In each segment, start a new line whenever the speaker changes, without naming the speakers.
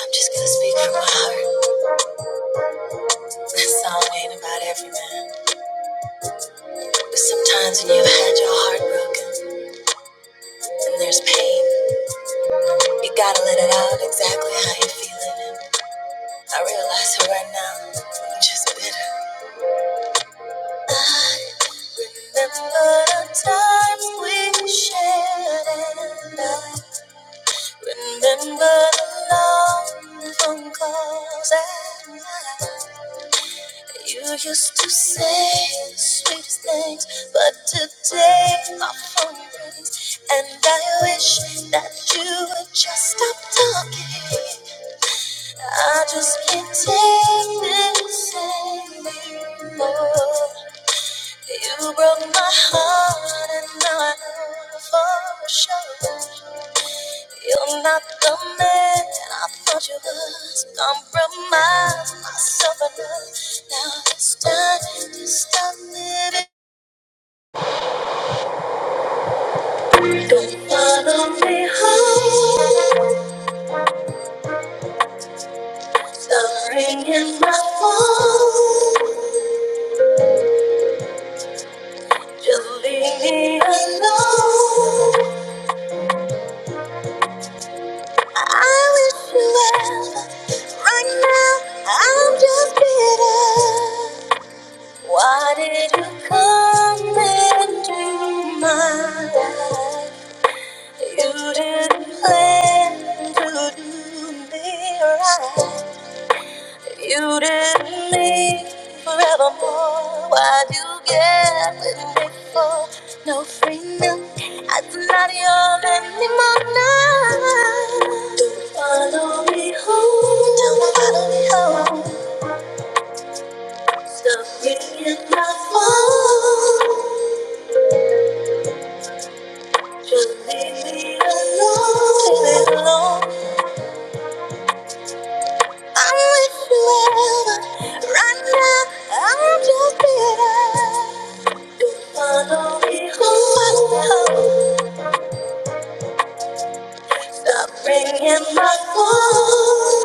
I'm just gonna speak from my heart. That song ain't about every man. But sometimes when you've had your heart broken and there's pain, you gotta let it out exactly how you're feeling. And I realize that right now, I'm just bitter. I remember the times we shared and I remember the long phone calls at night. You used to say the sweetest things, but today my phone rings, and I wish that you would just stop talking. I just can't take this anymore. You broke my heart, and now I know for sure. You're not the man I thought you was. Compromise myself enough. Now it's time to stop living. Don't follow me home. Stop ringing my phone. Just leave me alone. I wish you well. Right now, I'm just bitter. Why did you come into my life? You didn't plan to do me right. You didn't leave forevermore. Why'd you get with me for no freedom? am not yours anymore now. Don't follow me home. Don't follow me home. Stuff you cannot hold. Just leave me alone, I'm with you wherever. Right now, I'm just bitter. Stop ringing my phone.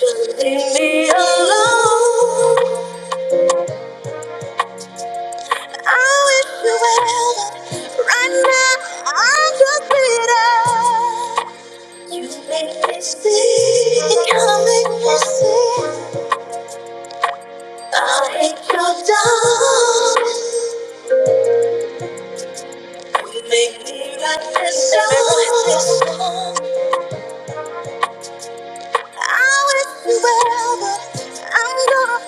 Just leave me alone. I wish you well, but right now I'm just bitter. You make me see, you make me see. I hate your dog. You make me like this song. I wish you well, but I'm gonna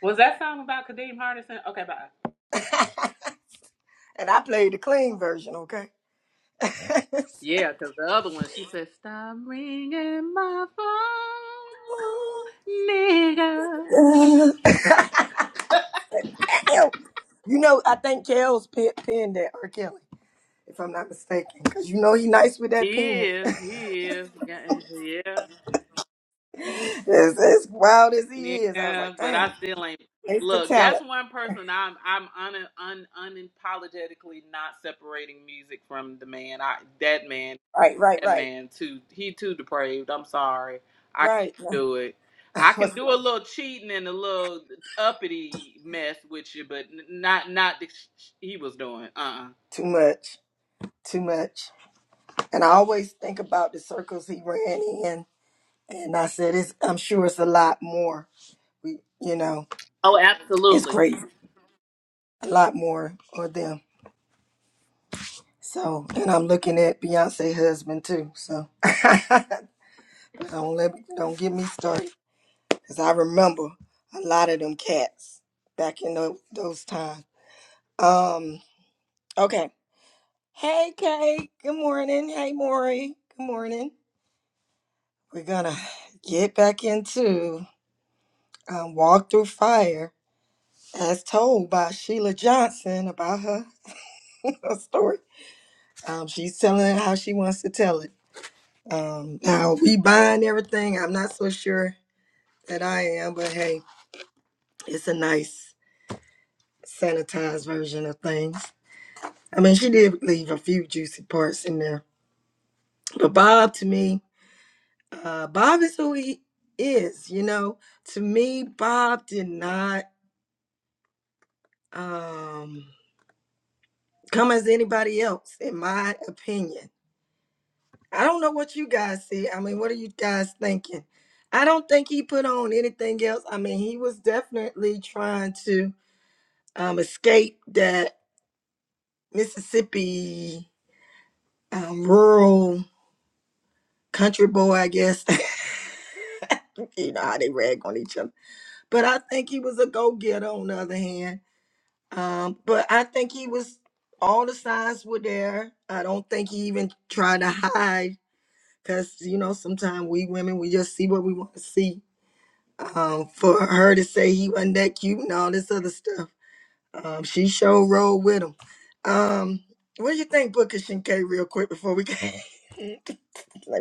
Was that song about Kadeem Hardison? Okay, bye. Yeah, because the other one, she said, Stop ringing my phone, nigga. He is, he is. Yeah, yeah, but I still ain't. Look, that's one person I'm I'm un, un, unapologetically not separating music from the man. I that man. that man too. He too depraved. I'm sorry. I can't do it. I can do a little cheating and a little uppity mess with you, but n- not not the sh- he was doing. Uh. uh Oh, absolutely.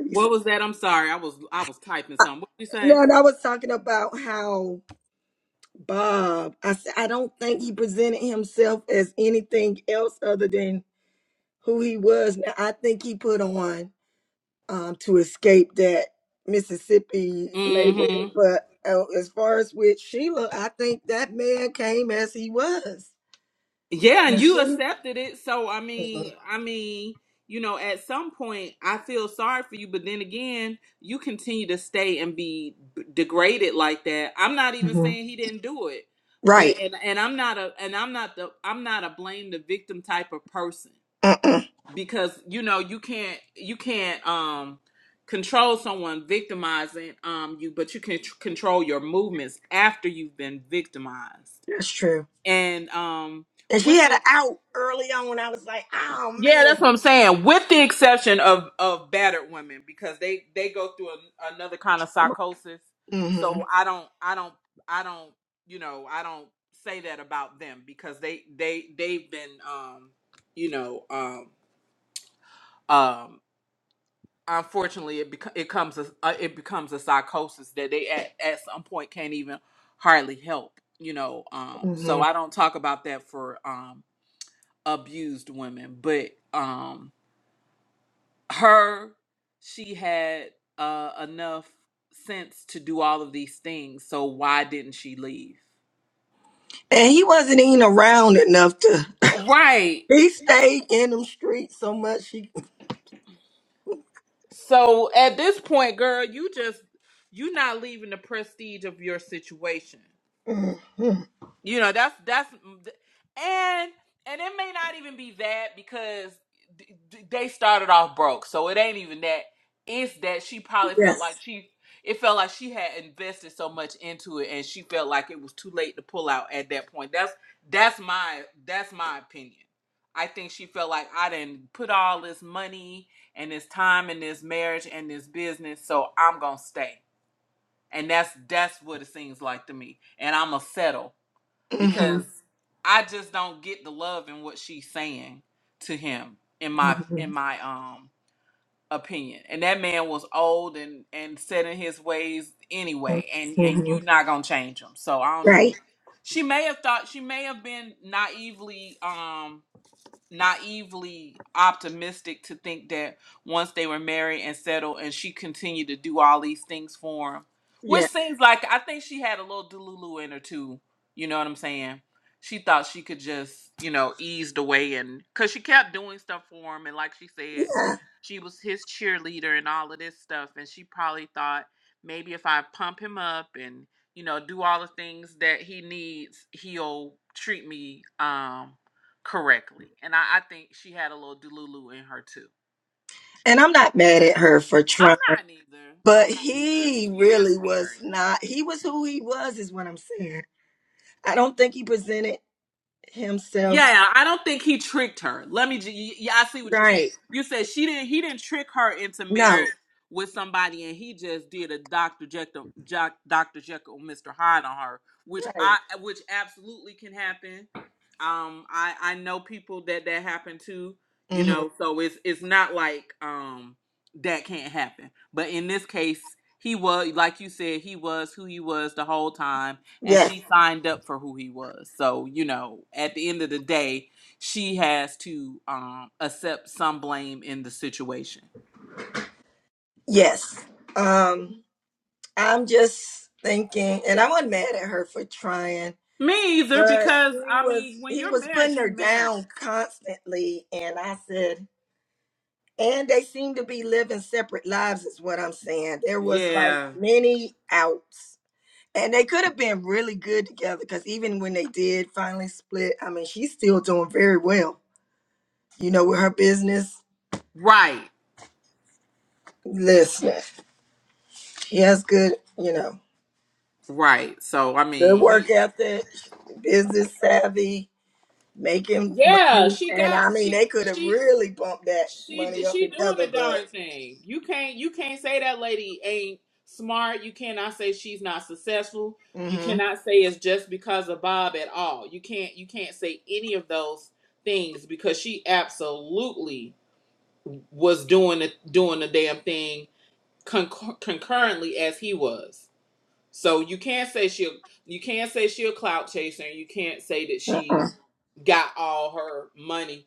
What was that? I'm sorry. I was I was typing something. What did you say? Mm-hmm. Yeah, and you accepted it. So I
find
mean,
another.
I mean, you know, at some point I feel sorry for you, but then again, you continue to stay and be b- degraded like that. I'm not even saying he didn't do it. But and and I'm not a and I'm not the I'm not a blame the victim type of person because you know, you can't you can't um control someone victimizing um you, but you can tr- control your movements after you've been victimized. And um with it Yeah, that's what I'm saying. With the exception of of battered women, because they they go through a, another kind of psychosis. So I don't I don't I don't you know I don't say that about them because they they they've been um you know um um unfortunately it bec- it comes a, uh, it becomes a psychosis that they at at some point can't even hardly help you know um so I don't talk about that for um abused women but um her she had uh enough sense to do all of these things so why didn't she leave right so at this point girl you just you not leaving the prestige of your situation You know, that's that's and and it may not even be that because they started off broke, so it ain't even that. It's that she probably felt like she it felt like she had invested so much into it, and she felt like it was too late to pull out at that point. That's that's my that's my opinion. I think she felt like I didn't put all this money and this time and this marriage and this business, so I'm gonna stay. And that's that's what it seems like to me. And I'm gonna settle because I just don't get the love in what she's saying to him in my in my um opinion. And that man was old and and set in his ways anyway, and and you not gonna change him. So I don't know. She may have thought she may have been naively um naively optimistic to think that once they were married and settled and she continued to do all these things for him which seems like i think she had a little delulu in her too you know what i'm saying she thought she could just you know ease the way and because she kept doing stuff for him and like she said she was his cheerleader and all of this stuff and she probably thought maybe if i pump him up and you know do all the things that he needs he'll treat me um correctly. And I, I think she had a little delulu in her too. I'm not either. I'm not either. She is married. Yeah, I don't think he tricked her. Let me. ju- Yeah, I see what you're saying. You said she didn't. He didn't trick her into marriage with somebody, and he just did a Doctor Jekyll, Jack, Doctor Jekyll, Mister Hyde on her, which I, which absolutely can happen. Um, I I know people that that happened to. You know, so it's it's not like um that can't happen. But in this case, he was like you said, he was who he was the whole time and she signed up for who he was. So, you know, at the end of the day, she has to um accept some blame in the situation. Me either, because I mean, when you're married, you're married. Yeah. Right. Right. So I mean he Yeah, she got she she She she doing the darn thing. You can't you can't say that lady ain't smart. You cannot say she's not successful. You cannot say it's just because of Bob at all. You can't you can't say any of those things because she absolutely was doing the doing the damn thing concur- concurrently as he was. So you can't say she you can't say she a clout chaser. And you can't say that she got all her money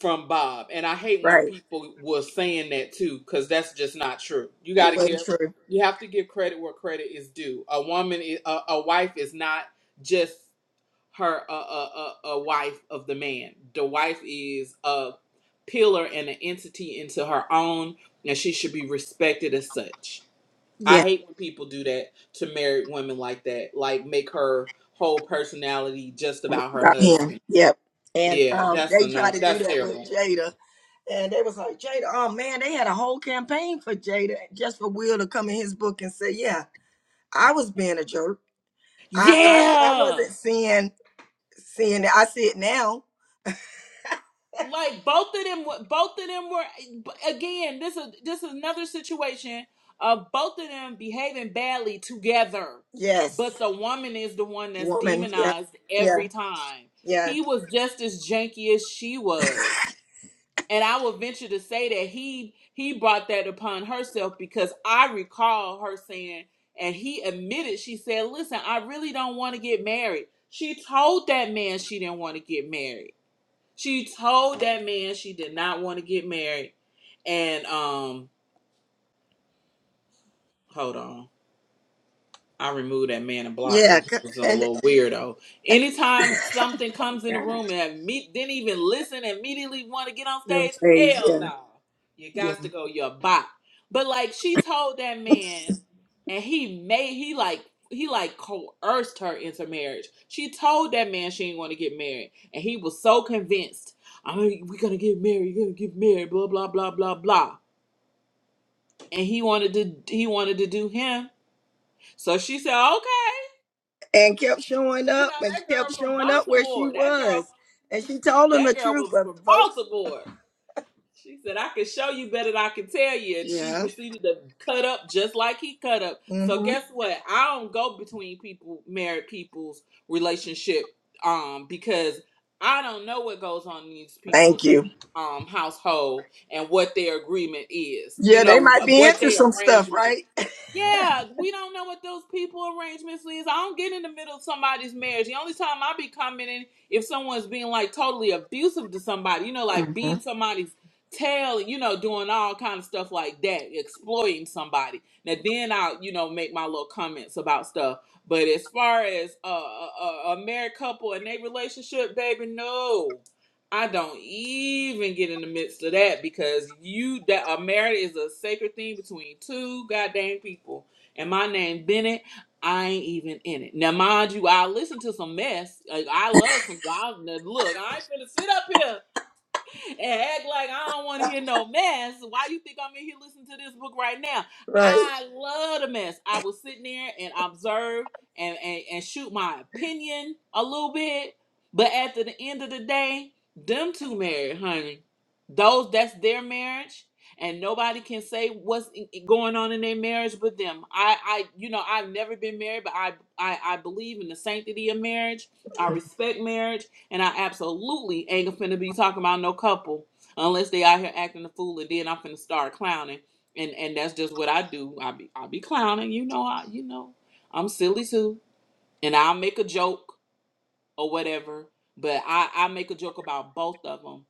from Bob. And I hate when people were saying that too, because that's just not true. You got to give, you have to give credit where credit is due. A woman, i- a, a wife is not just her, a, a, a, a wife of the man. The wife is a pillar and an entity into her own, and she should be respected as such. I hate when people do that to married women like that, like make her whole personality just about her husband. Yeah, that's a no. That's terrible. Yeah. Like both of them were both of them were again, this is this is another situation of both of them behaving badly together. But the woman is the one that's demonized every time. He was just as janky as she was. And I would venture to say that he he brought that upon herself because I recall her saying and he admitted she said, "Listen, I really don't want to get married." She told that man she didn't want to get married She told that man she did not want to get married. And um, hold on. I removed that man and blocked him. He was a little weirdo. Anytime something comes in the room and have me didn't even listen and immediately want to get on stage, hell no. You got to go, you're a bot. But like she told that man and he made he like he like coerced her into marriage. She told that man she didn't want to get married. And he was so convinced. I mean, we're gonna get married, you're gonna get married, blah blah blah blah blah. And he wanted to he wanted to do him. So she said, "Okay, You know that girl from Baltimore. That girl, that girl was from Baltimore. She said, "I can show you better than I can tell you," and she proceeded to cut up just like he cut up. So guess what? I don't go between people, married people's relationship, um, because I don't know what goes on in these people's um household and what their agreement is. You know wh- what their arrangement yeah, we don't know what those people arrangements is. I don't get in the middle of somebody's marriage. The only time I be commenting if someone's being like totally abusive to somebody, you know, like beating somebody's tail, you know, doing all kind of stuff like that, exploiting somebody. Now then I'll, you know, make my little comments about stuff. But as far as a, a, a a married couple and their relationship, baby, no. I don't even get in the midst of that because you that a marriage is a sacred thing between two goddamn people. And my name Bennett, I ain't even in it. Now mind you, I listen to some mess. Like I love some God. now, Look, I ain't finna sit up here and act like I don't want to hear no mess. Why you think I'm in here listening to this book right now? I love the mess. I was sitting there and observe and, and, and shoot my opinion a little bit. But at the end of the day, them two married, honey. Those that's their marriage. And nobody can say what's i- i- going on in their marriage but them. I, I, you know, I've never been married, but I, I, I believe in the sanctity of marriage. I respect marriage. And I absolutely ain't finna be talking about no couple unless they out here acting a fool, and then I'm finna start clowning. And and that's just what I do. I be I be clowning, you know. I you know I'm silly too, and I'll make a joke or whatever. But I I make a joke about both of them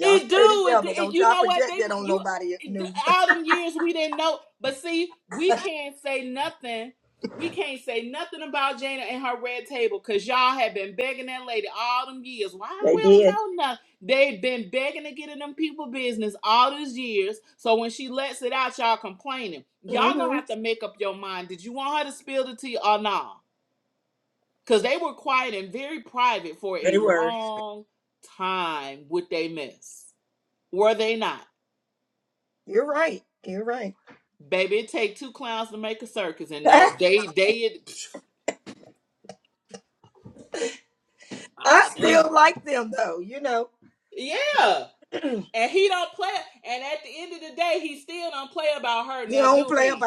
It do. It, do- and you know what they you all them years we didn't know. But see, we can't say nothing. We can't say nothing about Jana and her red table because y'all have been begging that lady all them years. Why we don't know nothing? They've been begging to get in them people business all these years. So when she lets it out, y'all complaining. Y'all gonna have to make up your mind. Did you want her to spill the tea or not? Because they were quiet and very private for a long time with they mess. Were they not? Baby, it take two clowns to make a circus, and no, they they oh, them. yeah. And he don't play. And at the end of the day, he still don't play about her. Now, do he?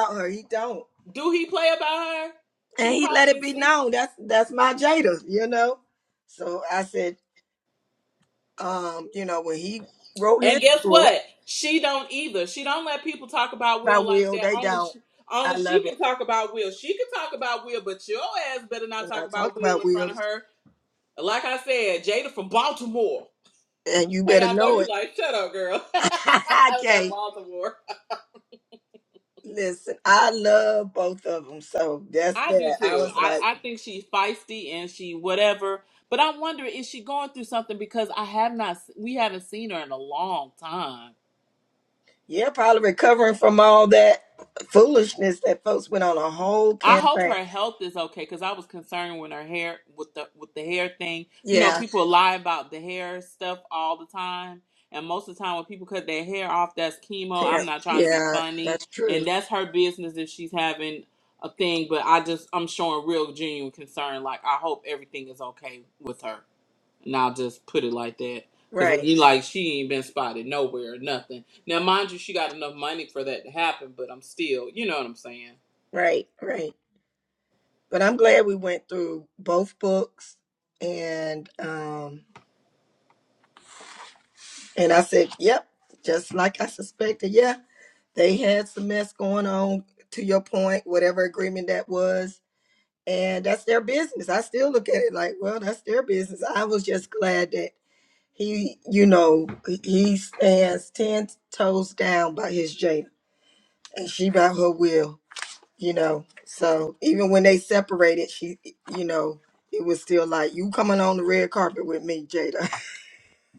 Do he play about her? She probably didn't see. And guess what? She don't either. She don't let people talk about Will like that. Only she, only she can talk about Will. She can talk about Will, but your ass better not talk about Will in front of her. Like I said, Jada from Baltimore. Hey, I know you like, shut up, girl. With that Baltimore. I do too. I, I think she's feisty and she whatever. But I'm wondering, is she going through something? Because I have not, we haven't seen her in a long time. I hope her health is okay because I was concerned when her hair with the with the hair thing. You know, people lie about the hair stuff all the time, and most of the time when people cut their hair off, that's chemo. I'm not trying to be funny, and that's her business if she's having a thing. But I just I'm showing real genuine concern. Like I hope everything is okay with her, and I'll just put it like that. Cause you like she ain't been spotted nowhere, nothing. Now mind you, she got enough money for that to happen, but I'm still, you know what I'm saying.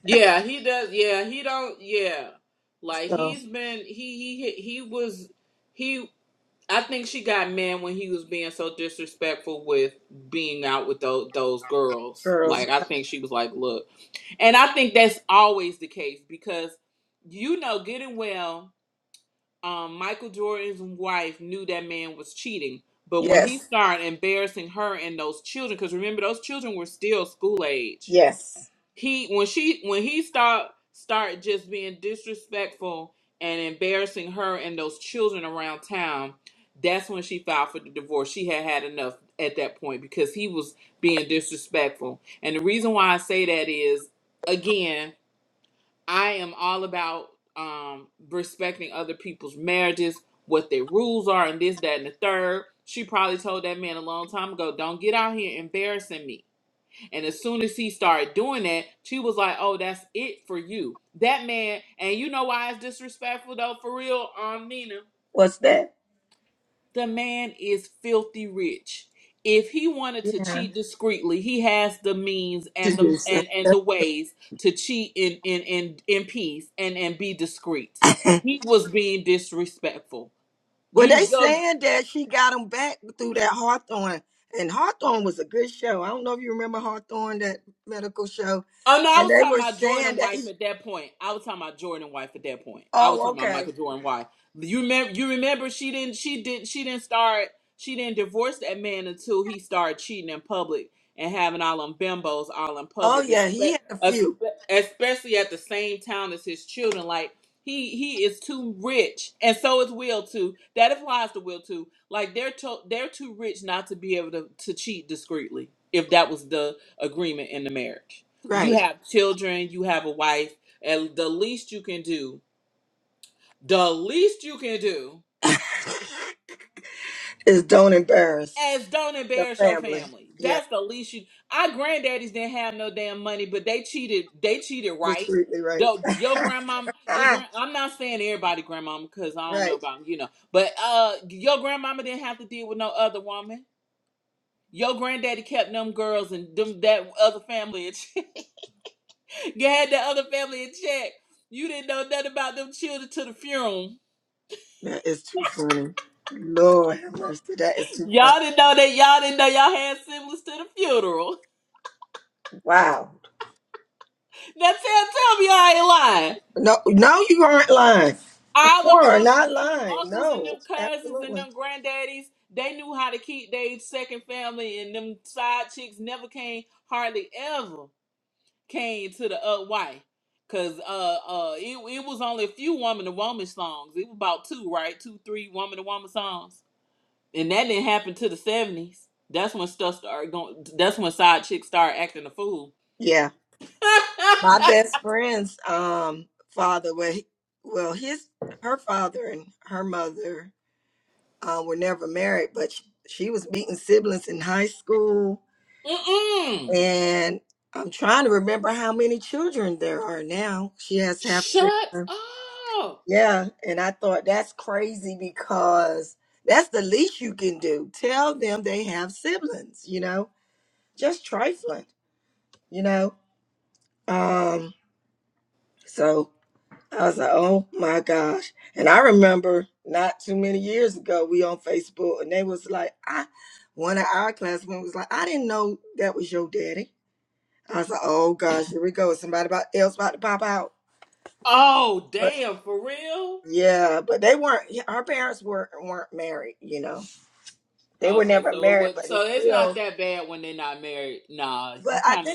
Yeah, he does. Yeah, he don't. Yeah, like he's been. He he he was. He. I think she got mad when he was being so disrespectful with being out with those those girls. Like I think she was like, look, and I think that's always the case because you know, good and well, um, Michael Jordan's wife knew that man was cheating, but when he started embarrassing her and those children, because remember those children were still school age he when she when he start start just being disrespectful and embarrassing her and those children around town that's when she filed for the divorce she had had enough at that point because he was being disrespectful and the reason why i say that is again i am all about um respecting other people's marriages what their rules are and this that and the third she probably told that man a long time ago don't get out here embarrassing me and as soon as he started doing that, she was like, "Oh, that's it for you." That man, and you know why it's disrespectful though, for real, um, Nina. The man is filthy rich. If he wanted to cheat discreetly, he has the means and the and and the ways to cheat in in in in peace and and be discreet. He was being disrespectful. You, Oh no, I was talking about Jordan wife at that point. I was talking about Jordan wife at that point. I was talking about Michael Jordan wife. You remember? You remember? She didn't. She didn't. She didn't start. She didn't divorce that man until he started cheating in public and having all them bimbos all in public, espe- espe- especially at the same town as his children. Like he he is too rich, and so is Will too. That applies to Will too. Like they're to- they're too rich not to be able to to cheat discreetly. If that was the agreement in the marriage you have children, you have a wife, and the least you can do, the least you can do is don't embarrass your family. That's the least you. Our granddaddies didn't have no damn money, but they cheated. They cheated, right? Though your grandmama, your grand. I'm not saying everybody grandmama because I don't know about you know, but uh, your grandmama didn't have to deal with no other woman. Your granddaddy kept them girls and them that other family in check. you had that other family in check. You didn't know nothing about them children to the funeral Y'all didn't know that y'all didn't know y'all had siblings to the funeral. Now tell tell me I ain't lying. All them, unc them uncles and them cousins and them granddaddies, they knew how to keep their second family and them side chicks never came, hardly ever came to the uh wife. Cause uh uh it, it was only a few woman to woman songs. It was about two, right? Two, three woman to woman songs. And that didn't happen to the seventies. That's when stuff started going that's when side chicks started acting a fool. Mm-mm. Shut up. Oh, damn, for real? Okay, so it was so it's not that bad when they're not married. Nah, you kinda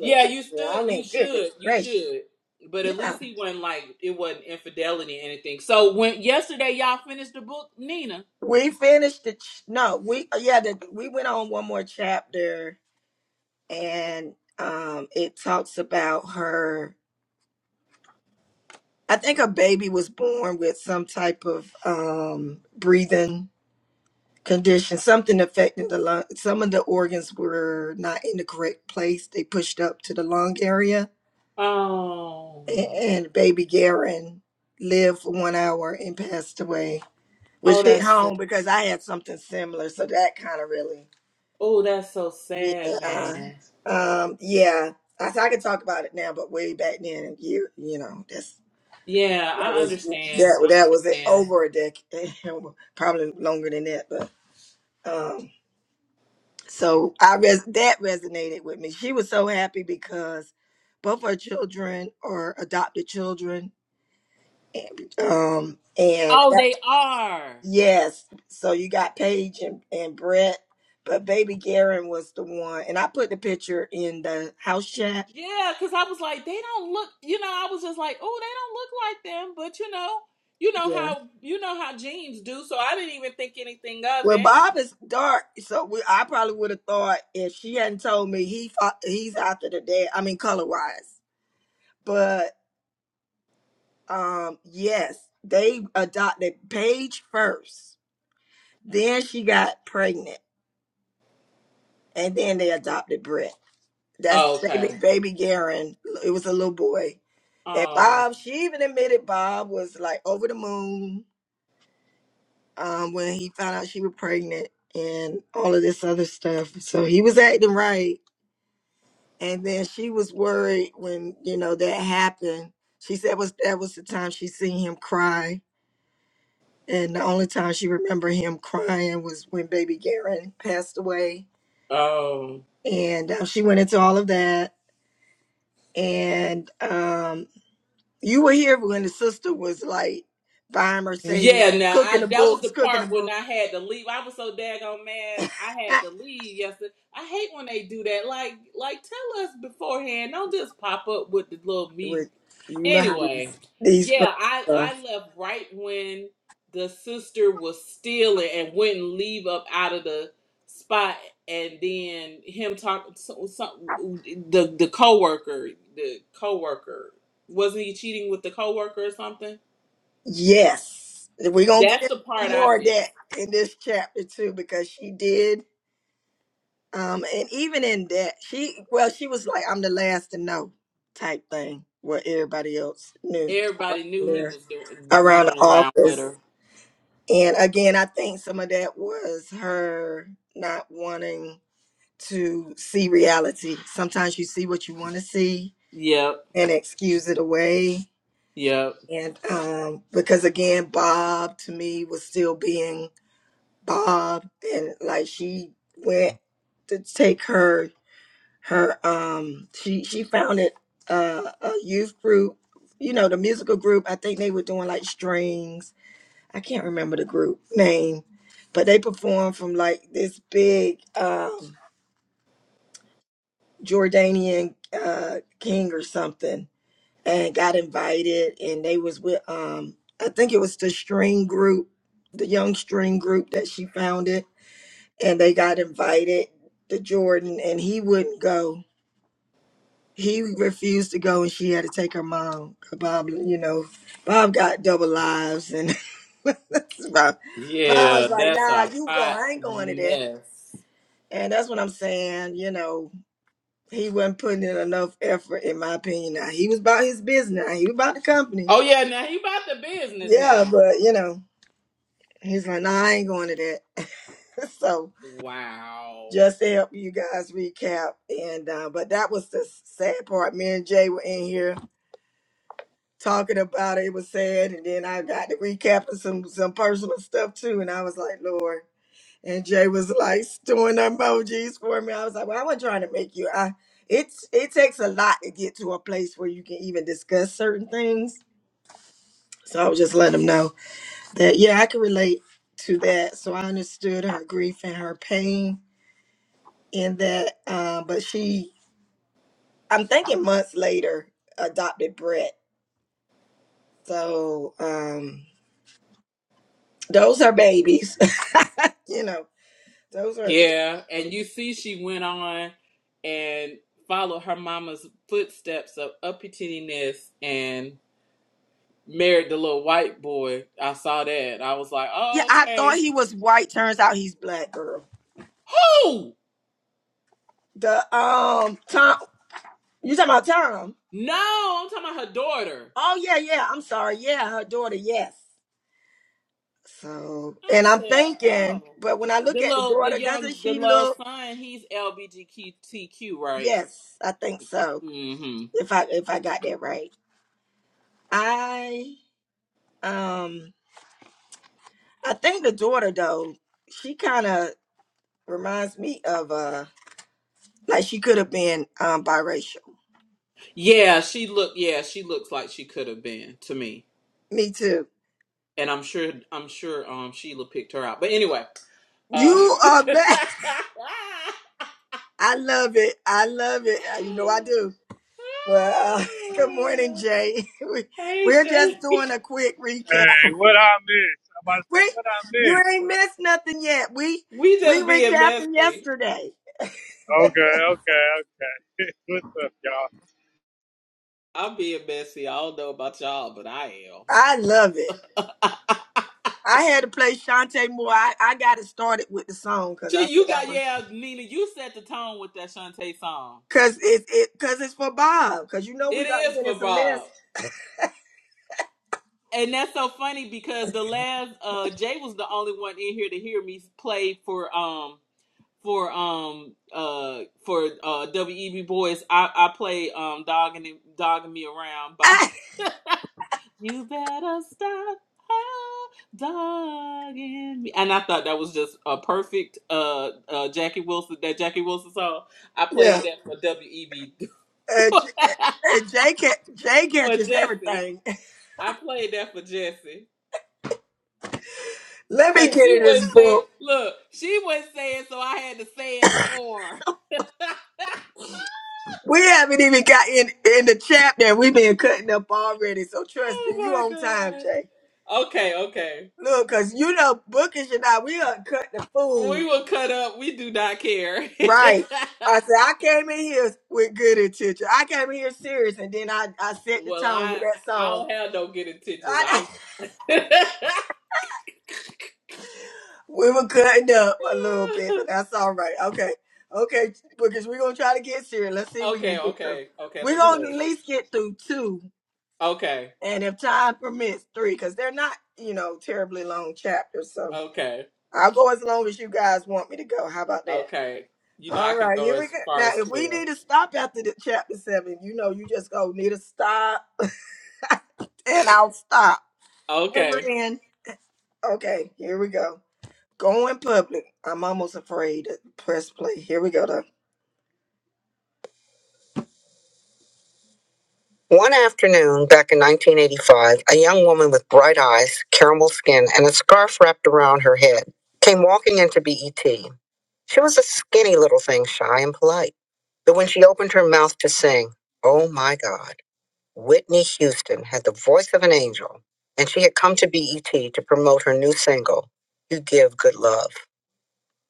Yeah, you stood you should, you should. But at least he wasn't like it wasn't infidelity or anything. So when yesterday y'all finished the book, Nina. Oh. Oh that's sad. oh that's so sad, man. Yeah, I understand. I understand. Oh, they are. Yeah, because I was like, they don't look, you know, I was just like, oh, they don't look like them, but you know, you know how you know how jeans do, so I didn't even think anything of it. okay. Um oh yeah, now I that was the part when I had to leave. I was so daggone mad I had to leave yesterday. I hate when they do that. Like like tell us beforehand. Don't just pop up with the little meetings Anyway, yeah, I I left right when the sister was stealing and wouldn't leave up out of the spot, and then him talking so, so, the the coworker, the coworker wasn't he cheating with the coworker or something? That's the part I missed. Everybody knew he was doing running around with her. Yep, yep, yeah. That's a hot mess. Oh yeah, now he about the business now. Wow. Yeah, and you see she went on and followed her mama's footsteps of uppityness and married the little white boy. I saw that. I was like, oh, okay. Oh no, I'm talking about her daughter. I said, oh. The little the young the little son, he's LBGTQ, right? Mm-hmm. Yeah, she look yeah, she looks like she could have been to me. and I'm sure I'm sure um Sheila picked her out. But anyway, uh Hey Jay.
Hey, what I miss? I'm about to say what I miss.
We just being messy.
Okay, okay, okay. What's up, y'all?
I'm being messy. I don't know about y'all, but I am. Gee, you got yeah, Nina, you set the tone with that Shantae song. It is for Bob. And that's so funny because the last uh Jay was the only one in here to hear me play for um for um uh for uh WEB Boys. I I play um dogging It- dogging me around by you better stop ah, dogging me. And I thought that was just a perfect uh uh Jackie Wilson that Jackie Wilson song. I played that for WEB for Jesse. I played that for Jesse. Cause she was saying, look, she was saying, so I had to say it for. her. oh my god. Okay, okay. We will cut up. We do not care. well, I I don't have no good intentions. I'm okay, okay, okay. Let me hush. Okay, okay, okay. You know I can go as far as twelve. Okay,
One afternoon back in 1985, a young woman with bright eyes, caramel skin, and a scarf wrapped around her head came walking into BET. She was a skinny little thing, shy and polite. But when she opened her mouth to sing, oh my God, Whitney Houston had the voice of an angel, and she had come to BET to promote her new single, You Give Good Love.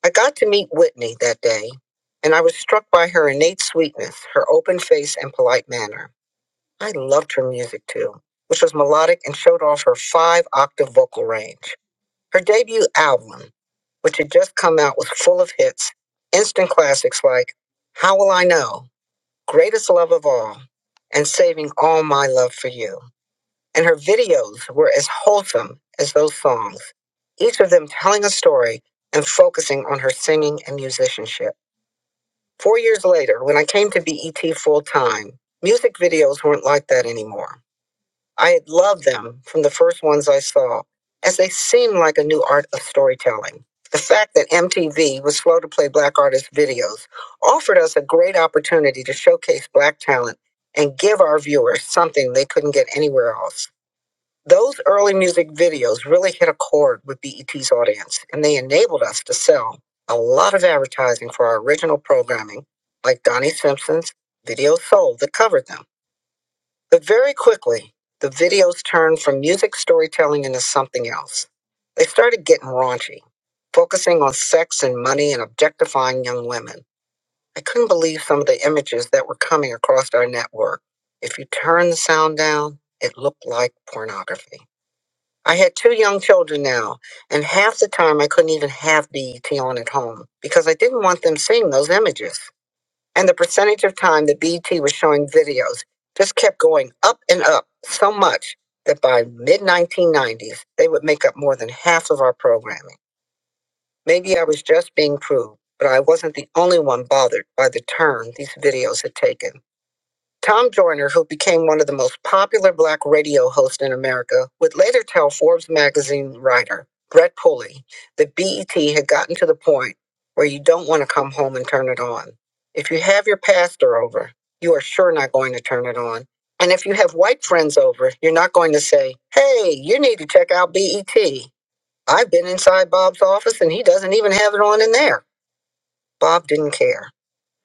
I got to meet Whitney that day, and I was struck by her innate sweetness, her open face, and polite manner. I loved her music too, which was melodic and showed off her five octave vocal range. Her debut album, which had just come out, was full of hits, instant classics like How Will I Know, Greatest Love of All, and Saving All My Love for You. And her videos were as wholesome as those songs, each of them telling a story and focusing on her singing and musicianship. Four years later, when I came to BET full time, music videos weren't like that anymore. I had loved them from the first ones I saw, as they seemed like a new art of storytelling. The fact that MTV was slow to play black artist videos offered us a great opportunity to showcase black talent and give our viewers something they couldn't get anywhere else. Those early music videos really hit a chord with BET's audience, and they enabled us to sell a lot of advertising for our original programming, like Donnie Simpson's Video Soul that covered them. But very quickly, the videos turned from music storytelling into something else. They started getting raunchy, focusing on sex and money and objectifying young women. I couldn't believe some of the images that were coming across our network. If you turn the sound down, it looked like pornography. I had two young children now, and half the time I couldn't even have BET on at home because I didn't want them seeing those images and the percentage of time that BET was showing videos just kept going up and up so much that by mid 1990s, they would make up more than half of our programming. Maybe I was just being proved, but I wasn't the only one bothered by the turn these videos had taken. Tom Joyner, who became one of the most popular black radio hosts in America, would later tell Forbes magazine writer Brett Pulley that BET had gotten to the point where you don't want to come home and turn it on. If you have your pastor over, you are sure not going to turn it on. And if you have white friends over, you're not going to say, hey, you need to check out BET. I've been inside Bob's office and he doesn't even have it on in there. Bob didn't care.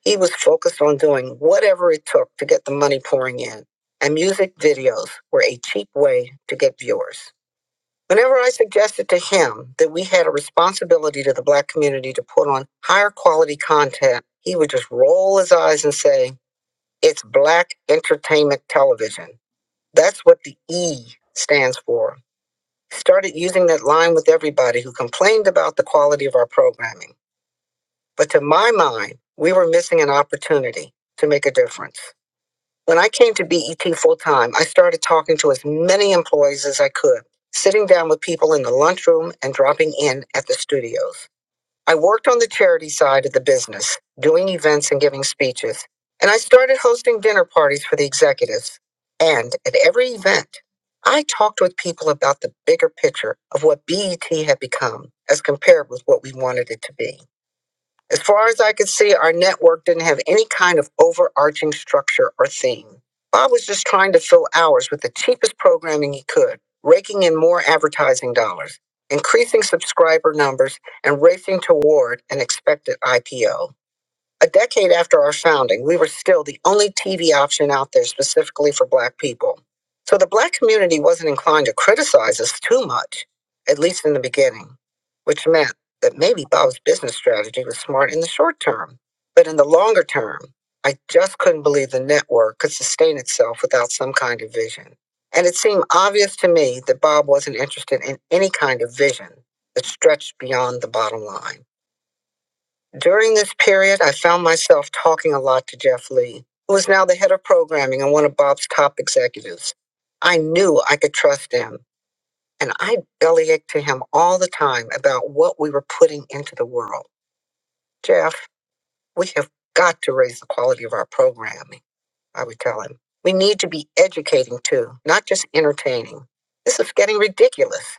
He was focused on doing whatever it took to get the money pouring in, and music videos were a cheap way to get viewers. Whenever I suggested to him that we had a responsibility to the black community to put on higher quality content, he would just roll his eyes and say, It's black entertainment television. That's what the E stands for. Started using that line with everybody who complained about the quality of our programming. But to my mind, we were missing an opportunity to make a difference. When I came to BET full time, I started talking to as many employees as I could, sitting down with people in the lunchroom and dropping in at the studios. I worked on the charity side of the business, doing events and giving speeches, and I started hosting dinner parties for the executives. And at every event, I talked with people about the bigger picture of what BET had become as compared with what we wanted it to be. As far as I could see, our network didn't have any kind of overarching structure or theme. Bob was just trying to fill hours with the cheapest programming he could, raking in more advertising dollars, increasing subscriber numbers, and racing toward an expected IPO. A decade after our founding, we were still the only TV option out there specifically for Black people. So the Black community wasn't inclined to criticize us too much, at least in the beginning, which meant that maybe Bob's business strategy was smart in the short term. But in the longer term, I just couldn't believe the network could sustain itself without some kind of vision. And it seemed obvious to me that Bob wasn't interested in any kind of vision that stretched beyond the bottom line. During this period, I found myself talking a lot to Jeff Lee, who was now the head of programming and one of Bob's top executives. I knew I could trust him, and I bellyached to him all the time about what we were putting into the world. Jeff, we have got to raise the quality of our programming, I would tell him. We need to be educating too, not just entertaining. This is getting ridiculous.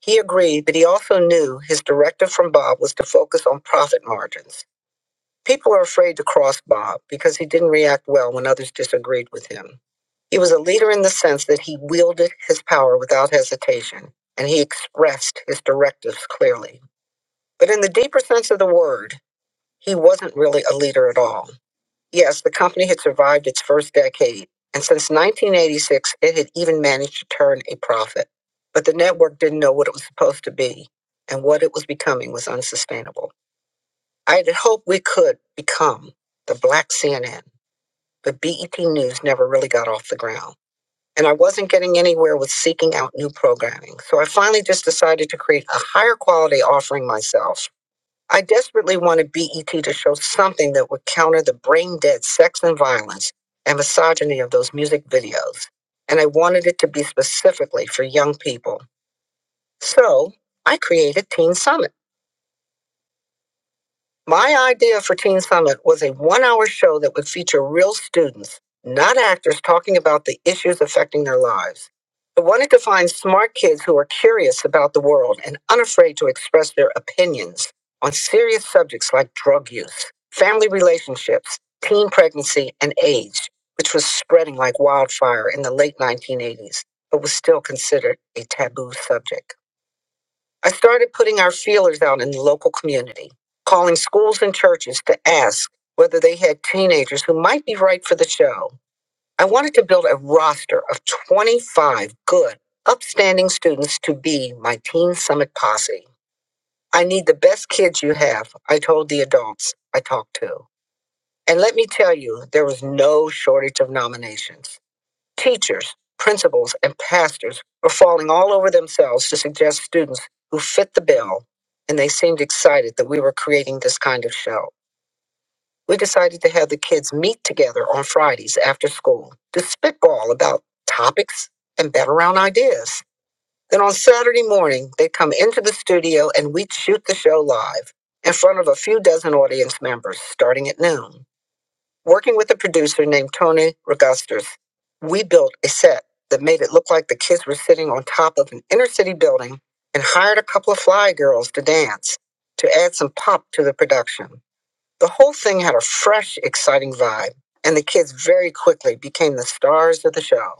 He agreed, but he also knew his directive from Bob was to focus on profit margins. People are afraid to cross Bob because he didn't react well when others disagreed with him. He was a leader in the sense that he wielded his power without hesitation, and he expressed his directives clearly. But in the deeper sense of the word, he wasn't really a leader at all. Yes, the company had survived its first decade, and since 1986, it had even managed to turn a profit. But the network didn't know what it was supposed to be, and what it was becoming was unsustainable. I had hoped we could become the black CNN, but BET News never really got off the ground. And I wasn't getting anywhere with seeking out new programming. So I finally just decided to create a higher quality offering myself. I desperately wanted BET to show something that would counter the brain dead sex and violence and misogyny of those music videos. And I wanted it to be specifically for young people. So I created Teen Summit My idea for Teen Summit was a one hour show that would feature real students, not actors, talking about the issues affecting their lives. I wanted to find smart kids who are curious about the world and unafraid to express their opinions on serious subjects like drug use, family relationships, teen pregnancy, and AIDS, which was spreading like wildfire in the late 1980s, but was still considered a taboo subject. I started putting our feelers out in the local community, calling schools and churches to ask whether they had teenagers who might be right for the show. I wanted to build a roster of 25 good, upstanding students to be my Teen Summit posse. I need the best kids you have, I told the adults I talked to. And let me tell you, there was no shortage of nominations. Teachers, principals, and pastors were falling all over themselves to suggest students who fit the bill, and they seemed excited that we were creating this kind of show. We decided to have the kids meet together on Fridays after school to spitball about topics and bet around ideas. Then on Saturday morning, they'd come into the studio and we'd shoot the show live in front of a few dozen audience members starting at noon. Working with a producer named Tony Regustus, we built a set that made it look like the kids were sitting on top of an inner city building and hired a couple of fly girls to dance to add some pop to the production. The whole thing had a fresh, exciting vibe, and the kids very quickly became the stars of the show.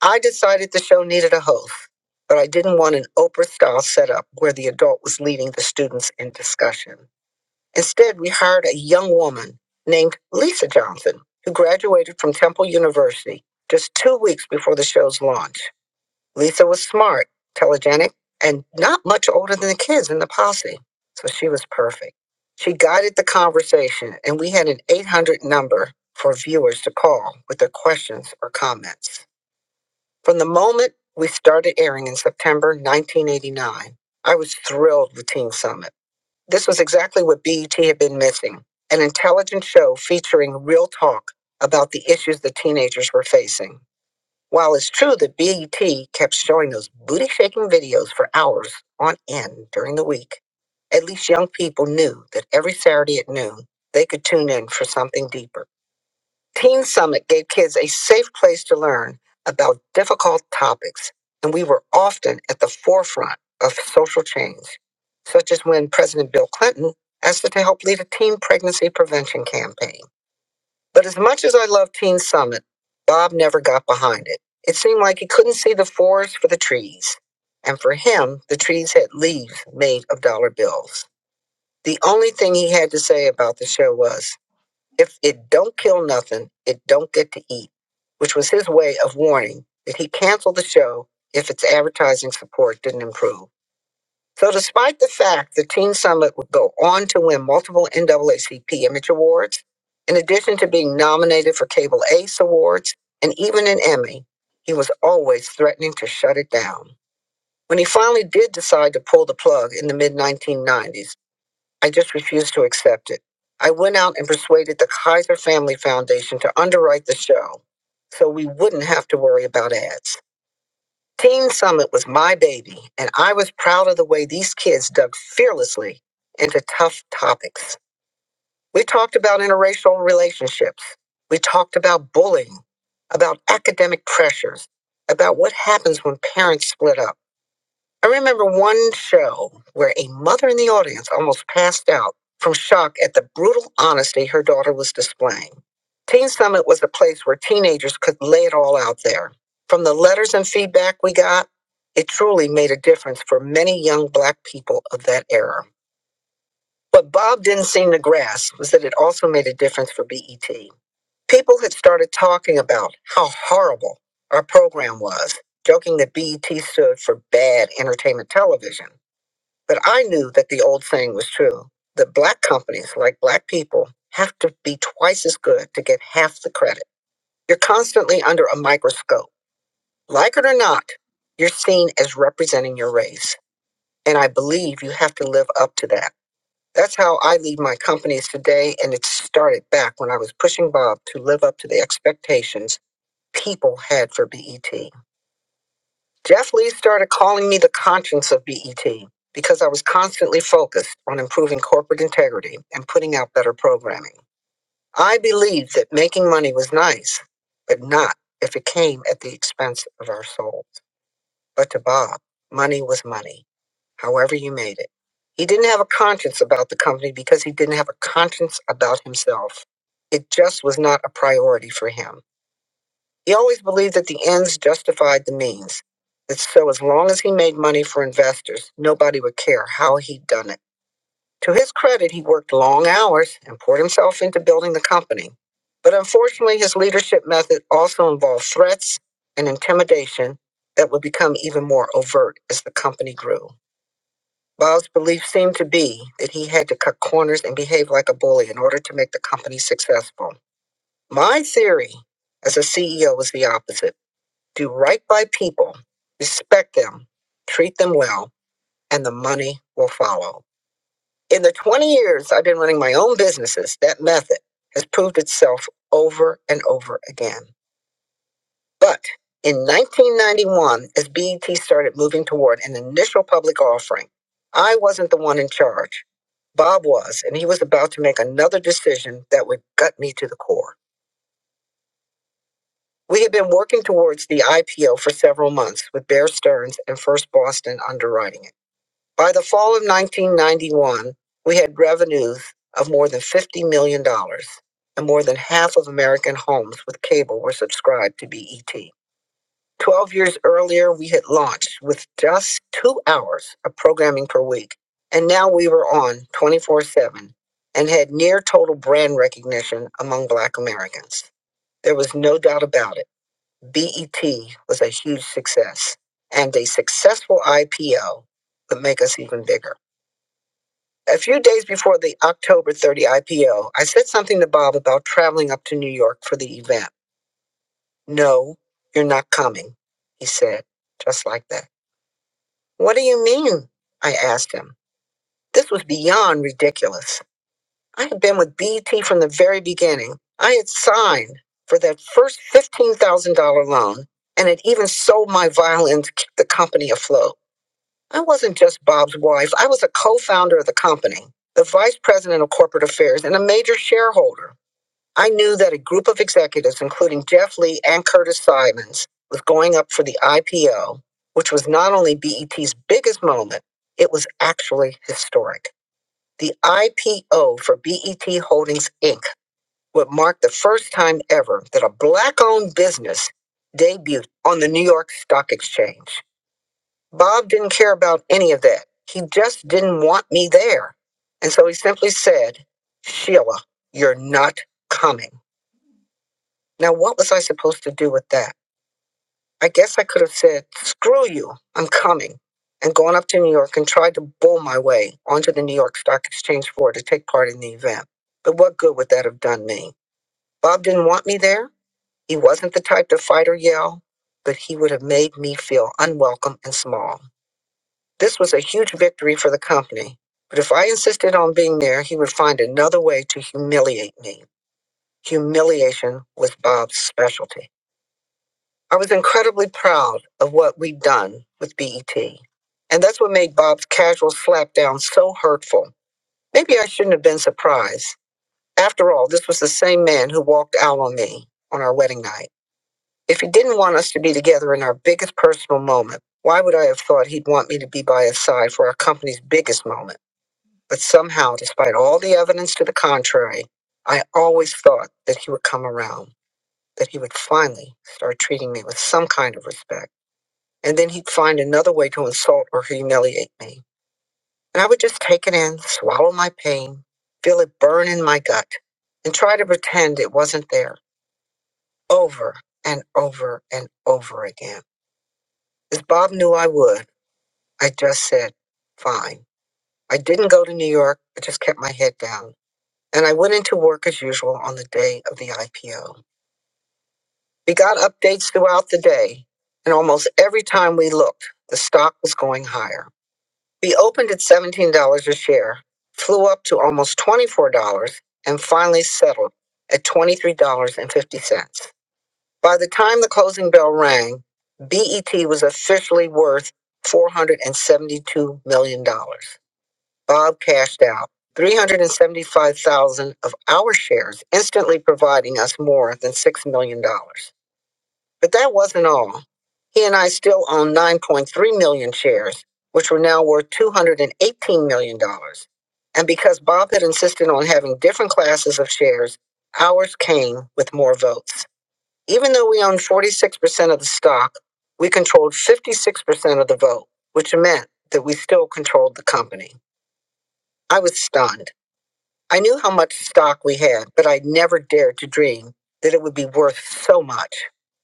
I decided the show needed a host, but I didn't want an Oprah style setup where the adult was leading the students in discussion. Instead, we hired a young woman named Lisa Johnson, who graduated from Temple University just two weeks before the show's launch. Lisa was smart, telegenic, and not much older than the kids in the posse, so she was perfect. She guided the conversation, and we had an 800 number for viewers to call with their questions or comments. From the moment we started airing in September 1989, I was thrilled with Teen Summit. This was exactly what BET had been missing an intelligent show featuring real talk about the issues the teenagers were facing. While it's true that BET kept showing those booty shaking videos for hours on end during the week, at least young people knew that every Saturday at noon they could tune in for something deeper. Teen Summit gave kids a safe place to learn about difficult topics, and we were often at the forefront of social change, such as when President Bill Clinton asked us to help lead a teen pregnancy prevention campaign. But as much as I love Teen Summit, Bob never got behind it. It seemed like he couldn't see the forest for the trees. And for him, the trees had leaves made of dollar bills. The only thing he had to say about the show was, if it don't kill nothing, it don't get to eat, which was his way of warning that he canceled the show if its advertising support didn't improve. So, despite the fact that Teen Summit would go on to win multiple NAACP Image Awards, in addition to being nominated for Cable Ace Awards and even an Emmy, he was always threatening to shut it down. When he finally did decide to pull the plug in the mid 1990s, I just refused to accept it. I went out and persuaded the Kaiser Family Foundation to underwrite the show so we wouldn't have to worry about ads. Teen Summit was my baby, and I was proud of the way these kids dug fearlessly into tough topics. We talked about interracial relationships. We talked about bullying, about academic pressures, about what happens when parents split up. I remember one show where a mother in the audience almost passed out from shock at the brutal honesty her daughter was displaying. Teen Summit was a place where teenagers could lay it all out there. From the letters and feedback we got, it truly made a difference for many young black people of that era. What Bob didn't seem to grasp was that it also made a difference for BET. People had started talking about how horrible our program was, joking that BET stood for bad entertainment television. But I knew that the old saying was true that black companies, like black people, have to be twice as good to get half the credit. You're constantly under a microscope. Like it or not, you're seen as representing your race. And I believe you have to live up to that. That's how I lead my companies today. And it started back when I was pushing Bob to live up to the expectations people had for BET. Jeff Lee started calling me the conscience of BET because I was constantly focused on improving corporate integrity and putting out better programming. I believed that making money was nice, but not if it came at the expense of our souls. But to Bob, money was money, however you made it. He didn't have a conscience about the company because he didn't have a conscience about himself. It just was not a priority for him. He always believed that the ends justified the means. And so, as long as he made money for investors, nobody would care how he'd done it. To his credit, he worked long hours and poured himself into building the company. But unfortunately, his leadership method also involved threats and intimidation that would become even more overt as the company grew. Bob's belief seemed to be that he had to cut corners and behave like a bully in order to make the company successful. My theory as a CEO was the opposite. Do right by people, respect them, treat them well, and the money will follow. In the 20 years I've been running my own businesses, that method has proved itself over and over again. But in 1991, as BET started moving toward an initial public offering, I wasn't the one in charge. Bob was, and he was about to make another decision that would gut me to the core. We had been working towards the IPO for several months with Bear Stearns and First Boston underwriting it. By the fall of 1991, we had revenues of more than $50 million, dollars, and more than half of American homes with cable were subscribed to BET. Twelve years earlier, we had launched with just two hours of programming per week, and now we were on 24 7 and had near total brand recognition among Black Americans. There was no doubt about it. BET was a huge success, and a successful IPO would make us even bigger. A few days before the October 30 IPO, I said something to Bob about traveling up to New York for the event. No, you're not coming, he said, just like that. What do you mean? I asked him. This was beyond ridiculous. I have been with BET from the very beginning. I had signed for that first $15,000 loan and had even sold my violin to keep the company afloat. I wasn't just Bob's wife, I was a co founder of the company, the vice president of corporate affairs, and a major shareholder. I knew that a group of executives, including Jeff Lee and Curtis Simons, was going up for the IPO, which was not only BET's biggest moment, it was actually historic. The IPO for BET Holdings Inc. would mark the first time ever that a black owned business debuted on the New York Stock Exchange. Bob didn't care about any of that. He just didn't want me there. And so he simply said, Sheila, you're not coming. Now, what was I supposed to do with that? I guess I could have said, screw you, I'm coming, and gone up to New York and tried to bull my way onto the New York Stock Exchange floor to take part in the event. But what good would that have done me? Bob didn't want me there. He wasn't the type to fight or yell, but he would have made me feel unwelcome and small. This was a huge victory for the company. But if I insisted on being there, he would find another way to humiliate me. Humiliation was Bob's specialty. I was incredibly proud of what we'd done with BET. And that's what made Bob's casual slapdown so hurtful. Maybe I shouldn't have been surprised. After all, this was the same man who walked out on me on our wedding night. If he didn't want us to be together in our biggest personal moment, why would I have thought he'd want me to be by his side for our company's biggest moment? But somehow, despite all the evidence to the contrary, I always thought that he would come around, that he would finally start treating me with some kind of respect and then he'd find another way to insult or humiliate me. And I would just take it in, swallow my pain, feel it burn in my gut, and try to pretend it wasn't there over and over and over again. As Bob knew I would, I just said, fine. I didn't go to New York, I just kept my head down. And I went into work as usual on the day of the IPO. We got updates throughout the day, and almost every time we looked, the stock was going higher. We opened at $17 a share, flew up to almost $24, and finally settled at $23.50. By the time the closing bell rang, BET was officially worth $472 million. dollars. Bob cashed out 375,000 of our shares, instantly providing us more than $6 million. dollars. But that wasn't all. He and I still own 9.3 million shares, which were now worth $218 million. dollars. And because Bob had insisted on having different classes of shares, ours came with more votes. Even though we owned 46% of the stock, we controlled 56% of the vote, which meant that we still controlled the company. I was stunned. I knew how much stock we had, but I never dared to dream that it would be worth so much.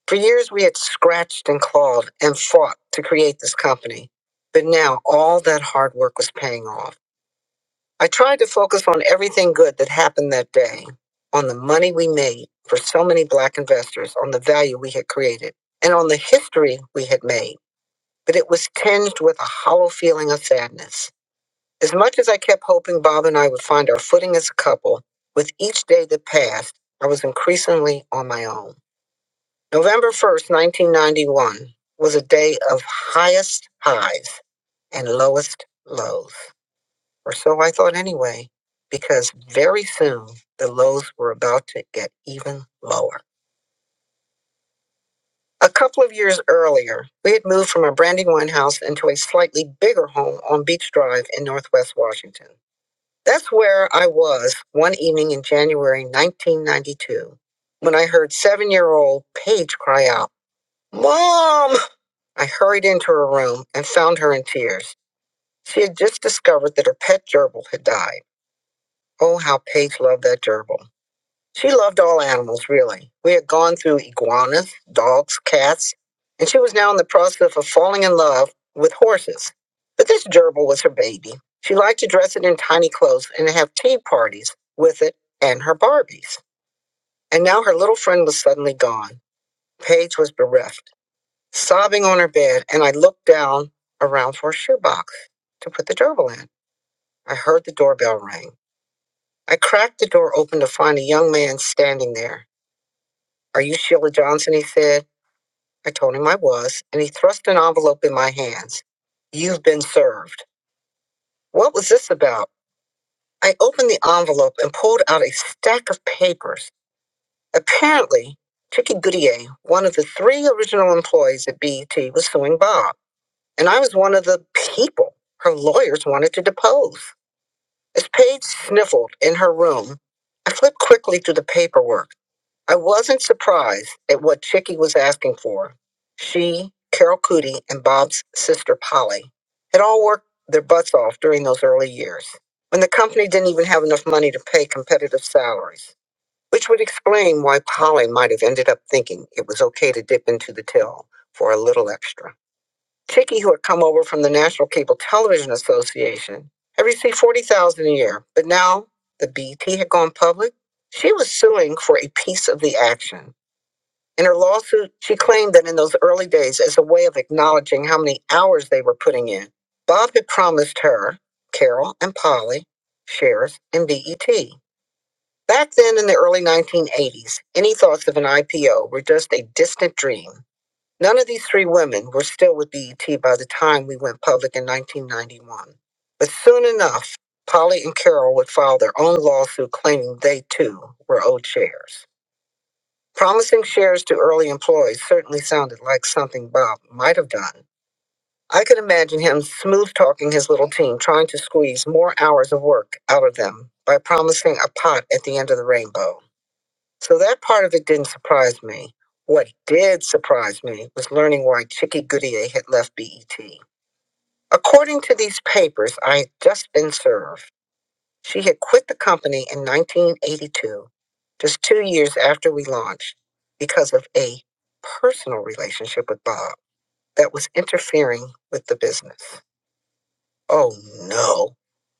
For years, we had scratched and clawed and fought to create this company. But now all that hard work was paying off. I tried to focus on everything good that happened that day, on the money we made for so many black investors, on the value we had created, and on the history we had made. But it was tinged with a hollow feeling of sadness. As much as I kept hoping Bob and I would find our footing as a couple, with each day that passed, I was increasingly on my own. November 1st, 1991 was a day of highest highs and lowest lows, or so I thought anyway, because very soon the lows were about to get even lower. A couple of years earlier, we had moved from a Brandywine house into a slightly bigger home on Beach Drive in Northwest Washington. That's where I was one evening in January 1992 when I heard seven year old Paige cry out, Mom! I hurried into her room and found her in tears. She had just discovered that her pet gerbil had died. Oh, how Paige loved that gerbil. She loved all animals, really. We had gone through iguanas, dogs, cats, and she was now in the process of falling in love with horses. But this gerbil was her baby. She liked to dress it in tiny clothes and have tea parties with it and her Barbies. And now her little friend was suddenly gone. Paige was bereft, sobbing on her bed, and I looked down around for a shoebox to put the gerbil in. I heard the doorbell ring. I cracked the door open to find a young man standing there. Are you Sheila Johnson? He said. I told him I was, and he thrust an envelope in my hands. You've been served. What was this about? I opened the envelope and pulled out a stack of papers. Apparently, Tricky Goodyear, one of the three original employees at BET, was suing Bob, and I was one of the people her lawyers wanted to depose. As Paige sniffled in her room, I flipped quickly through the paperwork. I wasn't surprised at what Chicky was asking for. She, Carol Cootie, and Bob's sister Polly had all worked their butts off during those early years when the company didn't even have enough money to pay competitive salaries, which would explain why Polly might have ended up thinking it was okay to dip into the till for a little extra. Chicky, who had come over from the National Cable Television Association, had received 40000 a year, but now the BT had gone public. She was suing for a piece of the action in her lawsuit, she claimed that in those early days, as a way of acknowledging how many hours they were putting in, Bob had promised her, Carol, and Polly shares in BET. Back then in the early 1980s, any thoughts of an IPO were just a distant dream. None of these three women were still with BET by the time we went public in 1991. But soon enough, Polly and Carol would file their own lawsuit claiming they too were owed shares. Promising shares to early employees certainly sounded like something Bob might have done. I could imagine him smooth talking his little team, trying to squeeze more hours of work out of them by promising a pot at the end of the rainbow. So that part of it didn't surprise me. What did surprise me was learning why Chicky Goodyear had left BET. According to these papers I had just been served, she had quit the company in 1982, just two years after we launched, because of a personal relationship with Bob that was interfering with the business. Oh no.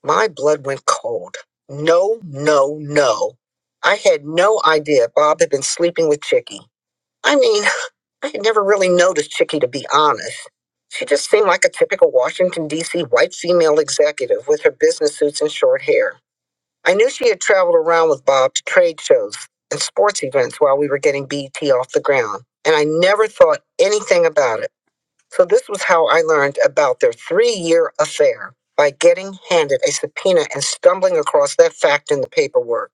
My blood went cold. No, no, no. I had no idea Bob had been sleeping with Chicky. I mean, I had never really noticed Chicky, to be honest. She just seemed like a typical Washington, D.C. white female executive with her business suits and short hair. I knew she had traveled around with Bob to trade shows and sports events while we were getting BT off the ground, and I never thought anything about it. So this was how I learned about their three-year affair by getting handed a subpoena and stumbling across that fact in the paperwork,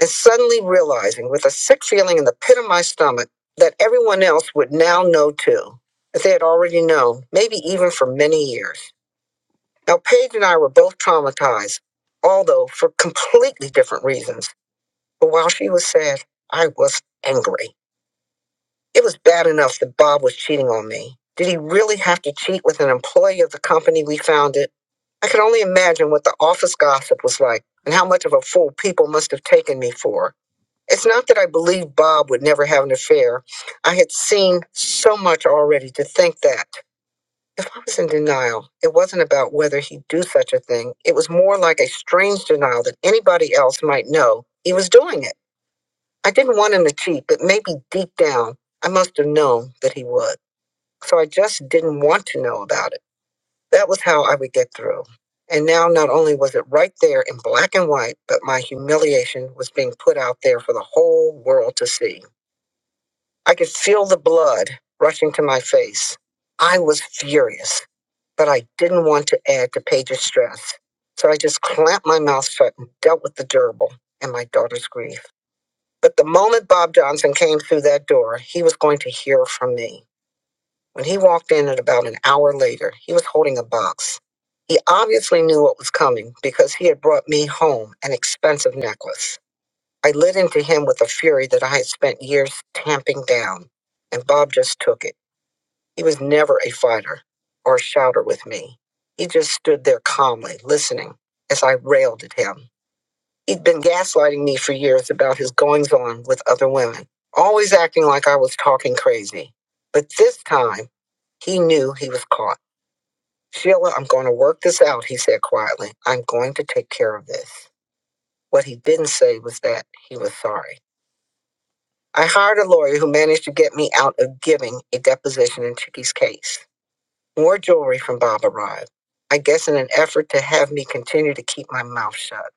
and suddenly realizing with a sick feeling in the pit of my stomach that everyone else would now know too. That they had already known, maybe even for many years. Now, Paige and I were both traumatized, although for completely different reasons. But while she was sad, I was angry. It was bad enough that Bob was cheating on me. Did he really have to cheat with an employee of the company we founded? I could only imagine what the office gossip was like and how much of a fool people must have taken me for. It's not that I believed Bob would never have an affair. I had seen so much already to think that. If I was in denial, it wasn't about whether he'd do such a thing. It was more like a strange denial that anybody else might know he was doing it. I didn't want him to cheat, but maybe deep down, I must have known that he would. So I just didn't want to know about it. That was how I would get through. And now not only was it right there in black and white, but my humiliation was being put out there for the whole world to see. I could feel the blood rushing to my face. I was furious, but I didn't want to add to Paige's stress. So I just clamped my mouth shut and dealt with the gerbil and my daughter's grief. But the moment Bob Johnson came through that door, he was going to hear from me. When he walked in at about an hour later, he was holding a box. He obviously knew what was coming because he had brought me home an expensive necklace. I lit into him with a fury that I had spent years tamping down, and Bob just took it. He was never a fighter or a shouter with me. He just stood there calmly, listening as I railed at him. He'd been gaslighting me for years about his goings on with other women, always acting like I was talking crazy. But this time, he knew he was caught. Sheila, I'm going to work this out, he said quietly. I'm going to take care of this. What he didn't say was that he was sorry. I hired a lawyer who managed to get me out of giving a deposition in Chicky's case. More jewelry from Bob arrived, I guess in an effort to have me continue to keep my mouth shut.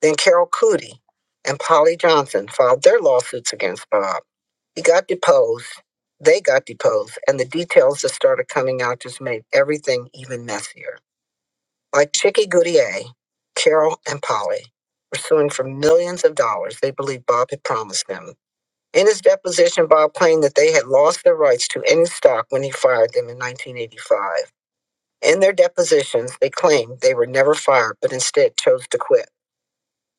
Then Carol Cootie and Polly Johnson filed their lawsuits against Bob. He got deposed, they got deposed, and the details that started coming out just made everything even messier. Like Chicky Goodyear, Carol and Polly were suing for millions of dollars they believed Bob had promised them. In his deposition, Bob claimed that they had lost their rights to any stock when he fired them in 1985. In their depositions, they claimed they were never fired, but instead chose to quit.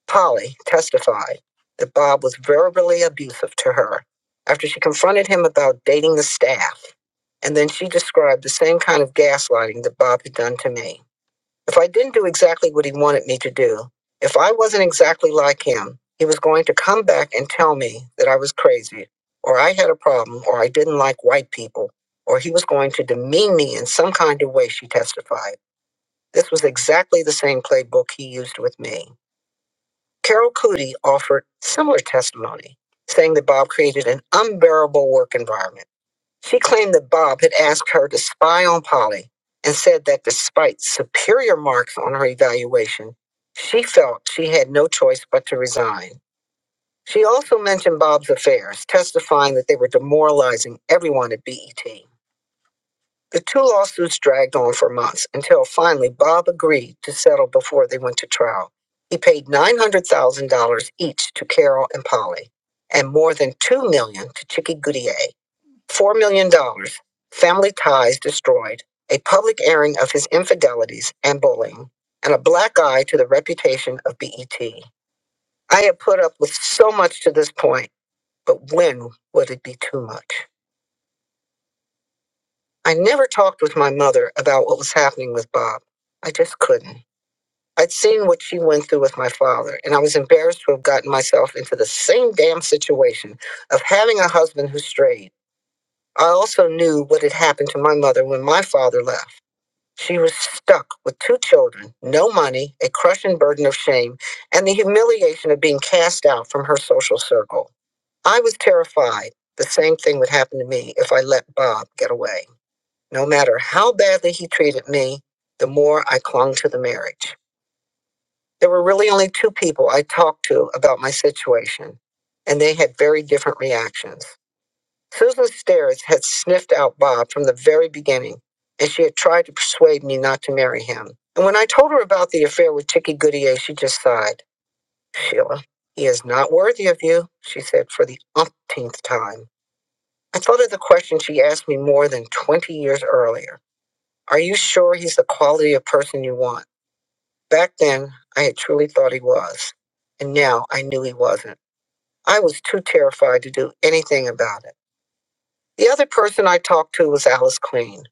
Polly testified that Bob was verbally abusive to her after she confronted him about dating the staff. And then she described the same kind of gaslighting that Bob had done to me. If I didn't do exactly what he wanted me to do, if I wasn't exactly like him, he was going to come back and tell me that I was crazy, or I had a problem, or I didn't like white people, or he was going to demean me in some kind of way, she testified. This was exactly the same playbook he used with me. Carol Cootie offered similar testimony, saying that Bob created an unbearable work environment. She claimed that Bob had asked her to spy on Polly and said that despite superior marks on her evaluation, she felt she had no choice but to resign. She also mentioned Bob's affairs, testifying that they were demoralizing everyone at BET. The two lawsuits dragged on for months until finally Bob agreed to settle before they went to trial. He paid $900,000 each to Carol and Polly and more than $2 million dollars to Chicky Goodyear. $4 million, dollars, family ties destroyed, a public airing of his infidelities and bullying, and a black eye to the reputation of BET. I had put up with so much to this point, but when would it be too much? I never talked with my mother about what was happening with Bob. I just couldn't. I'd seen what she went through with my father, and I was embarrassed to have gotten myself into the same damn situation of having a husband who strayed. I also knew what had happened to my mother when my father left. She was stuck with two children, no money, a crushing burden of shame, and the humiliation of being cast out from her social circle. I was terrified the same thing would happen to me if I let Bob get away. No matter how badly he treated me, the more I clung to the marriage. There were really only two people I talked to about my situation, and they had very different reactions. Susan Stairs had sniffed out Bob from the very beginning, and she had tried to persuade me not to marry him. And when I told her about the affair with Chicky Goodyear, she just sighed. Sheila, he is not worthy of you, she said for the umpteenth time. I thought of the question she asked me more than 20 years earlier. Are you sure he's the quality of person you want? Back then, I had truly thought he was, and now I knew he wasn't. I was too terrified to do anything about it. The other person I talked to was Alice Queen.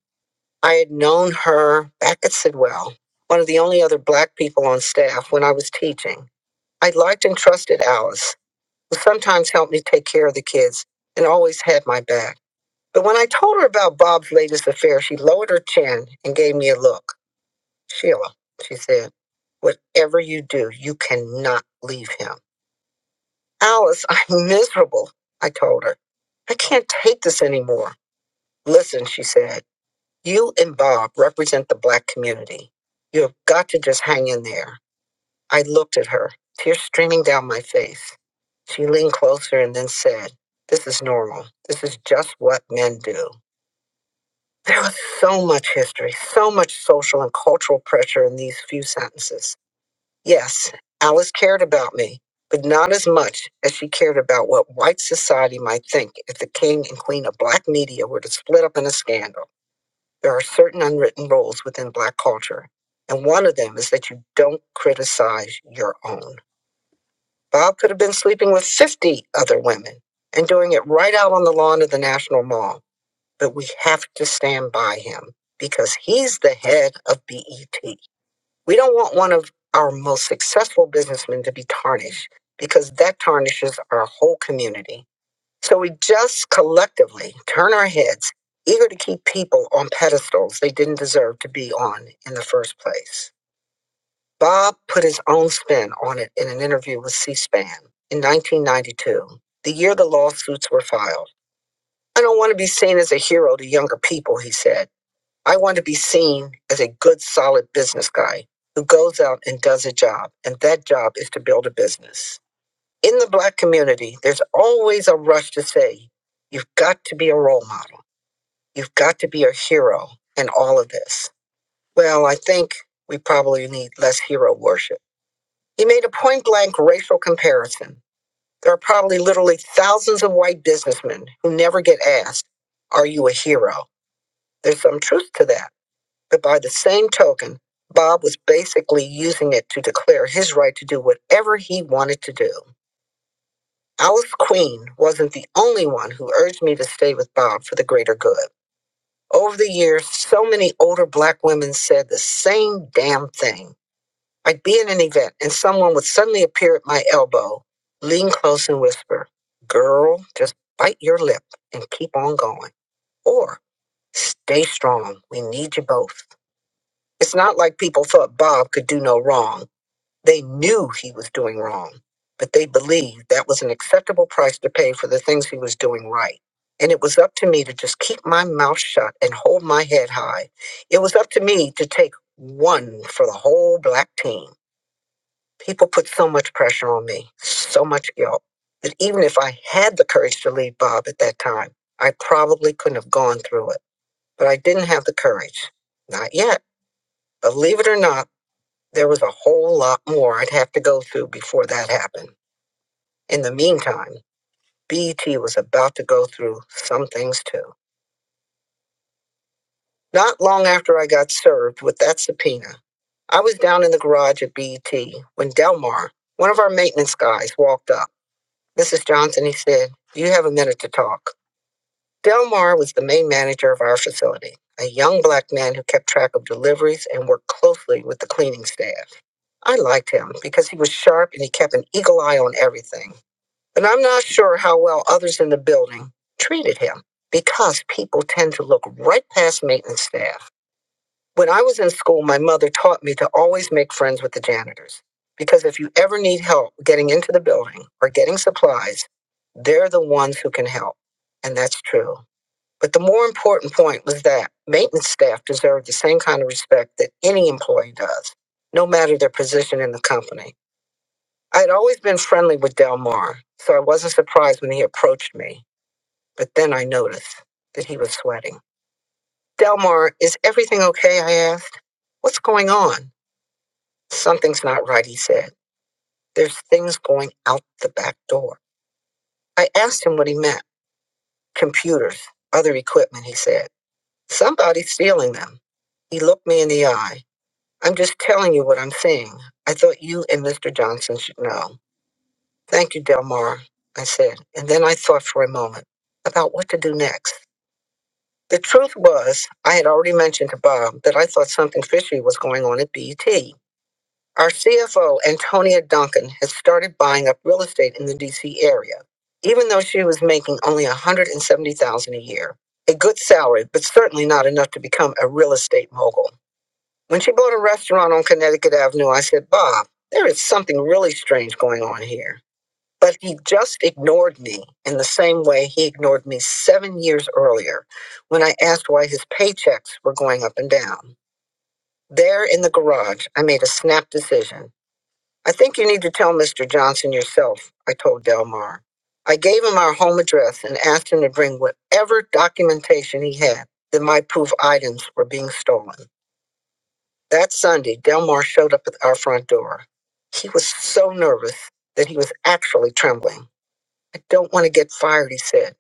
I had known her back at Sidwell, one of the only other black people on staff when I was teaching. I liked and trusted Alice, who sometimes helped me take care of the kids and always had my back. But when I told her about Bob's latest affair, she lowered her chin and gave me a look. Sheila, she said, whatever you do, you cannot leave him. Alice, I'm miserable, I told her. I can't take this anymore. Listen, she said, you and Bob represent the black community. You've got to just hang in there. I looked at her, tears streaming down my face. She leaned closer and then said, This is normal. This is just what men do. There was so much history, so much social and cultural pressure in these few sentences. Yes, Alice cared about me, but not as much as she cared about what white society might think if the king and queen of black media were to split up in a scandal. There are certain unwritten rules within black culture, and one of them is that you don't criticize your own. Bob could have been sleeping with 50 other women and doing it right out on the lawn of the National Mall, but we have to stand by him because he's the head of BET. We don't want one of our most successful businessmen to be tarnished because that tarnishes our whole community. So we just collectively turn our heads, eager to keep people on pedestals they didn't deserve to be on in the first place. Bob put his own spin on it in an interview with C SPAN in 1992, the year the lawsuits were filed. I don't want to be seen as a hero to younger people, he said. I want to be seen as a good, solid business guy who goes out and does a job, and that job is to build a business. In the black community, there's always a rush to say, you've got to be a role model, you've got to be a hero, and all of this. Well, I think we probably need less hero worship. He made a point blank racial comparison. There are probably literally thousands of white businessmen who never get asked, Are you a hero? There's some truth to that. But by the same token, Bob was basically using it to declare his right to do whatever he wanted to do. Alice Queen wasn't the only one who urged me to stay with Bob for the greater good. Over the years, so many older black women said the same damn thing. I'd be in an event and someone would suddenly appear at my elbow, lean close and whisper, Girl, just bite your lip and keep on going. Or, Stay strong, we need you both. It's not like people thought Bob could do no wrong. They knew he was doing wrong, but they believed that was an acceptable price to pay for the things he was doing right. And it was up to me to just keep my mouth shut and hold my head high. It was up to me to take one for the whole black team. People put so much pressure on me, so much guilt, that even if I had the courage to leave Bob at that time, I probably couldn't have gone through it. But I didn't have the courage. Not yet. Believe it or not, there was a whole lot more I'd have to go through before that happened. In the meantime, BET was about to go through some things too. Not long after I got served with that subpoena, I was down in the garage at BET when Delmar, one of our maintenance guys, walked up. Mrs. Johnson, he said, Do you have a minute to talk? Delmar was the main manager of our facility, a young black man who kept track of deliveries and worked closely with the cleaning staff. I liked him because he was sharp and he kept an eagle eye on everything. And I'm not sure how well others in the building treated him because people tend to look right past maintenance staff. When I was in school, my mother taught me to always make friends with the janitors because if you ever need help getting into the building or getting supplies, they're the ones who can help. And that's true. But the more important point was that maintenance staff deserve the same kind of respect that any employee does, no matter their position in the company. I had always been friendly with Del Mar, so I wasn't surprised when he approached me. But then I noticed that he was sweating. Del Mar, is everything okay? I asked. What's going on? Something's not right, he said. There's things going out the back door. I asked him what he meant. Computers, other equipment, he said. Somebody's stealing them. He looked me in the eye. I'm just telling you what I'm seeing. I thought you and Mr. Johnson should know. Thank you, Delmar, I said, and then I thought for a moment about what to do next. The truth was, I had already mentioned to Bob that I thought something fishy was going on at BET. Our CFO, Antonia Duncan, had started buying up real estate in the DC area, even though she was making only $170,000 a year. A good salary, but certainly not enough to become a real estate mogul. When she bought a restaurant on Connecticut Avenue, I said, Bob, there is something really strange going on here. But he just ignored me in the same way he ignored me seven years earlier when I asked why his paychecks were going up and down. There in the garage, I made a snap decision. I think you need to tell Mr. Johnson yourself, I told Delmar. I gave him our home address and asked him to bring whatever documentation he had that might prove items were being stolen. That Sunday, Delmar showed up at our front door. He was so nervous that he was actually trembling. I don't want to get fired, he said,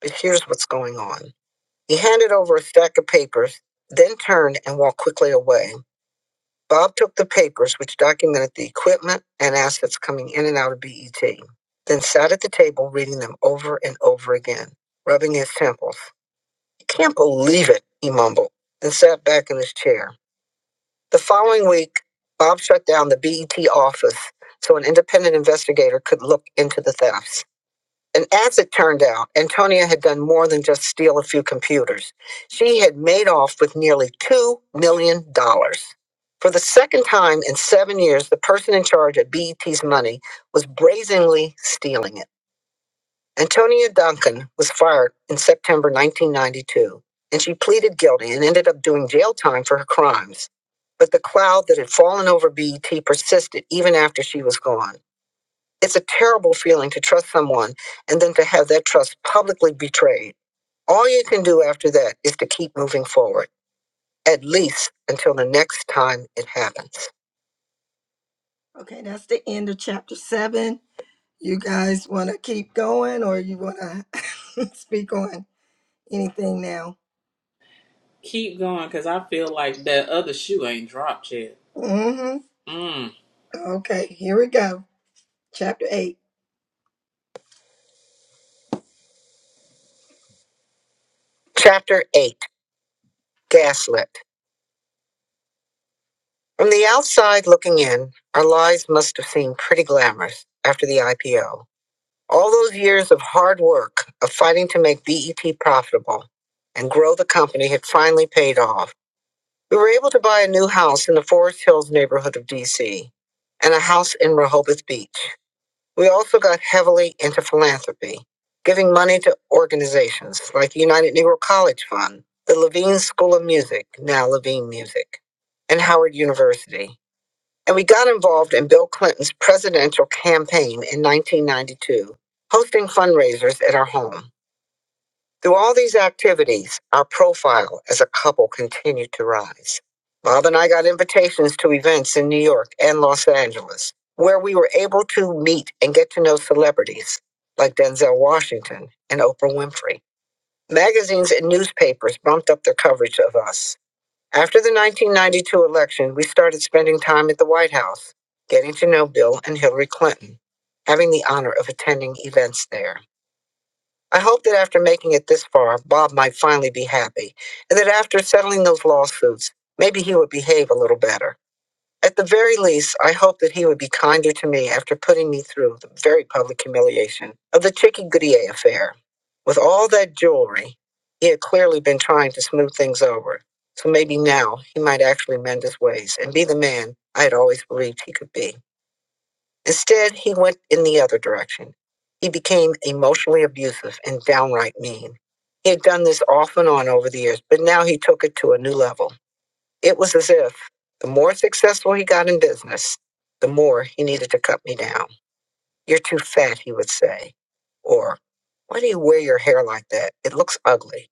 but here's what's going on. He handed over a stack of papers, then turned and walked quickly away. Bob took the papers, which documented the equipment and assets coming in and out of BET, then sat at the table reading them over and over again, rubbing his temples. I can't believe it, he mumbled, and sat back in his chair. The following week, Bob shut down the BET office so an independent investigator could look into the thefts. And as it turned out, Antonia had done more than just steal a few computers. She had made off with nearly $2 million. dollars. For the second time in seven years, the person in charge of BET's money was brazenly stealing it. Antonia Duncan was fired in September 1992, and she pleaded guilty and ended up doing jail time for her crimes. But the cloud that had fallen over BET persisted even after she was gone. It's a terrible feeling to trust someone and then to have that trust publicly betrayed. All you can do after that is to keep moving forward, at least until the next time it happens.
keep going because I feel like that other shoe ain't dropped yet. Mm.
Chapter 8 Gaslit. From the outside looking in, our lives must have seemed pretty glamorous after the IPO. All those years of hard work, of fighting to make BET profitable and grow the company had finally paid off. We were able to buy a new house in the Forest Hills neighborhood of DC and a house in Rehoboth Beach. We also got heavily into philanthropy, giving money to organizations like the United Negro College Fund, the Levine School of Music, now Levine Music, and Howard University. And we got involved in Bill Clinton's presidential campaign in 1992, hosting fundraisers at our home. Through all these activities, our profile as a couple continued to rise. Bob and I got invitations to events in New York and Los Angeles where we were able to meet and get to know celebrities like Denzel Washington and Oprah Winfrey. Magazines and newspapers bumped up their coverage of us. After the 1992 election, we started spending time at the White House, getting to know Bill and Hillary Clinton, having the honor of attending events there. I hope that after making it this far, Bob might finally be happy, and that after settling those lawsuits, maybe he would behave a little better. At the very least, I hope that he would be kinder to me after putting me through the very public humiliation of the Chicky Goodyear affair. With all that jewelry, he had clearly been trying to smooth things over, so maybe now he might actually mend his ways and be the man I had always believed he could be. Instead, he went in the other direction. He became emotionally abusive and downright mean. He had done this off and on over the years, but now he took it to a new level. It was as if the more successful he got in business, the more he needed to cut me down. You're too fat, he would say. Or, why do you wear your hair like that? It looks ugly.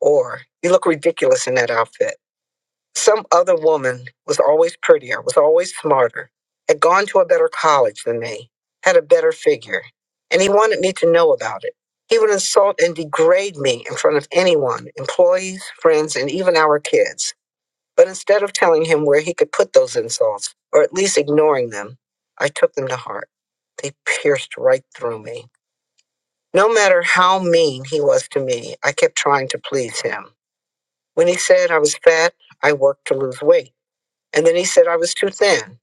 Or, you look ridiculous in that outfit. Some other woman was always prettier, was always smarter, had gone to a better college than me, had a better figure, and he wanted me to know about it. He would insult and degrade me in front of anyone, employees, friends, and even our kids. But instead of telling him where he could put those insults, or at least ignoring them, I took them to heart. They pierced right through me. No matter how mean he was to me, I kept trying to please him. When he said I was fat, I worked to lose weight. And then he said I was too thin.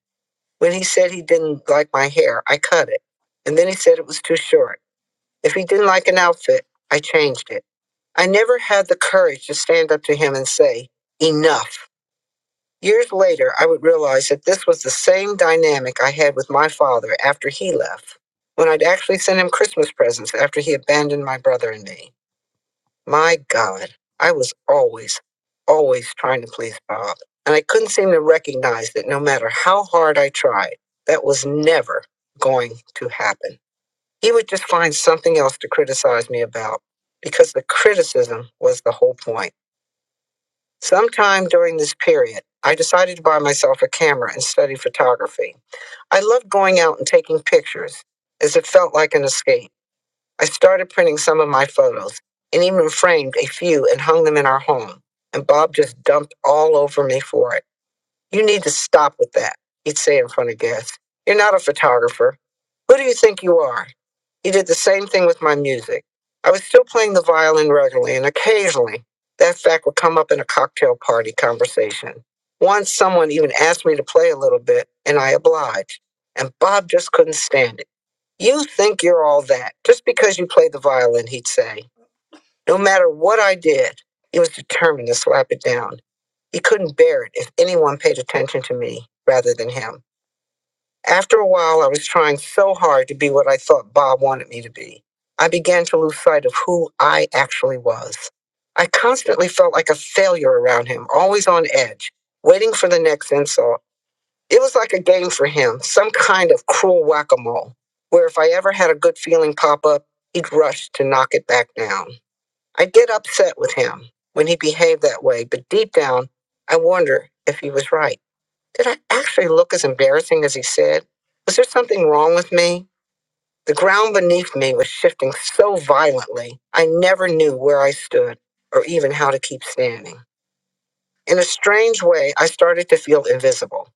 When he said he didn't like my hair, I cut it. And then he said it was too short. If he didn't like an outfit, I changed it. I never had the courage to stand up to him and say, enough. Years later, I would realize that this was the same dynamic I had with my father after he left, when I'd actually send him Christmas presents after he abandoned my brother and me. My God, I was always, always trying to please Bob. And I couldn't seem to recognize that no matter how hard I tried, that was never going to happen. He would just find something else to criticize me about because the criticism was the whole point. Sometime during this period, I decided to buy myself a camera and study photography. I loved going out and taking pictures as it felt like an escape. I started printing some of my photos and even framed a few and hung them in our home. And Bob just dumped all over me for it. You need to stop with that, he'd say in front of guests. You're not a photographer. Who do you think you are? He did the same thing with my music. I was still playing the violin regularly, and occasionally that fact would come up in a cocktail party conversation. Once someone even asked me to play a little bit, and I obliged, and Bob just couldn't stand it. You think you're all that just because you play the violin, he'd say. No matter what I did, he was determined to slap it down. He couldn't bear it if anyone paid attention to me rather than him. After a while, I was trying so hard to be what I thought Bob wanted me to be. I began to lose sight of who I actually was. I constantly felt like a failure around him, always on edge, waiting for the next insult. It was like a game for him, some kind of cruel whack a mole, where if I ever had a good feeling pop up, he'd rush to knock it back down. I get upset with him when he behaved that way, but deep down, I wonder if he was right. Did I actually look as embarrassing as he said? Was there something wrong with me? The ground beneath me was shifting so violently, I never knew where I stood or even how to keep standing. In a strange way, I started to feel invisible,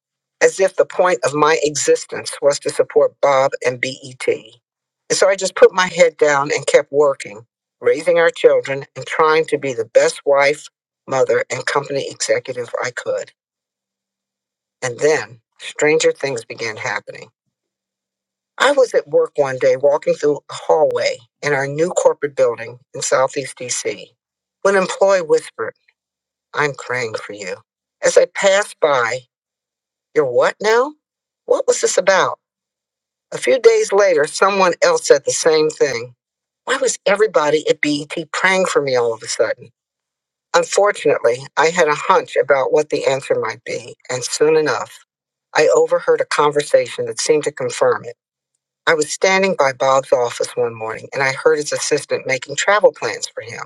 as if the point of my existence was to support Bob and BET. And so I just put my head down and kept working, raising our children and trying to be the best wife, mother, and company executive I could. And then stranger things began happening. I was at work one day walking through a hallway in our new corporate building in Southeast DC when an employee whispered, I'm praying for you. As I passed by, You're what now? What was this about? A few days later, someone else said the same thing. Why was everybody at BET praying for me all of a sudden? Unfortunately, I had a hunch about what the answer might be, and soon enough, I overheard a conversation that seemed to confirm it. I was standing by Bob's office one morning, and I heard his assistant making travel plans for him.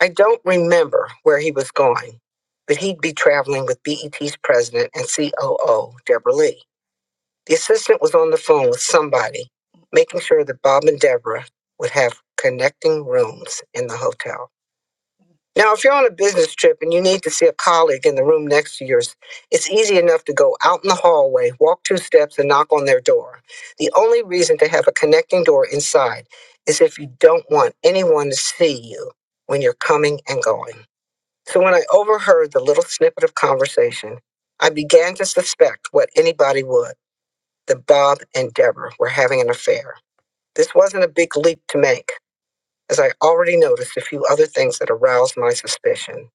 I don't remember where he was going, but he'd be traveling with BET's president and COO, Deborah Lee. The assistant was on the phone with somebody, making sure that Bob and Deborah would have connecting rooms in the hotel. Now, if you're on a business trip and you need to see a colleague in the room next to yours, it's easy enough to go out in the hallway, walk two steps, and knock on their door. The only reason to have a connecting door inside is if you don't want anyone to see you when you're coming and going. So when I overheard the little snippet of conversation, I began to suspect what anybody would that Bob and Deborah were having an affair. This wasn't a big leap to make, as I already noticed a few other things that aroused my suspicion.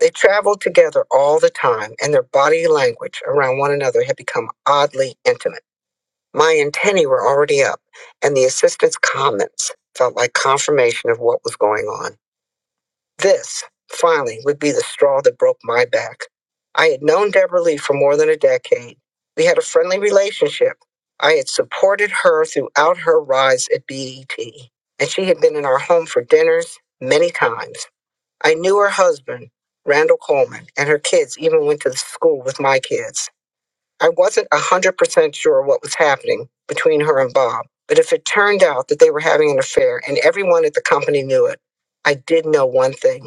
They traveled together all the time, and their body language around one another had become oddly intimate. My antennae were already up, and the assistant's comments felt like confirmation of what was going on. This, finally, would be the straw that broke my back. I had known Deborah Lee for more than a decade. We had a friendly relationship. I had supported her throughout her rise at BET, and she had been in our home for dinners many times. I knew her husband, Randall Coleman, and her kids even went to the school with my kids. I wasn't 100% sure what was happening between her and Bob, but if it turned out that they were having an affair and everyone at the company knew it, I did know one thing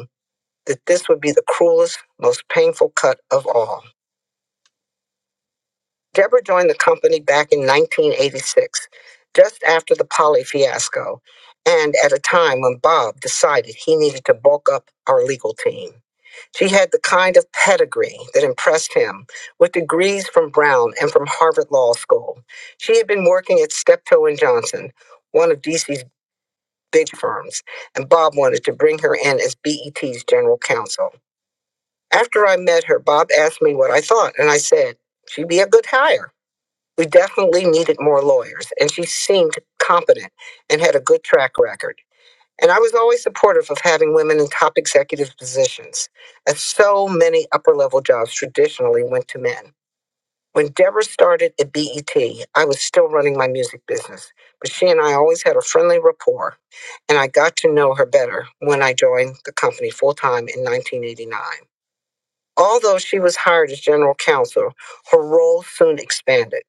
that this would be the cruelest, most painful cut of all. Deborah joined the company back in 1986, just after the Polly fiasco, and at a time when Bob decided he needed to bulk up our legal team. She had the kind of pedigree that impressed him, with degrees from Brown and from Harvard Law School. She had been working at Steptoe and Johnson, one of DC's big firms, and Bob wanted to bring her in as BET's general counsel. After I met her, Bob asked me what I thought, and I said, she'd be a good hire. We definitely needed more lawyers, and she seemed competent and had a good track record. And I was always supportive of having women in top executive positions, as so many upper level jobs traditionally went to men. When Deborah started at BET, I was still running my music business, but she and I always had a friendly rapport, and I got to know her better when I joined the company full time in 1989. Although she was hired as general counsel, her role soon expanded.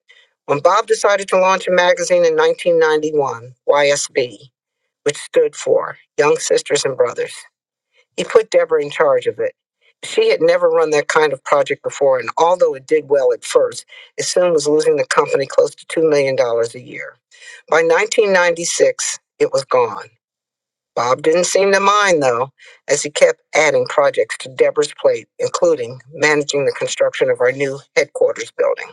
When Bob decided to launch a magazine in 1991, YSB, which stood for Young Sisters and Brothers, he put Deborah in charge of it. She had never run that kind of project before, and although it did well at first, it soon was losing the company close to $2 million dollars a year. By 1996, it was gone. Bob didn't seem to mind, though, as he kept adding projects to Deborah's plate, including managing the construction of our new headquarters building.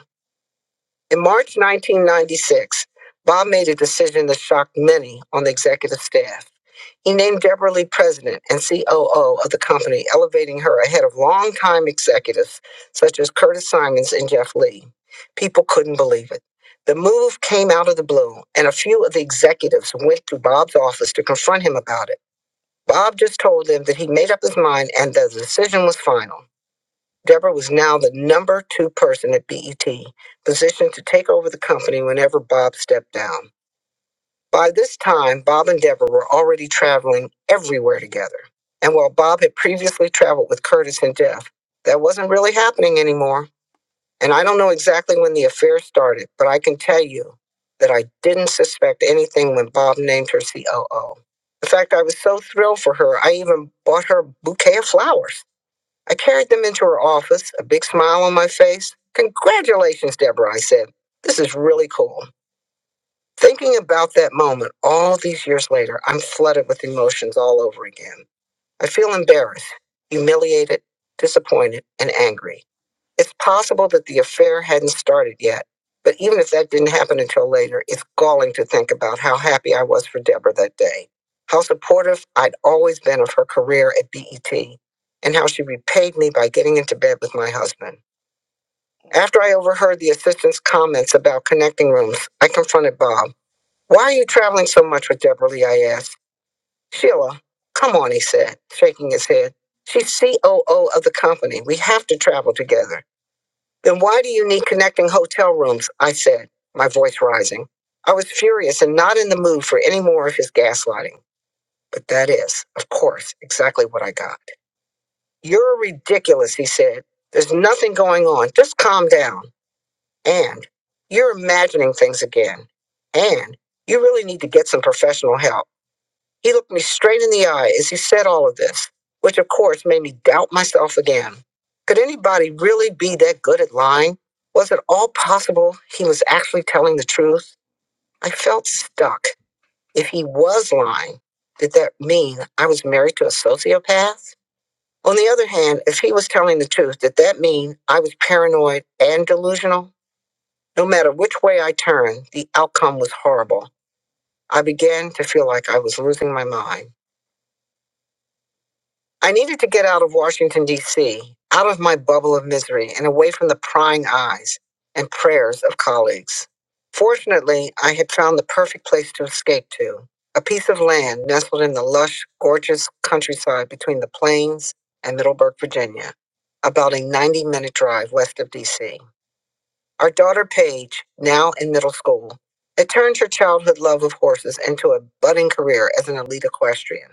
In March 1996, Bob made a decision that shocked many on the executive staff. He named Deborah Lee president and COO of the company, elevating her ahead of longtime executives such as Curtis Simons and Jeff Lee. People couldn't believe it. The move came out of the blue, and a few of the executives went to Bob's office to confront him about it. Bob just told them that he made up his mind and that the decision was final. Deborah was now the number two person at BET, positioned to take over the company whenever Bob stepped down. By this time, Bob and Deborah were already traveling everywhere together. And while Bob had previously traveled with Curtis and Jeff, that wasn't really happening anymore. And I don't know exactly when the affair started, but I can tell you that I didn't suspect anything when Bob named her COO. In fact, I was so thrilled for her, I even bought her a bouquet of flowers. I carried them into her office, a big smile on my face. Congratulations, Deborah, I said. This is really cool. Thinking about that moment all these years later, I'm flooded with emotions all over again. I feel embarrassed, humiliated, disappointed, and angry. It's possible that the affair hadn't started yet, but even if that didn't happen until later, it's galling to think about how happy I was for Deborah that day, how supportive I'd always been of her career at BET, and how she repaid me by getting into bed with my husband. After I overheard the assistant's comments about connecting rooms, I confronted Bob. Why are you traveling so much with Deborah Lee? I asked. Sheila, come on, he said, shaking his head. She's COO of the company. We have to travel together. Then why do you need connecting hotel rooms? I said, my voice rising. I was furious and not in the mood for any more of his gaslighting. But that is, of course, exactly what I got. You're ridiculous, he said. There's nothing going on. Just calm down. And you're imagining things again. And you really need to get some professional help. He looked me straight in the eye as he said all of this, which of course made me doubt myself again. Could anybody really be that good at lying? Was it all possible he was actually telling the truth? I felt stuck. If he was lying, did that mean I was married to a sociopath? On the other hand, if he was telling the truth, did that mean I was paranoid and delusional? No matter which way I turned, the outcome was horrible. I began to feel like I was losing my mind. I needed to get out of Washington, D.C., out of my bubble of misery and away from the prying eyes and prayers of colleagues. Fortunately, I had found the perfect place to escape to a piece of land nestled in the lush, gorgeous countryside between the plains and Middleburg, Virginia, about a 90 minute drive west of D.C. Our daughter Paige, now in middle school, had turned her childhood love of horses into a budding career as an elite equestrian.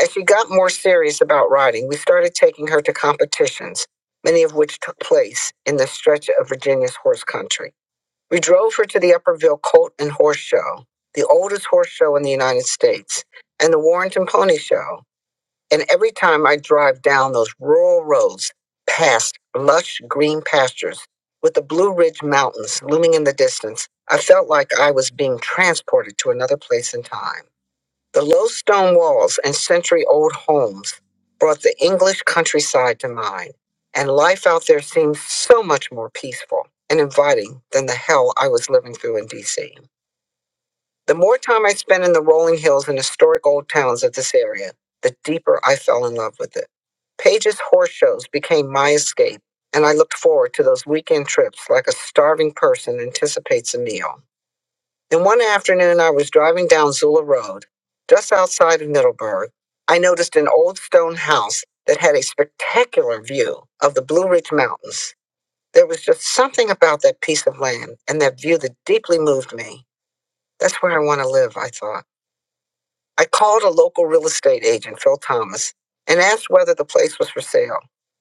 As she got more serious about riding, we started taking her to competitions, many of which took place in the stretch of Virginia's horse country. We drove her to the Upperville Colt and Horse Show, the oldest horse show in the United States, and the Warrenton Pony Show. And every time I drive down those rural roads past lush green pastures with the Blue Ridge Mountains looming in the distance, I felt like I was being transported to another place in time. The low stone walls and century old homes brought the English countryside to mind, and life out there seemed so much more peaceful and inviting than the hell I was living through in DC. The more time I spent in the rolling hills and historic old towns of this area, the deeper I fell in love with it. Page's horse shows became my escape, and I looked forward to those weekend trips like a starving person anticipates a meal. Then one afternoon, I was driving down Zula Road, just outside of Middleburg. I noticed an old stone house that had a spectacular view of the Blue Ridge Mountains. There was just something about that piece of land and that view that deeply moved me. That's where I want to live, I thought. I called a local real estate agent, Phil Thomas, and asked whether the place was for sale.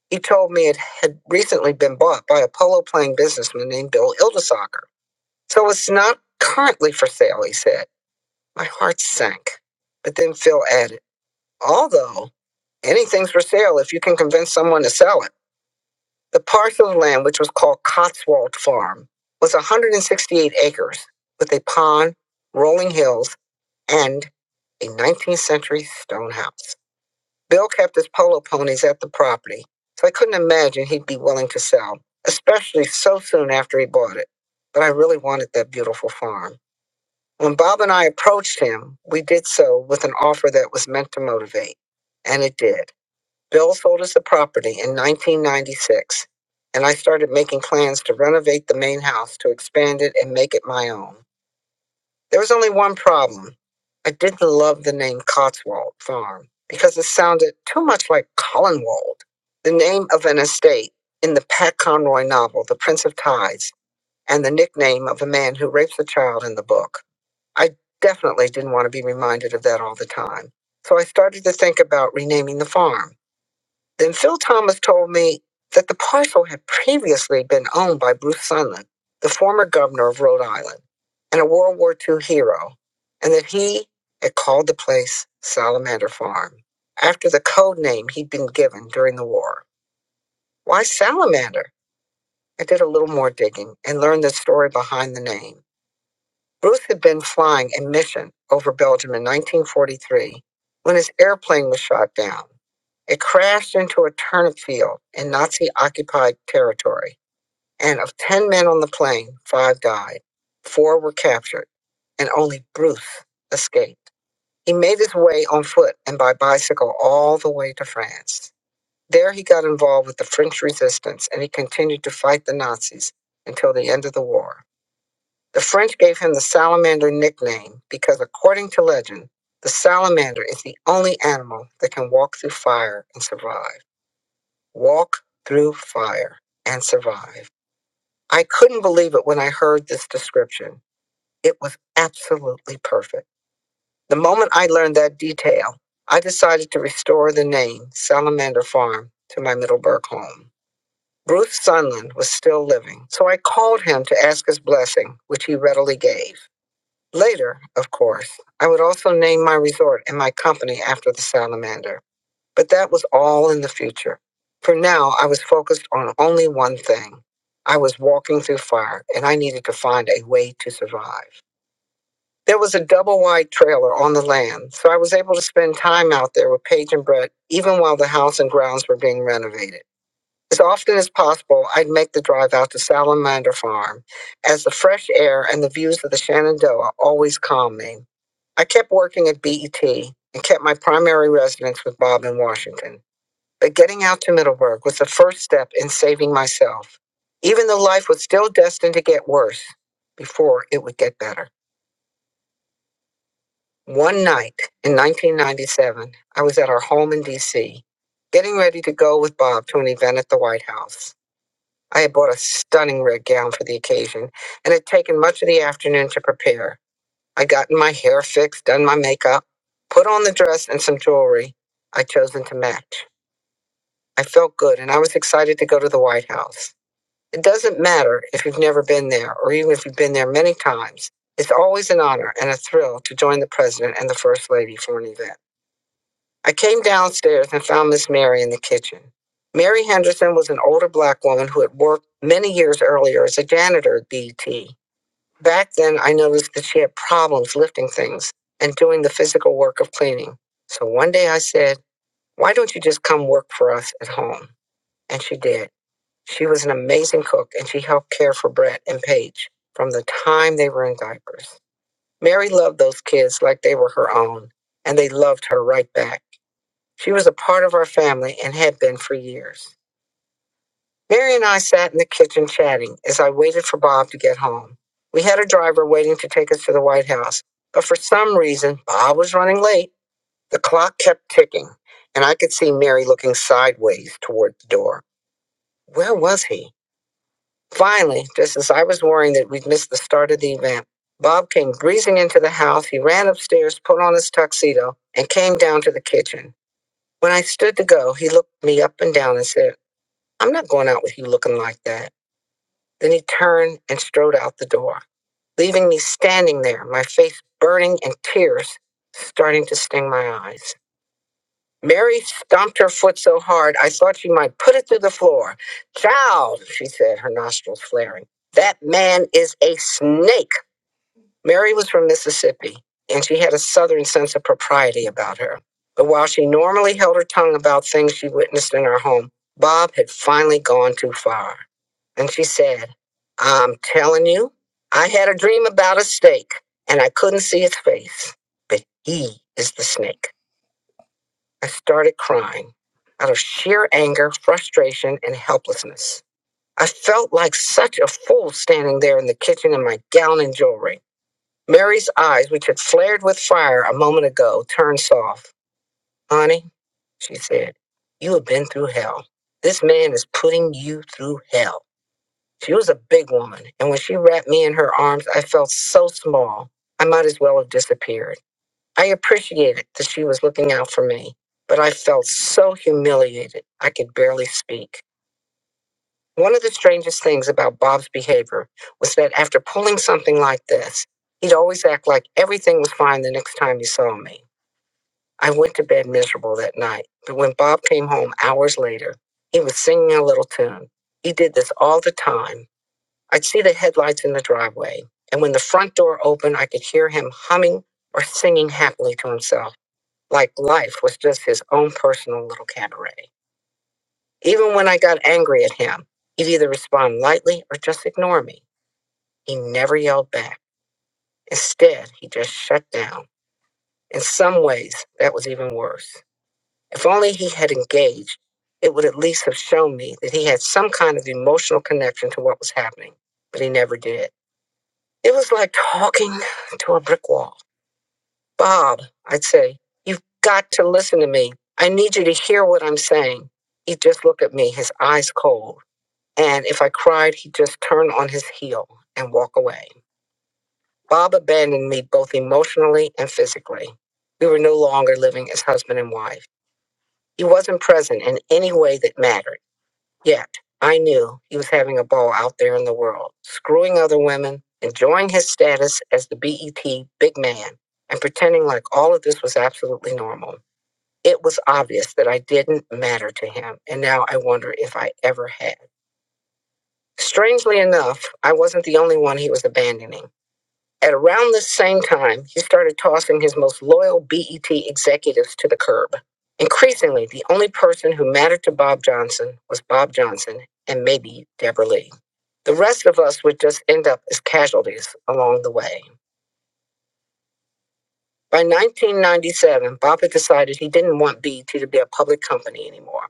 He told me it had recently been bought by a polo playing businessman named Bill Ildesacker. So it's not currently for sale, he said. My heart sank. But then Phil added, although anything's for sale if you can convince someone to sell it. The parcel of land, which was called Cotswold Farm, was 168 acres with a pond, rolling hills, and a 19th century stone house. Bill kept his polo ponies at the property, so I couldn't imagine he'd be willing to sell, especially so soon after he bought it. But I really wanted that beautiful farm. When Bob and I approached him, we did so with an offer that was meant to motivate, and it did. Bill sold us the property in 1996, and I started making plans to renovate the main house to expand it and make it my own. There was only one problem. I didn't love the name Cotswold Farm because it sounded too much like Collinwold, the name of an estate in the Pat Conroy novel, The Prince of Tides, and the nickname of a man who rapes a child in the book. I definitely didn't want to be reminded of that all the time. So I started to think about renaming the farm. Then Phil Thomas told me that the parcel had previously been owned by Bruce Sunland, the former governor of Rhode Island and a World War II hero, and that he had called the place Salamander Farm after the code name he'd been given during the war. Why Salamander? I did a little more digging and learned the story behind the name. Bruce had been flying a mission over Belgium in 1943 when his airplane was shot down. It crashed into a turnip field in Nazi occupied territory, and of 10 men on the plane, five died. Four were captured, and only Bruce escaped. He made his way on foot and by bicycle all the way to France. There he got involved with the French resistance and he continued to fight the Nazis until the end of the war. The French gave him the salamander nickname because, according to legend, the salamander is the only animal that can walk through fire and survive. Walk through fire and survive. I couldn't believe it when I heard this description. It was absolutely perfect. The moment I learned that detail, I decided to restore the name Salamander Farm to my Middleburg home. Bruce Sunland was still living, so I called him to ask his blessing, which he readily gave. Later, of course, I would also name my resort and my company after the salamander, but that was all in the future. For now, I was focused on only one thing. I was walking through fire, and I needed to find a way to survive. There was a double wide trailer on the land, so I was able to spend time out there with Paige and Brett even while the house and grounds were being renovated. As often as possible, I'd make the drive out to Salamander Farm, as the fresh air and the views of the Shenandoah always calmed me. I kept working at BET and kept my primary residence with Bob in Washington. But getting out to Middleburg was the first step in saving myself, even though life was still destined to get worse before it would get better. One night in 1997, I was at our home in D.C., getting ready to go with Bob to an event at the White House. I had bought a stunning red gown for the occasion and had taken much of the afternoon to prepare. I'd gotten my hair fixed, done my makeup, put on the dress and some jewelry I'd chosen to match. I felt good and I was excited to go to the White House. It doesn't matter if you've never been there or even if you've been there many times. It's always an honor and a thrill to join the president and the first lady for an event. I came downstairs and found Miss Mary in the kitchen. Mary Henderson was an older black woman who had worked many years earlier as a janitor at BT. Back then, I noticed that she had problems lifting things and doing the physical work of cleaning. So one day I said, Why don't you just come work for us at home? And she did. She was an amazing cook and she helped care for Brett and Paige from the time they were in diapers. Mary loved those kids like they were her own, and they loved her right back. She was a part of our family and had been for years. Mary and I sat in the kitchen chatting as I waited for Bob to get home. We had a driver waiting to take us to the White House, but for some reason, Bob was running late. The clock kept ticking, and I could see Mary looking sideways toward the door. Where was he? Finally, just as I was worrying that we'd missed the start of the event, Bob came breezing into the house. He ran upstairs, put on his tuxedo, and came down to the kitchen. When I stood to go, he looked me up and down and said, I'm not going out with you looking like that. Then he turned and strode out the door, leaving me standing there, my face burning and tears starting to sting my eyes. Mary stomped her foot so hard I thought she might put it through the floor. Child, she said, her nostrils flaring. That man is a snake. Mary was from Mississippi, and she had a Southern sense of propriety about her. But while she normally held her tongue about things she witnessed in her home, Bob had finally gone too far. And she said, I'm telling you, I had a dream about a snake, and I couldn't see its face. But he is the snake. I started crying out of sheer anger, frustration, and helplessness. I felt like such a fool standing there in the kitchen in my gown and jewelry. Mary's eyes, which had flared with fire a moment ago, turned soft. Honey, she said, you have been through hell. This man is putting you through hell. She was a big woman, and when she wrapped me in her arms, I felt so small. I might as well have disappeared. I appreciated that she was looking out for me, but I felt so humiliated I could barely speak. One of the strangest things about Bob's behavior was that after pulling something like this, he'd always act like everything was fine the next time he saw me. I went to bed miserable that night, but when Bob came home hours later, he was singing a little tune. He did this all the time. I'd see the headlights in the driveway, and when the front door opened, I could hear him humming or singing happily to himself, like life was just his own personal little cabaret. Even when I got angry at him, he'd either respond lightly or just ignore me. He never yelled back. Instead, he just shut down. In some ways, that was even worse. If only he had engaged, it would at least have shown me that he had some kind of emotional connection to what was happening, but he never did. It was like talking to a brick wall. Bob, I'd say, you've got to listen to me. I need you to hear what I'm saying. He'd just look at me, his eyes cold. and if I cried, he'd just turn on his heel and walk away. Bob abandoned me both emotionally and physically. We were no longer living as husband and wife. He wasn't present in any way that mattered. Yet, I knew he was having a ball out there in the world, screwing other women, enjoying his status as the BET big man, and pretending like all of this was absolutely normal. It was obvious that I didn't matter to him, and now I wonder if I ever had. Strangely enough, I wasn't the only one he was abandoning. At around this same time, he started tossing his most loyal BET executives to the curb. Increasingly, the only person who mattered to Bob Johnson was Bob Johnson and maybe Deborah Lee. The rest of us would just end up as casualties along the way. By 1997, Bob had decided he didn't want BET to be a public company anymore.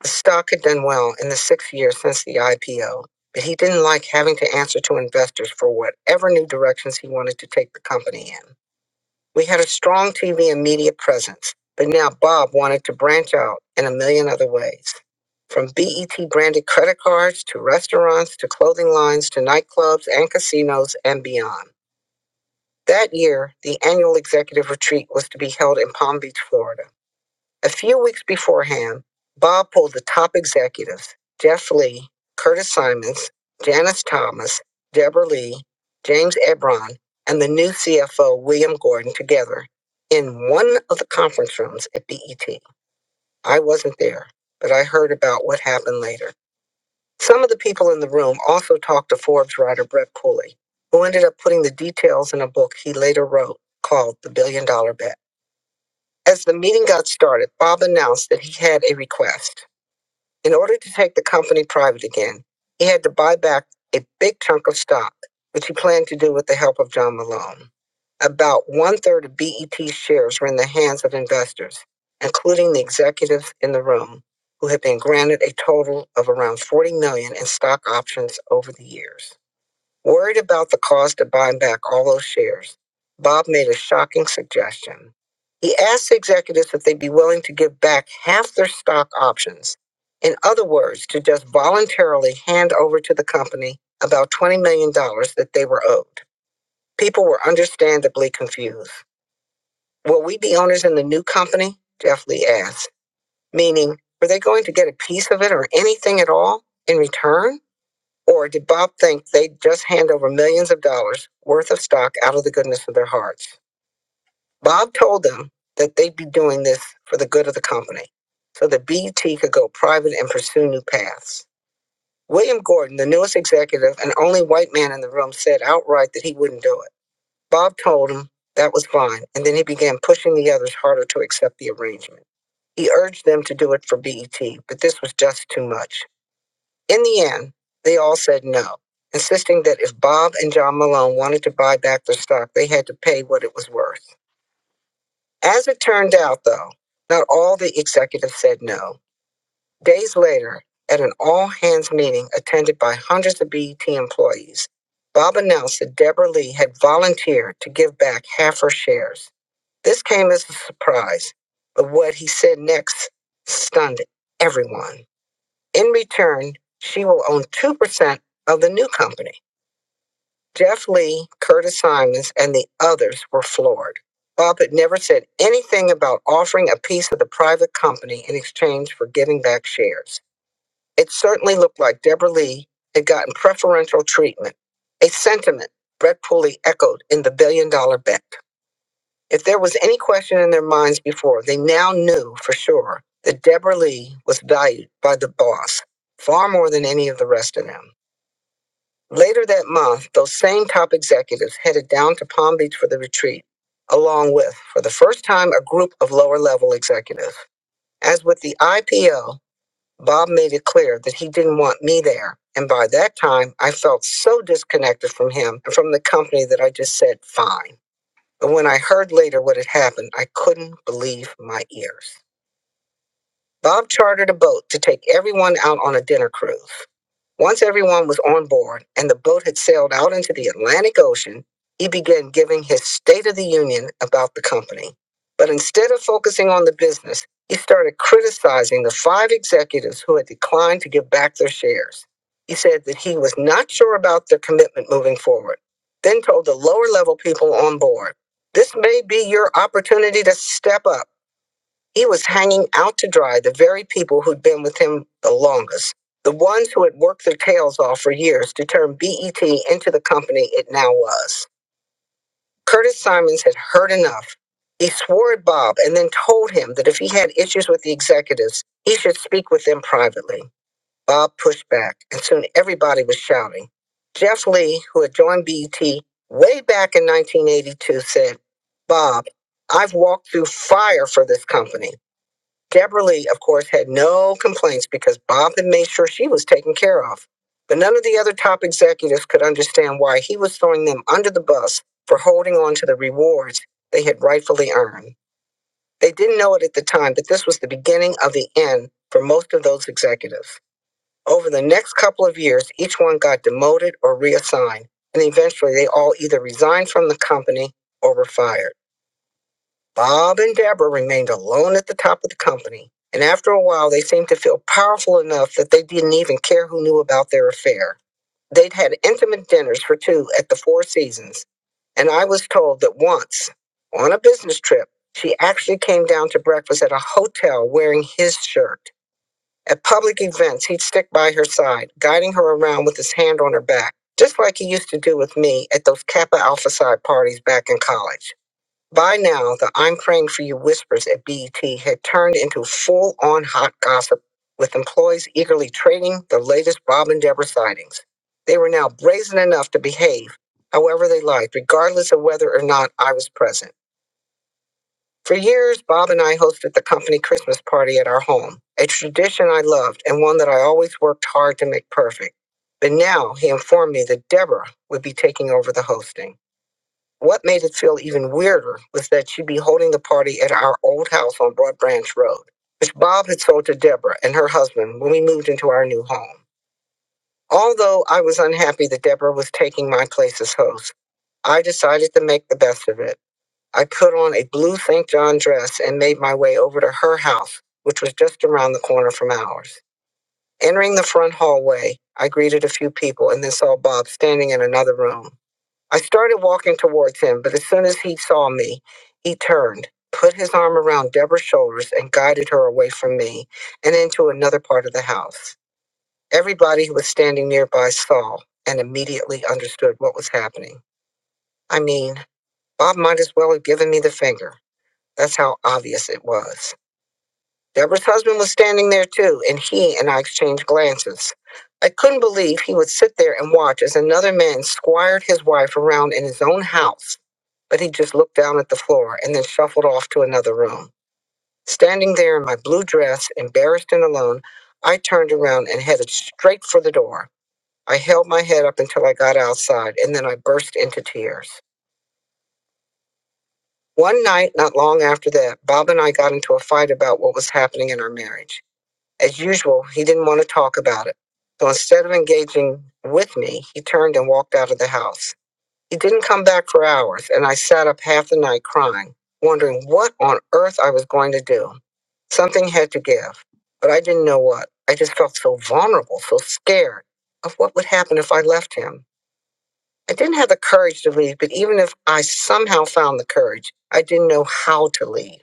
The stock had done well in the six years since the IPO, but he didn't like having to answer to investors for whatever new directions he wanted to take the company in. We had a strong TV and media presence, but now Bob wanted to branch out in a million other ways. From BET branded credit cards to restaurants to clothing lines to nightclubs and casinos and beyond. That year, the annual executive retreat was to be held in Palm Beach, Florida. A few weeks beforehand, Bob pulled the top executives Jeff Lee, Curtis Simons, Janice Thomas, Deborah Lee, James Ebron, and the new CFO, William Gordon, together in one of the conference rooms at BET. I wasn't there, but I heard about what happened later. Some of the people in the room also talked to Forbes writer Brett Pulley, who ended up putting the details in a book he later wrote called The Billion Dollar Bet. As the meeting got started, Bob announced that he had a request. In order to take the company private again, he had to buy back a big chunk of stock, which he planned to do with the help of John Malone. About one third of BET's shares were in the hands of investors, including the executives in the room, who had been granted a total of around 40 million dollars in stock options over the years. Worried about the cost of buying back all those shares, Bob made a shocking suggestion. He asked the executives if they'd be willing to give back half their stock options. In other words, to just voluntarily hand over to the company about $20 million dollars that they were owed. People were understandably confused. Will we be owners in the new company? Jeff Lee asked, meaning, were they going to get a piece of it or anything at all in return? Or did Bob think they'd just hand over millions of dollars worth of stock out of the goodness of their hearts? Bob told them that they'd be doing this for the good of the company, so that BET could go private and pursue new paths. William Gordon, the newest executive and only white man in the room, said outright that he wouldn't do it. Bob told him that was fine, and then he began pushing the others harder to accept the arrangement. He urged them to do it for BET, but this was just too much. In the end, they all said no, insisting that if Bob and John Malone wanted to buy back their stock, they had to pay what it was worth. As it turned out, though, not all the executives said no. Days later, at an all hands meeting attended by hundreds of BET employees, Bob announced that Deborah Lee had volunteered to give back half her shares. This came as a surprise, but what he said next stunned everyone. In return, she will own 2% of the new company. Jeff Lee, Curtis Simons, and the others were floored. Buffett never said anything about offering a piece of the private company in exchange for giving back shares. It certainly looked like Deborah Lee had gotten preferential treatment, a sentiment Brett Pulley echoed in The Billion Dollar Bet. If there was any question in their minds before, they now knew for sure that Deborah Lee was valued by the boss far more than any of the rest of them. Later that month, those same top executives headed down to Palm Beach for the retreat, along with, for the first time, a group of lower level executives. As with the IPO, Bob made it clear that he didn't want me there. And by that time, I felt so disconnected from him and from the company that I just said, fine. And when I heard later what had happened, I couldn't believe my ears. Bob chartered a boat to take everyone out on a dinner cruise. Once everyone was on board and the boat had sailed out into the Atlantic Ocean, he began giving his State of the Union about the company. But instead of focusing on the business, he started criticizing the five executives who had declined to give back their shares. He said that he was not sure about their commitment moving forward, then told the lower level people on board, This may be your opportunity to step up. He was hanging out to dry the very people who'd been with him the longest, the ones who had worked their tails off for years to turn BET into the company it now was. Curtis Simons had heard enough. He swore at Bob and then told him that if he had issues with the executives, he should speak with them privately. Bob pushed back, and soon everybody was shouting. Jeff Lee, who had joined BET way back in 1982, said, Bob, I've walked through fire for this company. Deborah Lee, of course, had no complaints because Bob had made sure she was taken care of. But none of the other top executives could understand why he was throwing them under the bus for holding on to the rewards they had rightfully earned. They didn't know it at the time, but this was the beginning of the end for most of those executives. Over the next couple of years, each one got demoted or reassigned, and eventually they all either resigned from the company or were fired. Bob and Deborah remained alone at the top of the company, and after a while they seemed to feel powerful enough that they didn't even care who knew about their affair. They'd had intimate dinners for two at the Four Seasons, and I was told that once, on a business trip, she actually came down to breakfast at a hotel wearing his shirt. At public events, he'd stick by her side, guiding her around with his hand on her back, just like he used to do with me at those Kappa Alpha Psi parties back in college. By now, the I'm praying for you whispers at BET had turned into full on hot gossip, with employees eagerly trading the latest Bob and Deborah sightings. They were now brazen enough to behave however they liked, regardless of whether or not I was present. For years, Bob and I hosted the company Christmas party at our home, a tradition I loved and one that I always worked hard to make perfect. But now he informed me that Deborah would be taking over the hosting. What made it feel even weirder was that she'd be holding the party at our old house on Broad Branch Road, which Bob had sold to Deborah and her husband when we moved into our new home. Although I was unhappy that Deborah was taking my place as host, I decided to make the best of it. I put on a blue St. John dress and made my way over to her house, which was just around the corner from ours. Entering the front hallway, I greeted a few people and then saw Bob standing in another room. I started walking towards him, but as soon as he saw me, he turned, put his arm around Deborah's shoulders, and guided her away from me and into another part of the house. Everybody who was standing nearby saw and immediately understood what was happening. I mean, Bob might as well have given me the finger. That's how obvious it was. Deborah's husband was standing there too, and he and I exchanged glances. I couldn't believe he would sit there and watch as another man squired his wife around in his own house, but he just looked down at the floor and then shuffled off to another room. Standing there in my blue dress, embarrassed and alone, I turned around and headed straight for the door. I held my head up until I got outside, and then I burst into tears. One night, not long after that, Bob and I got into a fight about what was happening in our marriage. As usual, he didn't want to talk about it. So instead of engaging with me, he turned and walked out of the house. He didn't come back for hours, and I sat up half the night crying, wondering what on earth I was going to do. Something had to give, but I didn't know what. I just felt so vulnerable, so scared of what would happen if I left him. I didn't have the courage to leave, but even if I somehow found the courage, I didn't know how to leave.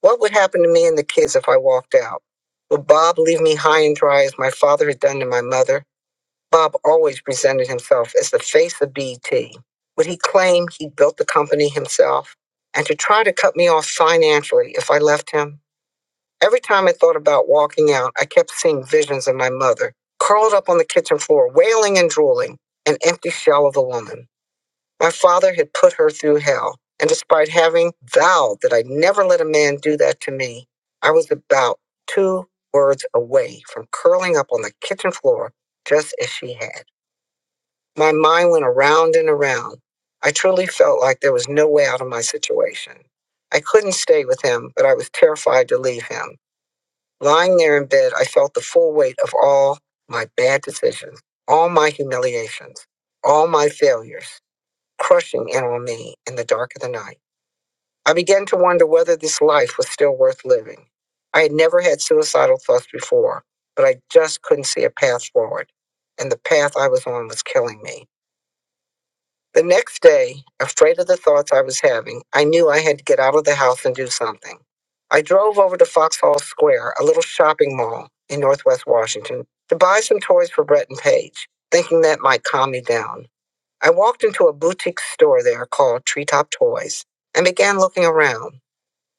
What would happen to me and the kids if I walked out? Would Bob leave me high and dry as my father had done to my mother? Bob always presented himself as the face of BET. Would he claim he built the company himself? And to try to cut me off financially if I left him? Every time I thought about walking out, I kept seeing visions of my mother, curled up on the kitchen floor, wailing and drooling, an empty shell of a woman. My father had put her through hell, and despite having vowed that I'd never let a man do that to me, I was about two words away from curling up on the kitchen floor just as she had. My mind went around and around. I truly felt like there was no way out of my situation. I couldn't stay with him, but I was terrified to leave him. Lying there in bed, I felt the full weight of all my bad decisions, all my humiliations, all my failures crushing in on me in the dark of the night. I began to wonder whether this life was still worth living. I had never had suicidal thoughts before, but I just couldn't see a path forward, and the path I was on was killing me. The next day, afraid of the thoughts I was having, I knew I had to get out of the house and do something. I drove over to Foxhall Square, a little shopping mall in Northwest Washington, to buy some toys for Brett and Paige, thinking that might calm me down. I walked into a boutique store there called Treetop Toys and began looking around.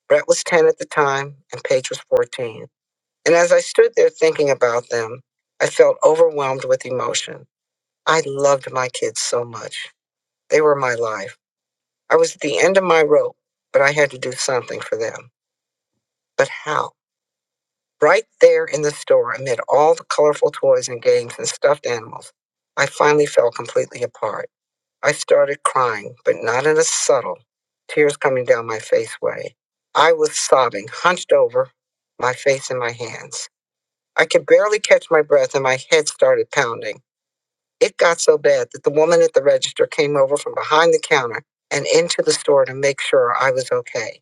Brett was 10 at the time and Paige was 14. And as I stood there thinking about them, I felt overwhelmed with emotion. I loved my kids so much. They were my life. I was at the end of my rope, but I had to do something for them. But how? Right there in the store, amid all the colorful toys and games and stuffed animals, I finally fell completely apart. I started crying, but not in a subtle, tears coming down my face way. I was sobbing, hunched over, my face in my hands. I could barely catch my breath and my head started pounding. It got so bad that the woman at the register came over from behind the counter and into the store to make sure I was okay.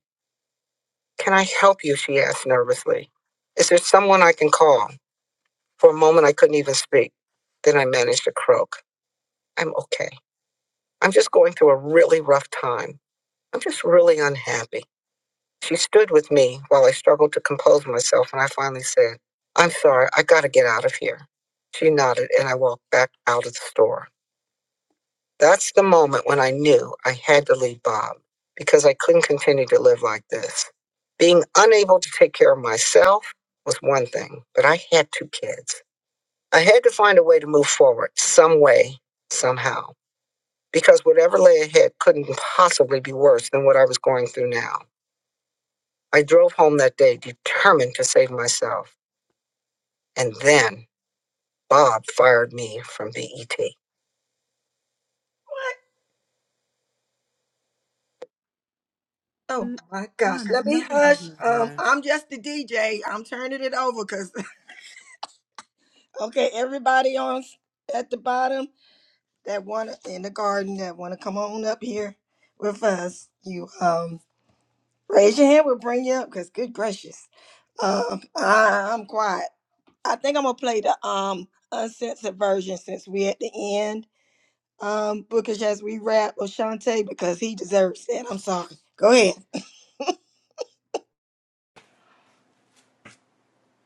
Can I help you? She asked nervously. Is there someone I can call? For a moment, I couldn't even speak. Then I managed to croak. I'm okay. I'm just going through a really rough time. I'm just really unhappy. She stood with me while I struggled to compose myself, and I finally said, I'm sorry, I gotta get out of here. She nodded, and I walked back out of the store. That's the moment when I knew I had to leave Bob because I couldn't continue to live like this. Being unable to take care of myself was one thing, but I had two kids. I had to find a way to move forward, some way, somehow, because whatever lay ahead couldn't possibly be worse than what I was going through now. I drove home that day determined to save myself. And then Bob fired me from BET.
I know you are.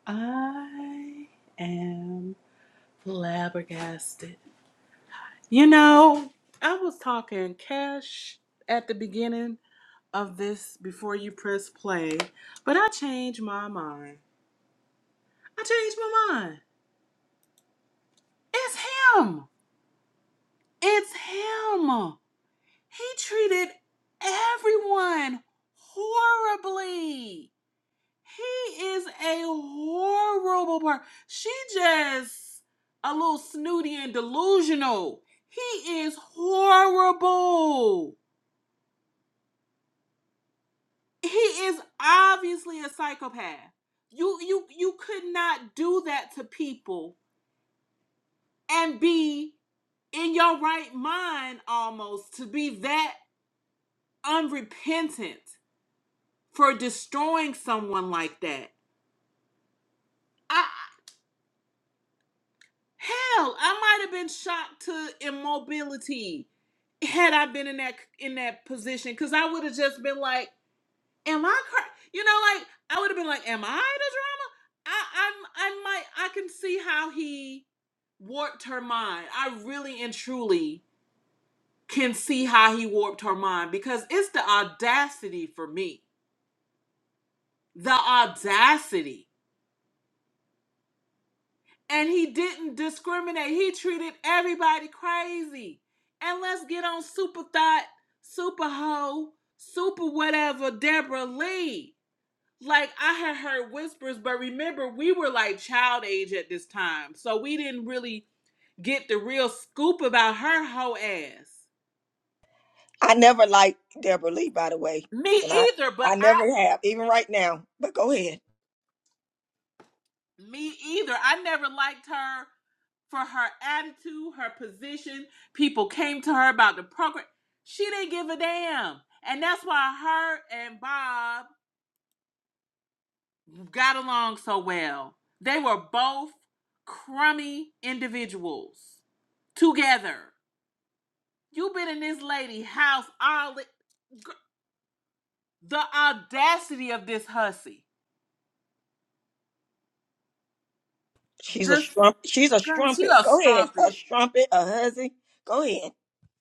I am flabbergasted. You know, I was talking cash at the beginning of this before you press play, but I changed my mind. I changed my mind. It's him. It's him. He treated everyone horribly. He is a horrible person. She just a little snooty and delusional. He is horrible. he is obviously a psychopath. You you you could not do that to people and be in your right mind almost to be that unrepentant for destroying someone like that. I hell, I might have been shocked to immobility had I been in that in that position cuz I would have just been like am I cra You know, like I would have been like, am I the drama? I I'm I might I can see how he warped her mind. I really and truly can see how he warped her mind because it's the audacity for me. The audacity. And he didn't discriminate. He treated everybody crazy. And let's get on super thought, super hoe, super whatever, Deborah Lee. like I had heard whispers, but remember we were like child age at this time, so we didn't really get the real scoop about her whole ass. Me either, but I me either. I never liked her for her attitude, her position. People came to her about the program. She didn't give a damn. And that's why her and Bob got along so well. They were both crummy individuals together. You been in this lady house all the, the audacity of this hussy. This she a strumpet.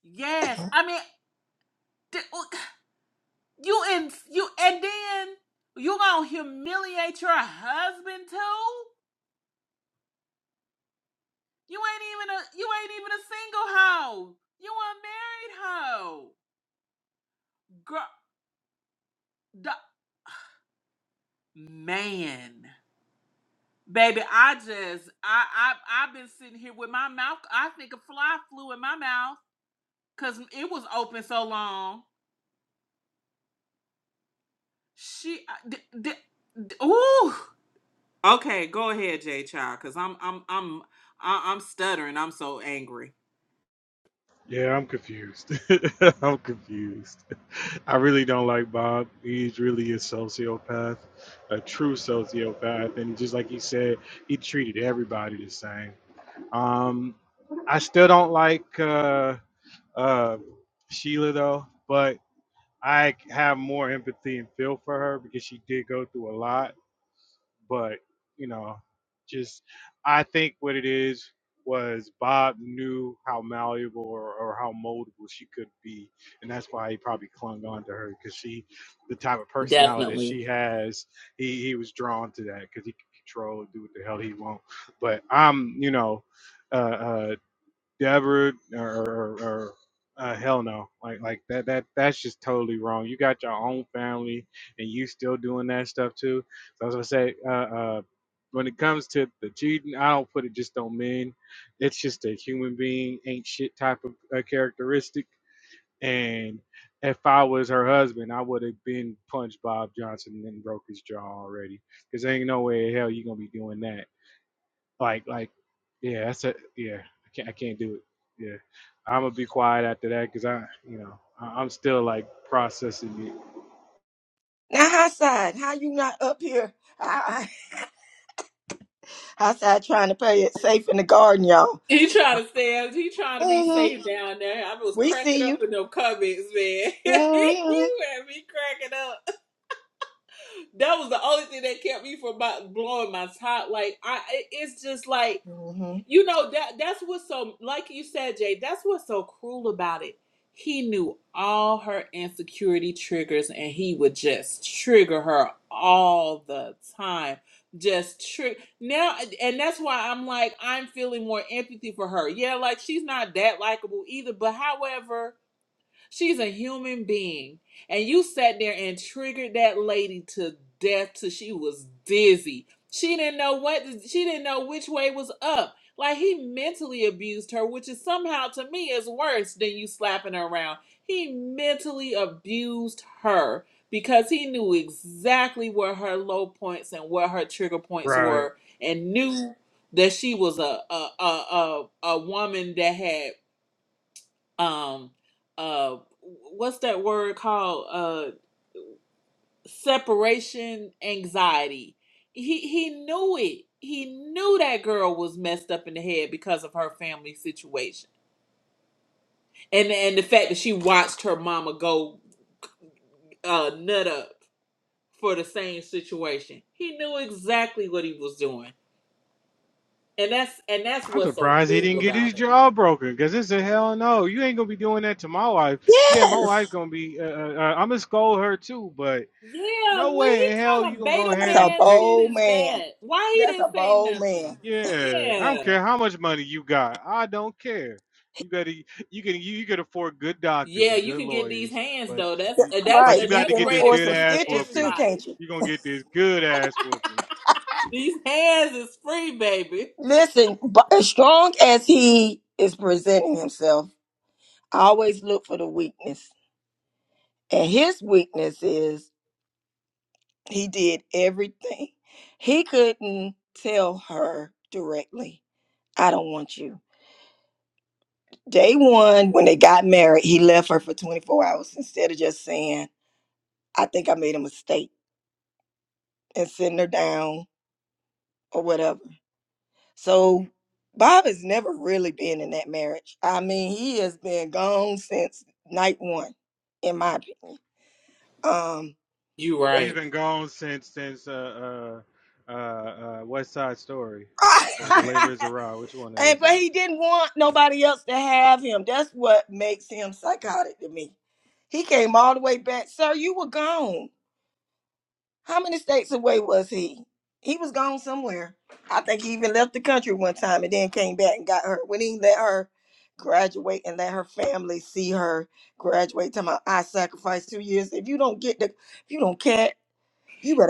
Yes, I mean you and you and then you gonna humiliate your husband too. You ain't even a you ain't even a single hoe. You a married hoe, girl. The man, baby, I just I I I've been sitting here with my mouth. I think a fly flew in my mouth Cause it was open so long. She, I- d- d- d- ooh. Okay, go ahead, J Child. Cause I'm, I'm, I'm, I- I'm stuttering. I'm so angry.
Yeah, I'm confused. I'm confused. I really don't like Bob. He's really a sociopath, a true sociopath, and just like he said, he treated everybody the same. Um, I still don't like uh, uh, Sheila though, but I have more empathy and feel for her because she did go through a lot but you know, just I think what it is was Bob knew how malleable or, or how moldable she could be, and that's why he probably clung on to her because she, the type of personality that
Definitely.
she has, he he was drawn to that because he could control do what the hell he want. But I'm, you know. Uh, uh, Deborah or, or, or uh, hell no, like like that that that's just totally wrong. You got your own family and you still doing that stuff too. So I was gonna say, uh, uh, when it comes to the cheating, I don't put it just on men. It's just a human being ain't shit type of uh, characteristic. And if I was her husband, I would have been punched Bob Johnson and broke his jaw already. Cause ain't no way in hell you gonna be doing that like like yeah, that's it. Yeah, I can't I can't do it. Yeah, I'm gonna be quiet after that because I you know I, I'm still like processing it.
He trying to stand. He trying to be safe down there. I was cracking up in them comments, man. you had me cracking up. That was the only thing that kept me from my, blowing my top. Like I, it- it's just like. you know that that's what's so like you said jay that's what's so cruel about it he knew all her insecurity triggers and he would just trigger her all the time just trigger now and that's why i'm like i'm feeling more empathy for her yeah like she's not that likable either but however She's a human being. And you sat there and triggered that lady to death till she was dizzy. She didn't know what she didn't know which way was up. Like he mentally abused her, which is somehow to me is worse than you slapping her around. He mentally abused her because he knew exactly where her low points and what her trigger points
Right.
were and knew that she was a a a, a, a woman that had um uh what's that word called uh separation anxiety he he knew it he knew that girl was messed up in the head because of her family situation and and the fact that she watched her mama go uh nut up for the same situation he knew exactly what he was doing and that's and that's
I'm
what's so
surprised he
cool
didn't get
about it
his jaw broken because it's a hell no. You ain't gonna be doing that to my wife. Yeah, my wife gonna be. Uh, uh, I'm gonna scold her too, but
Yeah,
no
what
way in hell
kind
you
of
gonna go
beta
ahead and
man
take
shit is that? Why he didn't say nothing?
Yeah, I don't
Yeah,
care how much money you got. I don't care. You gotta, you can, you, you can afford good doctors
yeah,
and
you
good
can get these
lawyers,
hands
but,
though. That's
y-
uh, that's
but
uh,
you got to
that's
get this
rated
good
free for
ass whooping.
everybody.
You gonna get this good ass whooping.
These hands is free, baby. You
He's
right,
been gone since since uh uh uh, uh West Side Story, or is it Les Miserables? Which one is it?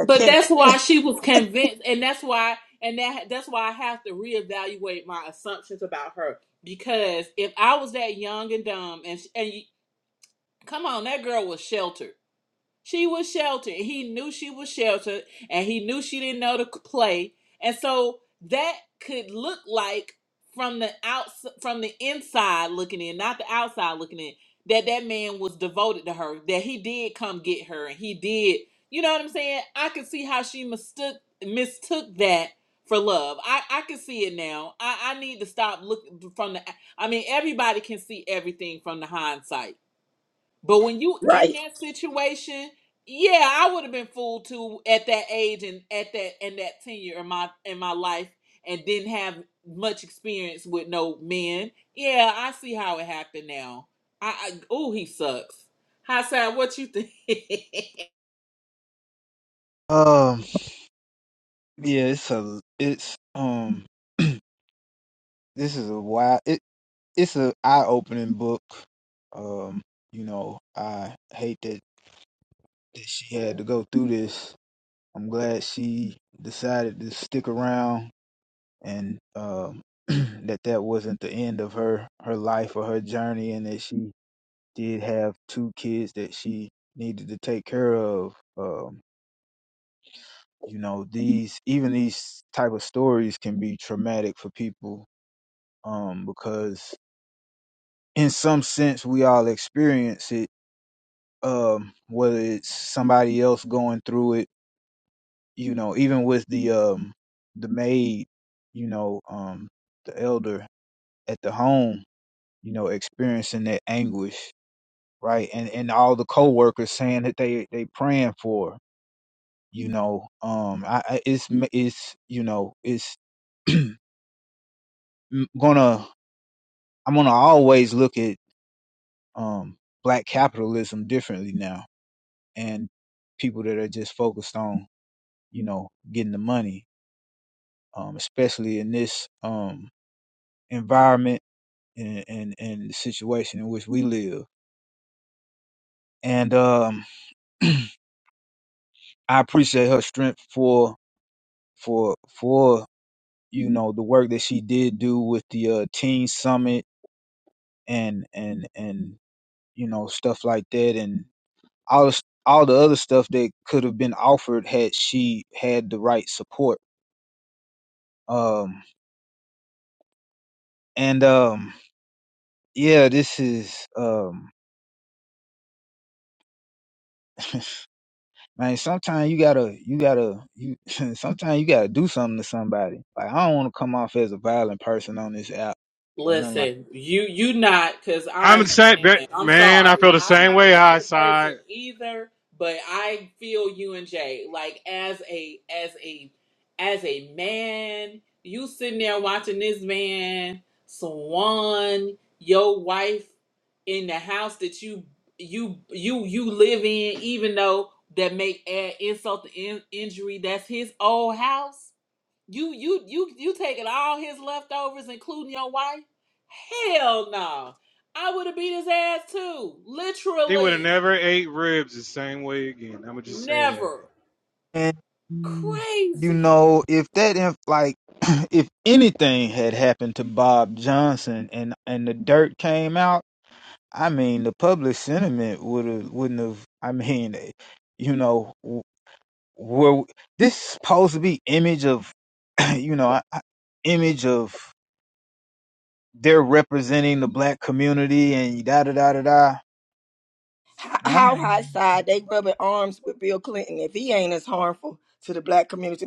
but that's why she was convinced, and that's why, and that that's why I have to reevaluate my assumptions about her because if I was that young and dumb, and and you, come on, that girl was sheltered. She was sheltered. He knew she was sheltered and he knew she didn't know to c- play. And so that could look like from the outs from the inside looking in, not the outside looking in, that that man was devoted to her, that he did come get her and he did, you know what I'm saying? I could see how she mistook mistook that for love. I I can see it now. I I need to stop looking from the I mean everybody can see everything from the hindsight but when you in that situation, yeah, I would have been fooled too at that age and at that and that tenure in my in my life and didn't have much experience with no men. Yeah, I see how it happened now. I, I oh he sucks. Hi, Sad, what you think?
Um, yeah, it's a it's um this is a wild it it's a eye opening book. Um, you know, I hate that, that she had to go through this. I'm glad she decided to stick around and um that that wasn't the end of her her life or her journey and that she did have two kids that she needed to take care of. Um, you know, these even these type of stories can be traumatic for people um, because in some sense we all experience it, um, whether it's somebody else going through it, you know, even with the um, the maid, you know, um, the elder at the home, you know, experiencing that anguish, right, and and all the coworkers saying that they they praying for, her, you know, um, I, I it's ma- it's you know it's m- gonna I'm gonna always look at um black capitalism differently now and people that are just focused on you know getting the money um especially in this um environment and and, and the situation in which we live and um i appreciate her strength for for for you know the work that she did do with the uh teen summit and and and you know stuff like that and all the, all the other stuff that could have been offered had she had the right support um and um yeah, this is um man, sometimes you gotta you gotta you sometimes you gotta do something to somebody. Like I don't wanna come off as a violent person on this app or nothing like
Listen, you you not because
I'm the
I'm
same but-
man, I'm
man. I
sorry.
feel the
I'm
same
not a
way. High
valid person
side.
either, but I feel you and Jay. Like as a as a as a man, you sitting there watching this man swan your wife in the house that you you you you live in, even though that may add insult to in, injury. That's his old house you you you you taking all his leftovers, including your wife? Hell no. I would have beat his ass too.
He would have
Literally.
never ate ribs the same way again. I'm gonna just say that.
Never.
that. And you
Crazy.
know, if that inf- like if anything had happened to Bob Johnson and and the dirt came out, I mean the public sentiment would have wouldn't have I mean eh, you know w- where w- this is supposed to be image of you know I, I- image of they're representing the black community and da da da da da. Man, I'm-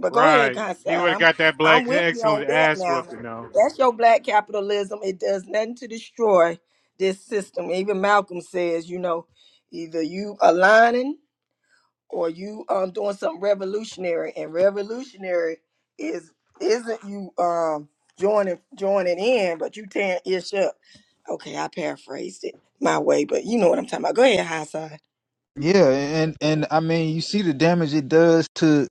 Right. He would have got that black excellent ass whooping though.
Yeah, and and I mean, you see the damage it does to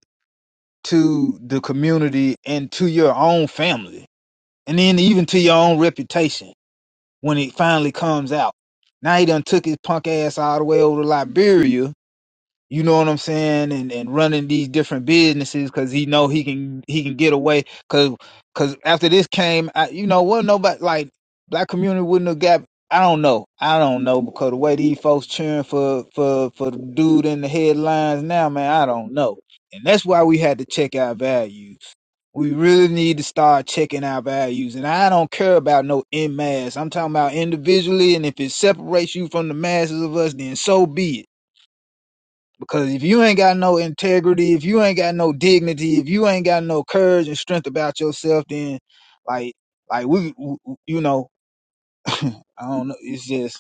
to the community and to your own family, and then even to your own reputation when it finally comes out. Now he done took his punk ass all the way over to Liberia you know what I'm saying, and, and running these different businesses because he know he can he can get away because because after this came, I, you know, what nobody like black community wouldn't have got. I don't know, I don't know because the way these folks cheering for for for the dude in the headlines now, man, I don't know, and that's why we had to check our values. We really need to start checking our values, and I don't care about no in mass. I'm talking about individually, and if it separates you from the masses of us, then so be it because if you ain't got no integrity, if you ain't got no dignity, if you ain't got no courage and strength about yourself, then like, like we, w you know, I don't know. It's just,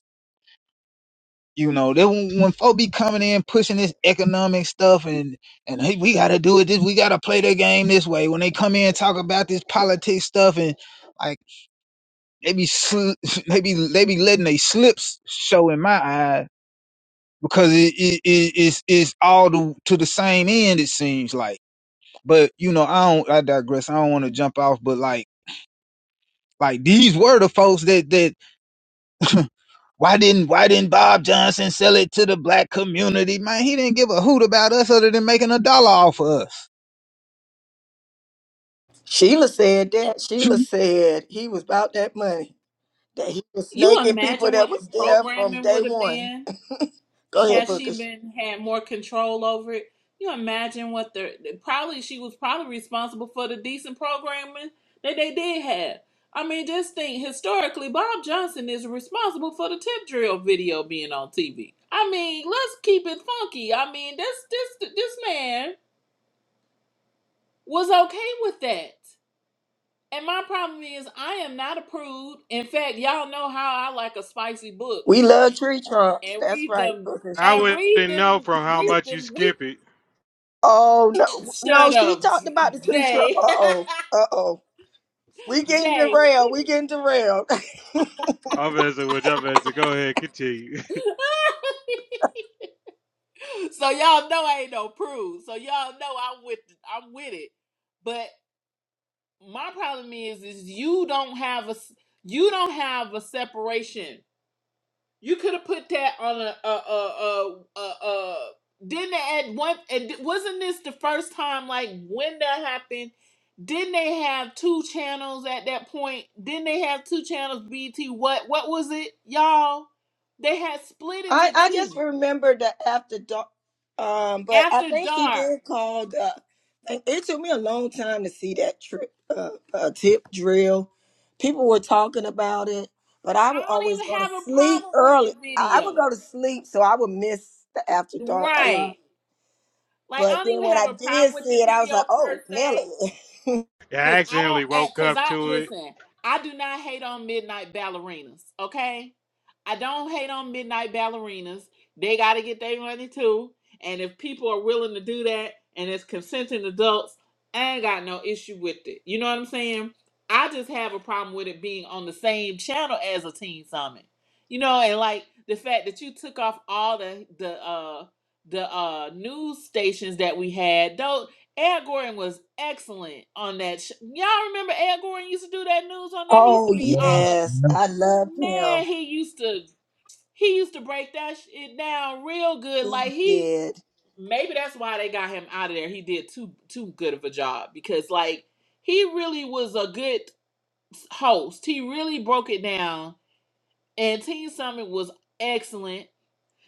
you know, that when, when folk be coming in pushing this economic stuff and and hey, we got to do it this, we got to play the game this way. When they come in and talk about this politics stuff and like they be sl- they be they be letting they slips show in my eyes because it, it, it it's it's all to, to the same end. It seems like. But you know, I don't. I digress. I don't want to jump off, but like, like these were the folks that that why didn't why didn't Bob Johnson sell it to the black community? Man, he didn't give a hoot about us other than making a dollar off of us.
You imagine what the programming would have been? had she been had more control over it, you imagine what the probably she was probably responsible for the decent programming that they did have. I mean, just think historically, Bob Johnson is responsible for the tip drill video being on TV. I mean, let's keep it funky. I mean, this this this man was okay with that. And my problem is, I am not approved. In fact, y'all know how I like a spicy book and read them
I
and read
wouldn't know
them
from how
read
much you
them week.
skip it.
Shut up, J- Jay. Jay.
I'm messing with you. I'm as a Go ahead, continue.
So y'all know I ain't no prude. So y'all know I'm with I'm with it. But my problem is is you don't have a s- you don't have a separation. You could have put that on a a a a a. a didn't they add one? And wasn't this the first time like when that happened? Didn't they have two channels at that point? Didn't they have two channels? BT what what was it, y'all? They had split into two after dark. I don't even have a problem with the video, right? Like I don't even have a problem with the video per se
I
Cause I don't
accidentally
act
woke
cause
up
I
to it.
listen, I do not hate on midnight ballerinas, okay? I don't hate on midnight ballerinas. They gotta get their money too. And if people are willing to do that and it's consenting adults, I ain't got no issue with it. You know what I'm saying? I just have a problem with it being on the same channel as a teen summit. You know, and like the fact that you took off all the the uh the uh news stations that we had, though Al Gordon was excellent on that. Sh- Y'all remember Al Gordon used to do that news on that? He used to be all up. Man, he used to he used to break that shit down real good. Like he maybe that's why they got him out of there. He did too too good of a job because like he really was a good host. He really broke it down, and Teen Summit was excellent.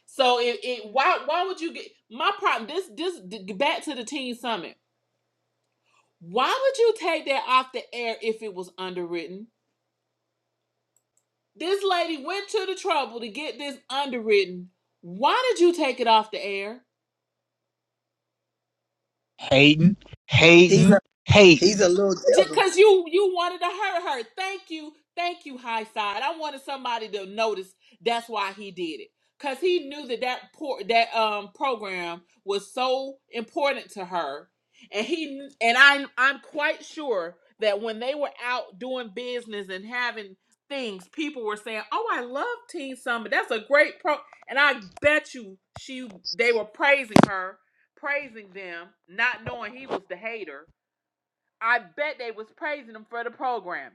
So it, it why why would you get my problem? This this back to the Teen Summit. Why would you take that off the air if it was underwritten? This lady went to the trouble to get this underwritten. Why did you take it off the air?
hating, hating, hating.
because you you wanted to hurt her. Thank you, thank you, high side. I wanted somebody to notice. That's why he did it, cause he knew that that por- that um program was so important to her, and he and I'm I'm quite sure that when they were out doing business and having things, people were saying, "Oh, I love Teen Summit. That's a great pro." And I bet you she they were praising her, praising them, not knowing he was the hater I bet they was praising him for the programming.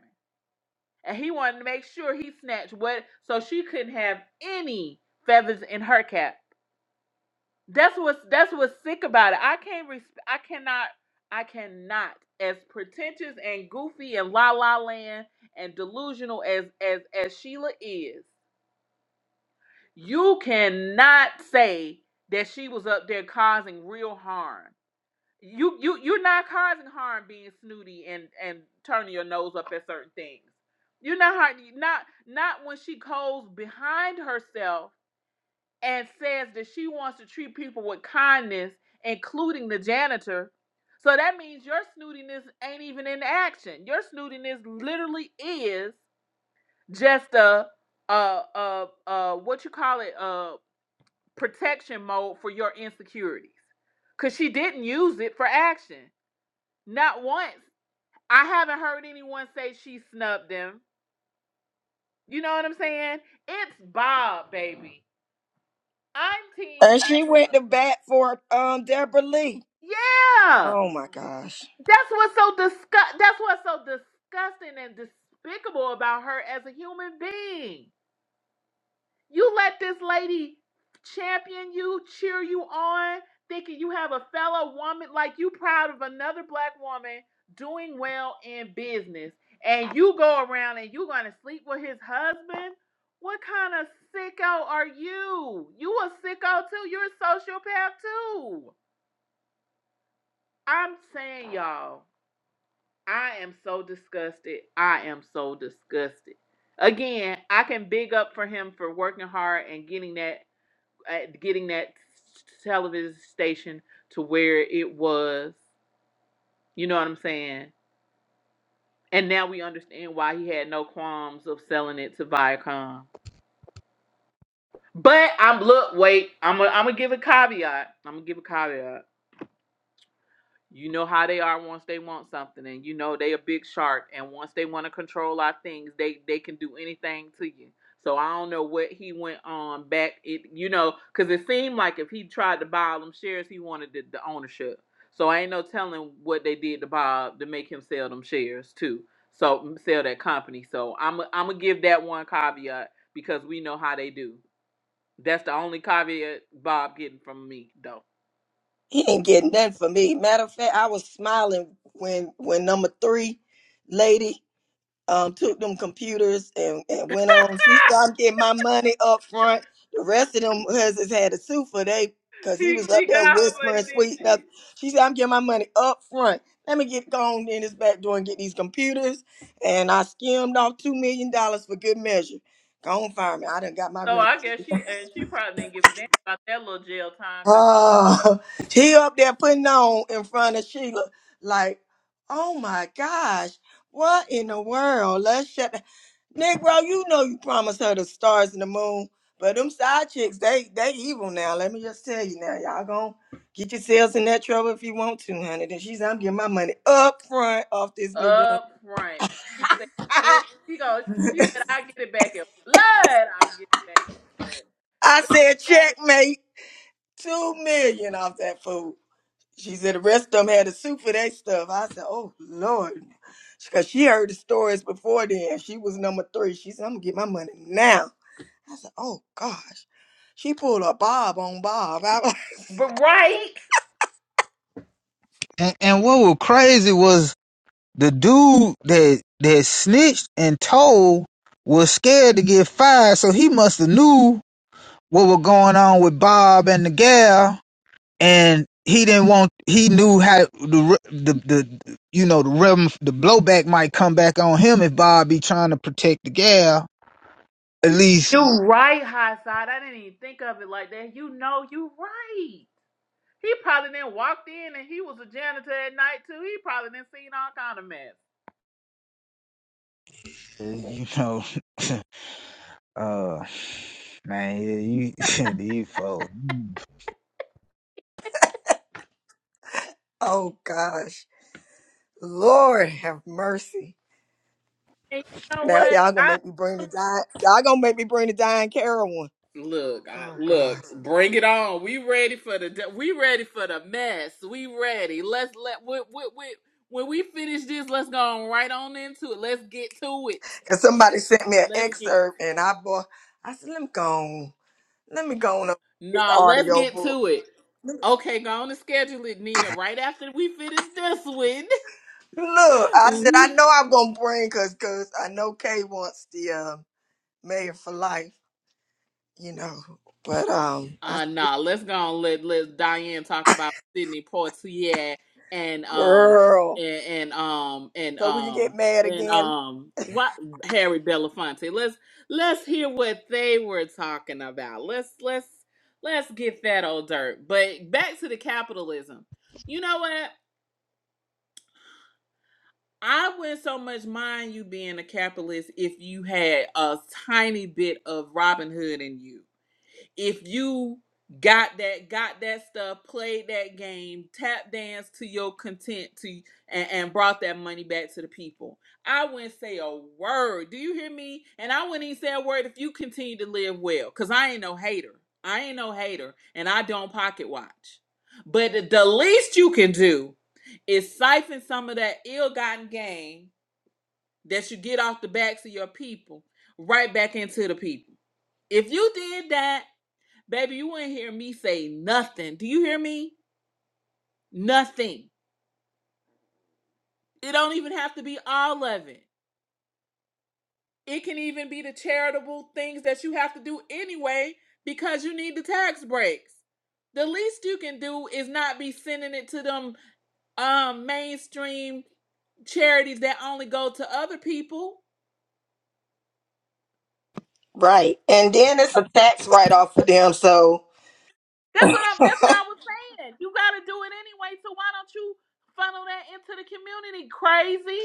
And he wanted to make sure he snatched what so she couldn't have any feathers in her cap. That's what's that's what's sick about it. I can't res- I cannot I cannot as pretentious and goofy and la la land and delusional as as as Sheila is. You cannot say that she was up there causing real harm. you you you're not causing harm being snooty and and turning your nose up at certain things. You're not not not when she goes behind herself and says that she wants to treat people with kindness, including the janitor. So that means your snootiness ain't even in action. Your snootiness literally is just a uh uh uh what you call it uh protection mode for your insecurities. Cause she didn't use it for action. Not once. I haven't heard anyone say she snubbed him. You know what I'm saying? It's Bob, baby. I'm Team Sheila. Yeah. That's what's so disgust. That's what's so disgusting and despicable about her as a human being. You let this lady champion you, cheer you on, thinking you have a fellow woman, like you proud of another black woman doing well in business. And you go around and you are gonna sleep with his husband? What kind of sicko are you? You a sicko too. You're a sociopath too. I'm saying y'all, I am so disgusted. I am so disgusted again, I can big up for him for working hard and getting that at getting that television station to where it was. You know what I'm saying? And now we understand why he had no qualms of selling it to Viacom. But I'm look, wait, I'm gonna I'm gonna give a caveat. I'm gonna give a caveat. You know how they are once they want something, and you know they a big shark. And once they want to control our things, they they can do anything to you. So I don't know what he went on back. It you know because it seemed like if he tried to buy all them shares, he wanted the, the ownership. So I ain't no telling what they did to Bob to make him sell them shares too. So sell that company. So I'm i am i gonna give that one caveat because we know how they do. That's the only caveat Bob getting from me though. He she got her money, did not she? So I guess she and she probably didn't give a damn about that little jail time because up front she said it, she goes she said I get it back in blood I get it back in blood. Baby, that is but right
And, and what was crazy was the dude that that snitched and told was scared to get fired, so he must have knew what was going on with Bob and the gal and he didn't want he knew how the the the you know the rhythm the blowback might come back on him if Bob be trying to protect the gal at least
you right high side I didn't even think of it like that you know you right. He probably then walked in and he was a janitor at night too. He probably then seen all kind of mess.
uh, you know uh man yeah, you these folks
And you know what? I. Look, I, look, bring it on. We ready for the we ready for the mess. We ready. Let's let we, we, we, when we finish this, let's go on right on into it. Let's get to it. Let's get nah. Let's get to it. Okay, go on and schedule it, Nina. Right after we finish this one. Uh nah, let's go on let let Diane talk about Sidney Poitier and um and, and um and um and um what Harry Belafonte. Let's let's hear what they were talking about. Let's let's let's get that old dirt. But back to the capitalism. You know what? I wouldn't so much mind you being a capitalist if you had a tiny bit of Robin Hood in you. If you got that, got that stuff, played that game, tap dance to your content to and, and brought that money back to the people. I wouldn't say a word. Do you hear me? And I wouldn't even say a word if you continue to live well. Cause I ain't no hater. I ain't no hater. And I don't pocket watch. But the the least you can do is siphon some of that ill-gotten gain that you get off the backs of your people right back into the people. If you did that, baby, you wouldn't hear me say nothing. Do you hear me? Nothing. It don't even have to be all of it. It can even be the charitable things that you have to do anyway because you need the tax breaks. The least you can do is not be sending it to them um mainstream charities that only go to other people That's what I'm. That's what I was saying. You got to do it anyway. So why don't you funnel that into the community? Crazy.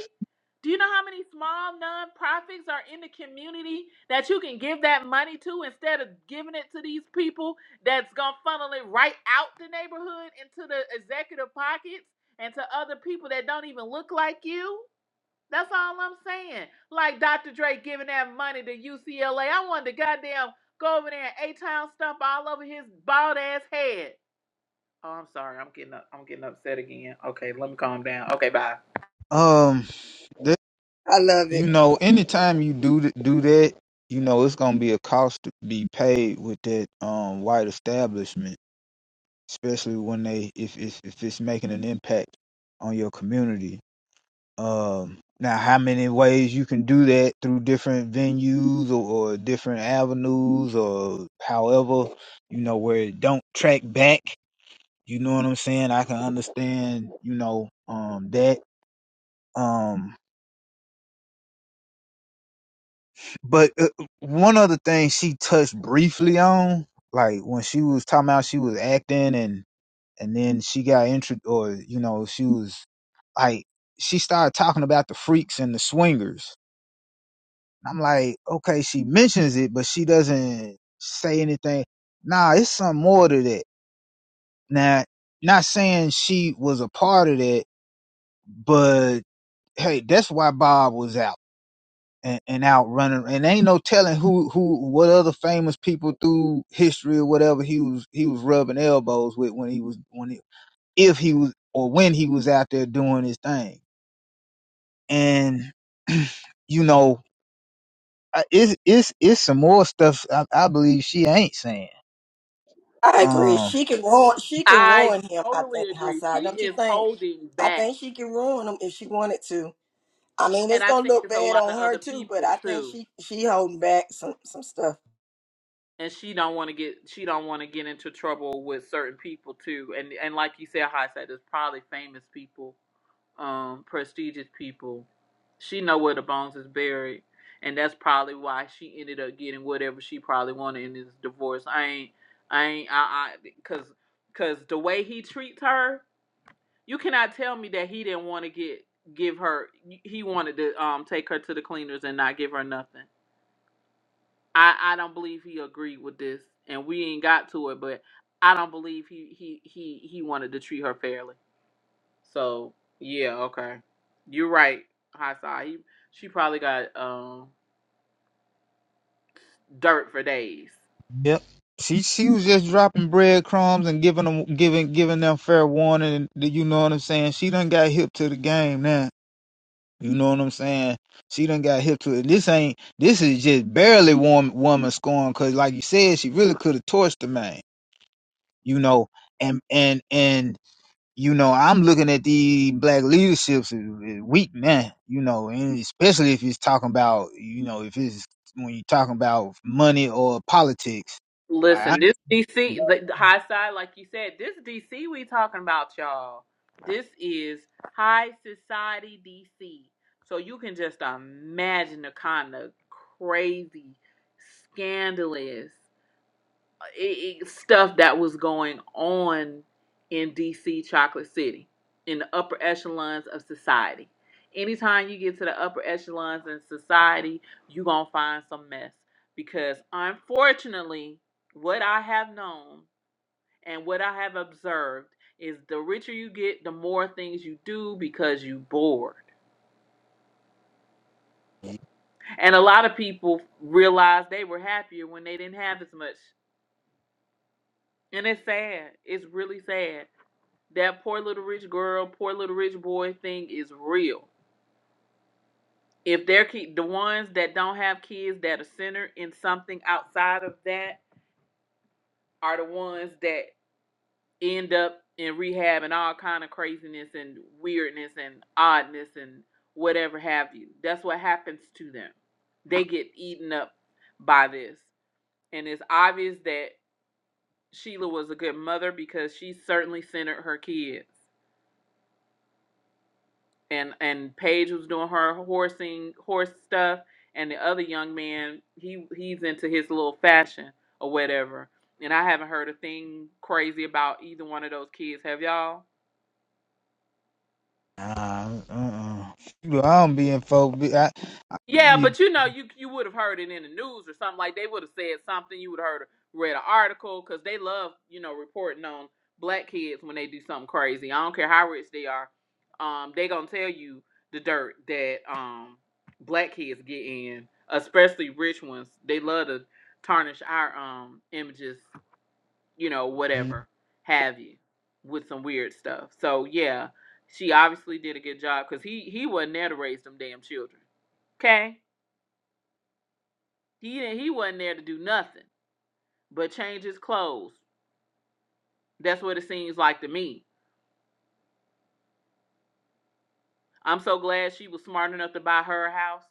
Do you know how many small nonprofits are in the community that you can give that money to instead of giving it to these people that's gonna funnel it right out the neighborhood into the executive pockets and to other people that don't even look like you? That's all I'm saying. Like Dr. Dre giving that money to UCLA. I wanted to goddamn go over there and A-town stump all over his bald ass head. Oh, I'm sorry. I'm getting up. I'm getting upset again. Okay, let me calm down. Okay, bye.
um th- you know anytime you do th- do that you know it's gonna be a cost to be paid with that um white establishment especially when they if if, if it's making an impact on your community Um, now, how many ways you can do that through different venues or, or different avenues or however, you know, where it don't track back. You know what I'm saying? I can understand, you know, um, that. Um, but uh, one other thing she touched briefly on, like when she was talking about she was acting and, and then she got intro or, you know, she was like, she started talking about the freaks and the swingers I'm like, okay, she mentions it, but she doesn't say anything. Nah, it's something more to that. Now, not saying she was a part of that, but hey, that's why Bob was out and, and out running. And ain't no telling who, who, what other famous people through history or whatever he was, he was rubbing elbows with when he was, when he, if he was, or when he was out there doing his thing. And, you know, I- it's, it's, it's some more stuff I, I believe she ain't saying Um,
I totally agree. She is holding back. And I think it's a lot of other people too. and she don't want to get she don't want to get into trouble with certain people too and and like you said how i said there's probably famous people um prestigious people she know where the bones is buried and that's probably why she ended up getting whatever she probably wanted in this divorce i ain't i ain't i i because because the way he treats her you cannot tell me that he didn't want to get give her he wanted to um take her to the cleaners and not give her nothing I I don't believe he agreed with this, and we ain't got to it, but I don't believe he he he he wanted to treat her fairly. So yeah, okay, you're right, Hasai. He, she probably got um dirt for days.
yep. She she was just dropping breadcrumbs and giving them giving giving them fair warning. and You know what I'm saying? She done got hip to the game now. You know what I'm saying? She done got hip to it. This ain't this is just barely warm woman scorn because like you said, she really could have torched the man. You know, and and and you know, I'm looking at the black leaderships is, is weak now. You know, and especially if it's talking about you know if it's when you're talking about money or politics.
Listen, this
Nah,
DC the the high side, like you said, this DC we talking about, y'all. This is high society DC. So you can just imagine the kind of crazy, scandalous. i- i- stuff that was going on in DC Chocolate City in the upper echelons of society. Anytime you get to the upper echelons in society, you're going to find some mess because unfortunately, what I have known and what I have observed is the richer you get, the more things you do because you bored. And a lot of people realized they were happier when they didn't have as much. And it's sad. It's really sad that poor little rich girl, poor little rich boy thing is real. If they're ki- the ones that don't have kids that are centered in something outside of that are the ones that end up in rehab and all kind of craziness and weirdness and oddness and whatever have you. That's what happens to them. They get eaten up by this. And it's obvious that Sheila was a good mother because she certainly centered her kids. and and Paige was doing her horsing horse stuff, and the other young man he he's into his little fashion or whatever. And I haven't heard a thing crazy about either one of those kids. Have y'all?
uh-uh. Well, I don't be in folk. be- I, I,
Yeah,
you,
but you know, you you would have heard it in the news or something like they would have said something. You would have heard read an article because they love you know reporting on black kids when they do something crazy. I don't care how rich they are, um, they gonna tell you the dirt that um black kids get in, especially rich ones. They love to tarnish our um images, you know, whatever have you, with some weird stuff. So yeah, she obviously did a good job because he he wasn't there to raise them damn children. Okay he didn't, he wasn't there to do nothing but change his clothes. That's what it seems like to me. I'm so glad she was smart enough to buy her a house,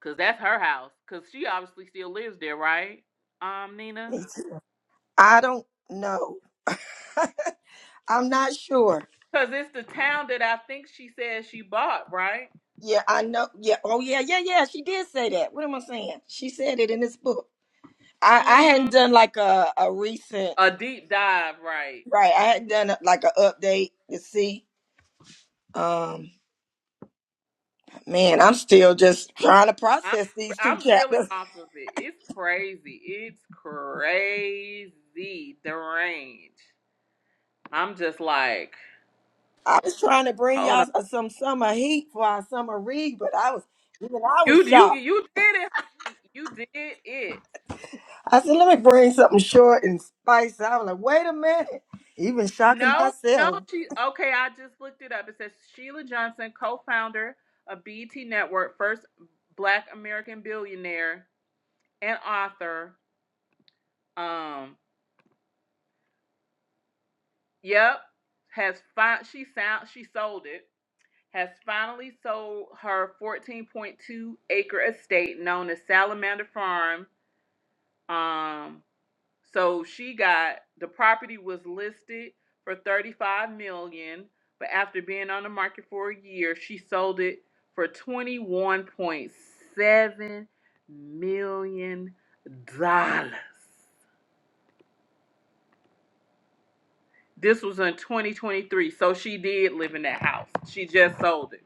'cause that's her house, 'cause she obviously still lives there, right? Um, Nina? 'Cause it's the town that I think she said she bought, right? Mm-hmm. A deep dive, right? I'm I'm reeling off of it. It's crazy. It's crazy. The range. I'm just like, hold You you you did it. honey. You did it. No, no, she okay. I just looked it up. It says Sheila Johnson, co-founder of BET Network, first black American billionaire and author. Um, yep. Has fi- she sound she sold it. Has finally sold her 14.2 acre estate known as Salamander Farm. Um, So she got the property was listed for 35 million, dollars, but after being on the market for a year, she sold it for 21.7 million dollars. This was in 2023, so she did live in that house. She just sold it.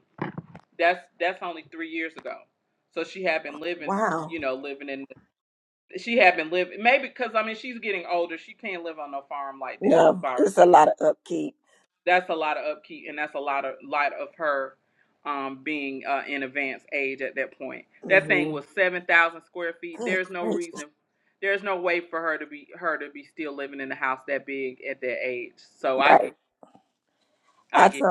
That's that's only 3 years ago. So she had been living, you know, living in she had been living maybe cuz I mean she's getting older, she can't live on no farm like that by herself that's a lot of upkeep and that's a lot of lot of her um being uh, in advanced age at that point that thing was 7000 square feet there's no reason there's no way for her to be her to be still living in a house that big at that age so i get i get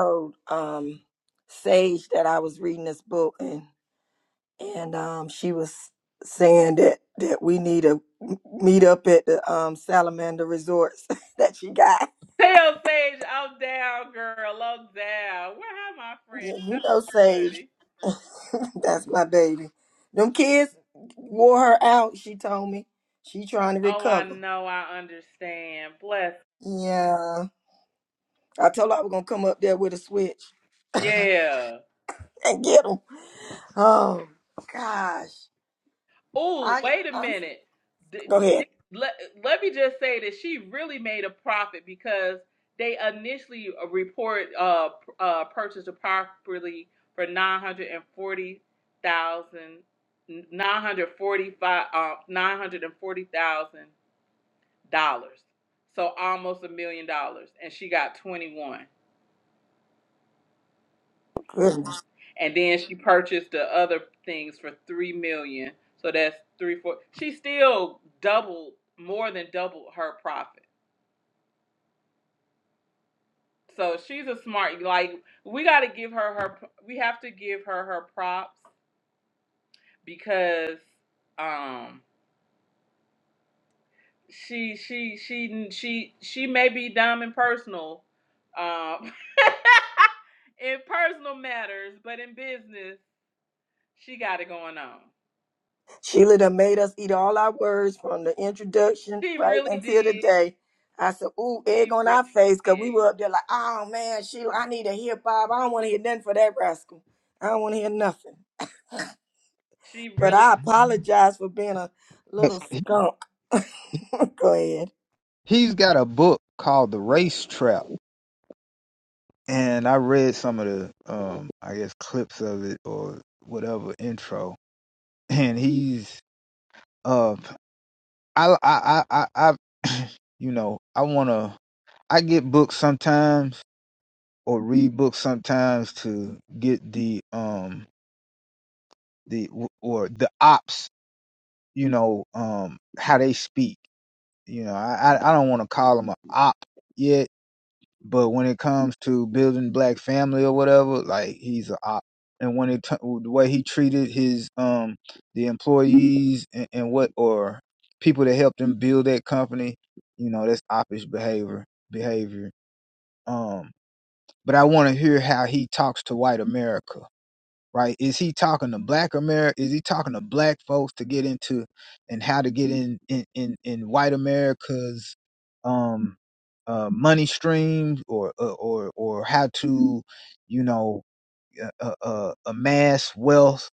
tell sage i'm down girl i'm down where have my friend that's my buddy oh i know i understand bless yeah Oh, wait a minute. D- d- let, let me just say that she really made a profit because they initially uh, report uh, p- uh purchased the property for nine hundred and forty thousand nine hundred forty five uh, 940,000 dollars. So almost a million dollars and she got 21. and then she purchased the other things for three million. So that's three four. She still doubled, more than doubled her profit. So she's a smart. Like we got to give her her. We have to give her her props because um she she she she she may be dumb in personal, um, in personal matters, but in business she got it going on. She really did. She really did. She really
but he's got a book called The Race Trap, and I read some of the, um, I guess, clips of it or whatever intro. And he's, uh, I, I, I, I, I you know, I wanna, I get books sometimes or read books sometimes to get the, um, the or the ops, you know, um, how they speak. you know, I I I don't want to call him a op yet, but when it comes to building black family or whatever, like he's a op. And when it t- the way he treated his um the employees and, and what or people that helped him build that company, you know, that's oppish behavior behavior. Um, but I want to hear how he talks to white America right? Is he talking to black America? Is he talking to black folks to get into and how to get in in in, in white America's um uh money streams or or or or how to you know uh, uh, uh, amass wealth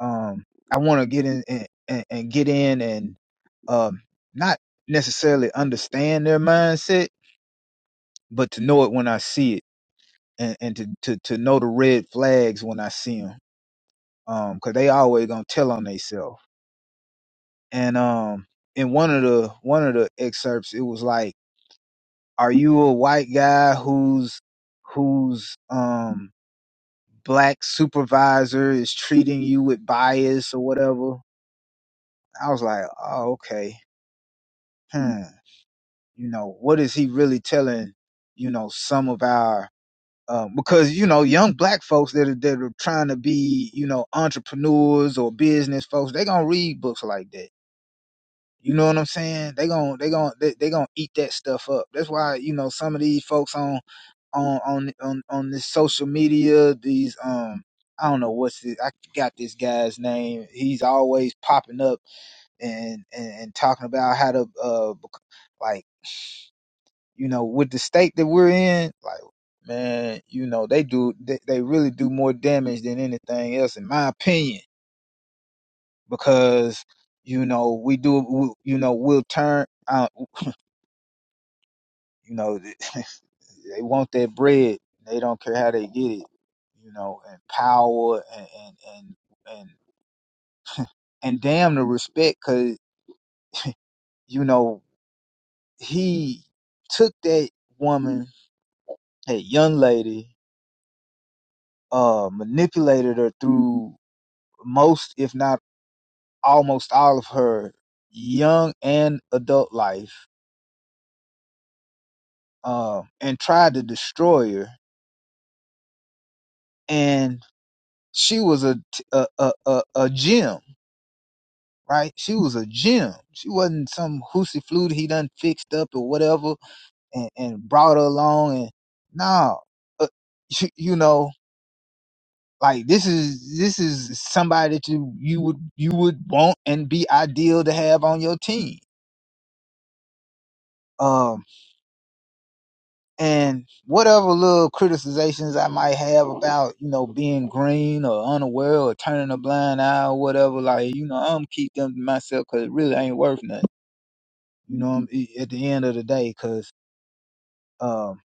um I want to get in and, and, and get in and um not necessarily understand their mindset but to know it when I see it and, and to, to to know the red flags when I see them. um because they always gonna tell on themselves and um in one of the one of the excerpts it was like are you a white guy whose whose um black supervisor is treating you with bias or whatever i was like oh okay hmm you know what is he really telling you know some of our um, because you know young black folks that are, that are trying to be you know entrepreneurs or business folks they gonna read books like that You know what I'm saying? They gon' they gon' they, they gonna eat that stuff up. That's why you know some of these folks on on on on on this social media, these um I don't know what's this, I got this guy's name. He's always popping up and and, and talking about how to uh bec- like you know with the state that we're in, like man, you know they do they, they really do more damage than anything else in my opinion because you know we do we- you know we'll turn uh, You know, they want that bread. They don't care how they get it. You know, and power and and and and, and damn the respect because you know he took that woman, that young lady, uh, manipulated her through most, if not almost all of her young and adult life, um, and tried to destroy her. And she was a a a a a gem right? She was a gem. She wasn't some hoosey flute he done fixed up or whatever and, and brought her along. And no, nah, uh, you, know, like this is this is somebody that you you would you would want and be ideal to have on your team. Um, and whatever little criticizations I might have about you know being green or unaware or turning a blind eye or whatever, like you know, I'm keep them to myself because it really ain't worth nothing. You know, at the end of the day, because um,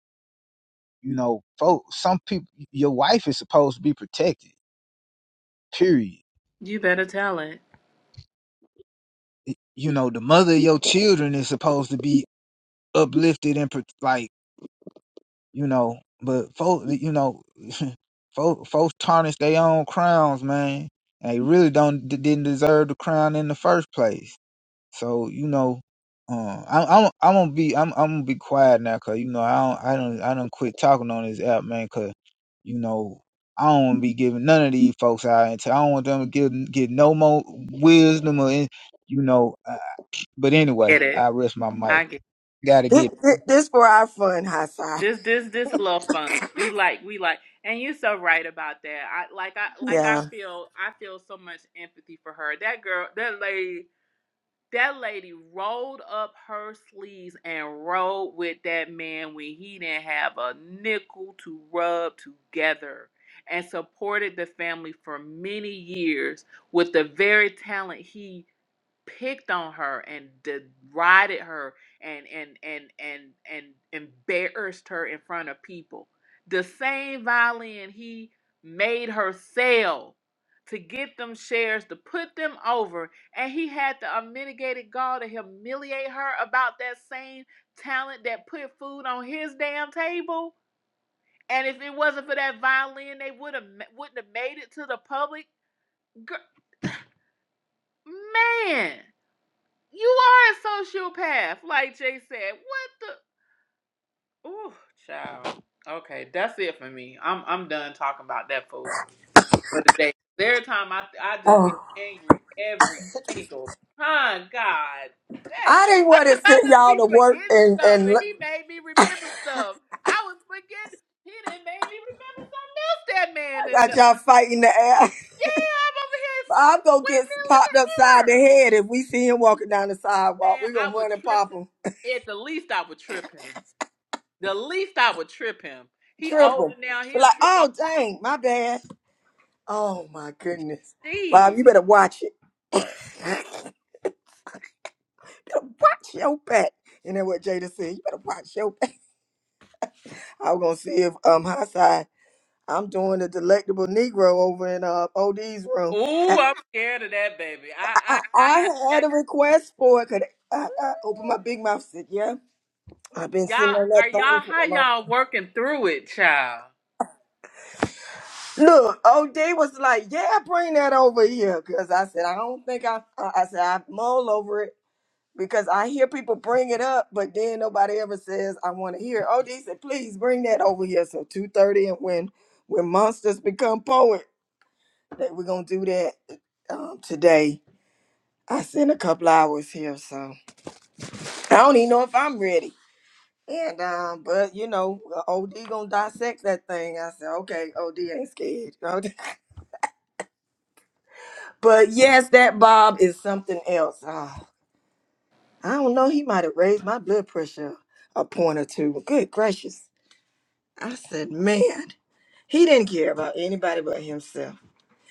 you know, folks, some people, your wife is supposed to be protected, period.
you better tell it.
You know, the mother of your children is supposed to be uplifted and, pro- like, you know, but folks, you know, folks, folks tarnish their own crowns, man. They really don't didn't deserve the crown in the first place. So you know, um, I'm I'm I'm gonna be I'm I'm gonna be quiet now, cause you know I don't I don't I don't quit talking on this app, man, cause you know I don't want to be giving none of these folks out into. I don't want them to get get no more wisdom or any, you know. Uh, but anyway,
Get it.
I rest my
I
mic.
get it.
Got to get.
this this this a little fun. We like we like and you're so right about that. I like I like I feel I feel so much empathy for her. That girl that lady that lady rolled up her sleeves and rode with that man when he didn't have a nickel to rub together and supported the family for many years with the very talent he picked on her and derided her and and and and and embarrassed her in front of people. The same violin he made her sell to get them shares to put them over, and he had the unmitigated gall to humiliate her about that same talent that put food on his damn table. And if it wasn't for that violin, they would have wouldn't have made it to the public. Gir- man, You are a sociopath, like Jay said. What the? Ooh, child. Okay, that's it for me. I'm I'm done talking about that fool for the day. Every time I I just get angry every single time. God, that I cause I just be forgetting stuff, and he made me remember stuff. I was forgetting. He didn't made me remember something else. That man and the, yeah, I'm over here s- windmill in the air. Man, I would trip. At the least, I would trip him. The least I would trip him. He older now. He'll trip on Steve. Ooh, I'm scared of that baby. I I, I have ex. Ooh, y'all are y'all how y'all working through it, child?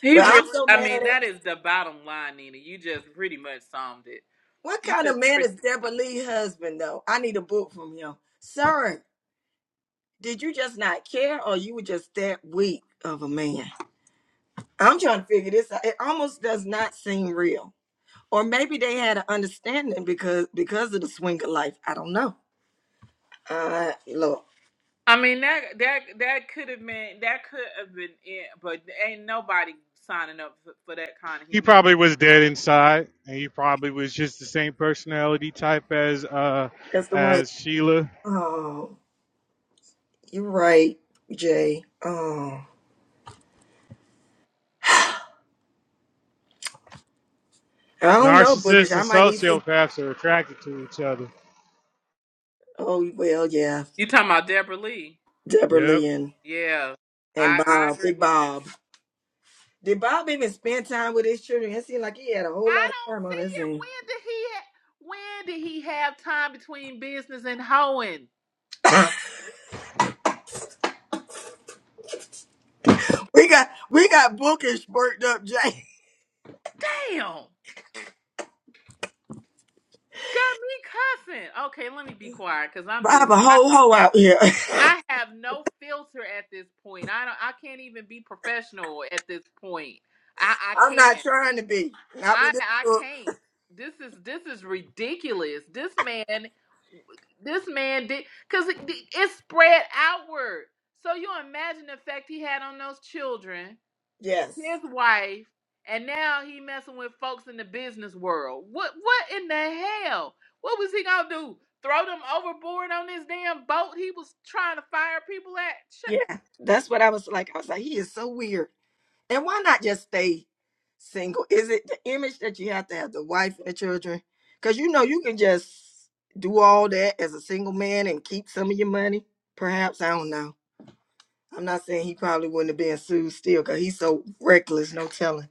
He really. I mean, that is the bottom line, Nina. You just pretty much summed it. You just pretty. I mean that that that could have been that could have been it, but ain't nobody signing up for, for that kind of
He
humility.
probably was dead inside, and he probably was just the same personality type as uh as Sheila. Narcissists and sociopaths are attracted to each other.
You talking about Deborah Lee?
Yep.
Yeah, I I agree with you. I don't see it. When did he ha- when did he have time between business and hoeing? Damn. Got me cussing. Okay, let me be quiet because I'm just I, I have no filter at this point. I don't I can't even be professional at this point. I I can't. I I can't. This is this is ridiculous. This man this man did because it, it spread outward. So you imagine the effect he had on those children his wife, and now he messing with folks in the business world. What what in the hell? What was he gonna do? Throw them overboard on this damn boat he was trying to fire people at? Shut-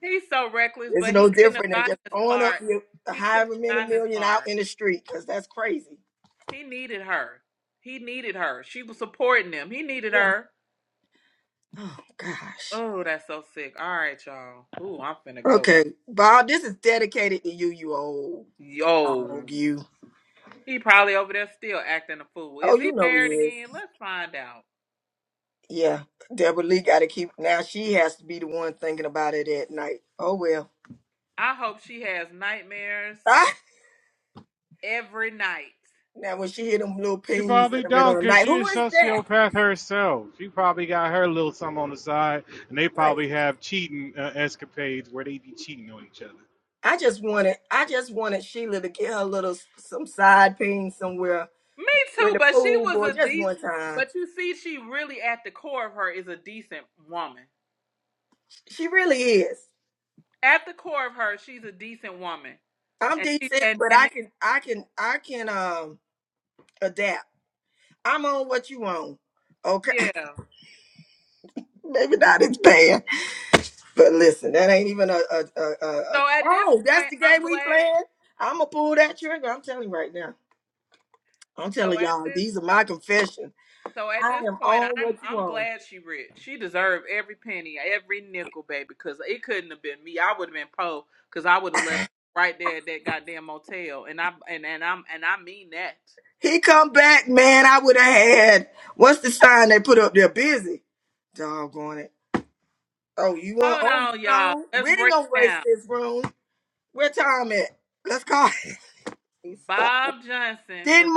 He's so reckless, but he couldn't have gotten this far. He couldn't have gotten this far. He needed her. He needed her. She was supporting him. He needed her. Oh, that's so sick. All right, y'all. Ooh, I'm finna go. Yo. He probably over there still acting a fool. Is he married again? Let's find out. I hope she has nightmares every night.
She probably don't, cause she a sociopath herself. She probably got her little something on the side, and they probably have cheating uh, escapades where they be cheating on each other.
Me too, but she was a decent. But you see, she really at the core of her is a decent woman. At the core of her, she's a decent woman, and she and and it- yeah. So at this point, I'm glad. So at this, so at this point, I'm I'm glad she rich. She deserved every penny, every nickel, baby. Because it couldn't have been me. I would have been po. Because I would have left right there at that goddamn motel, and I and and I'm and I mean that. Hold on, y'all. Let's break it down. Bob Johnson was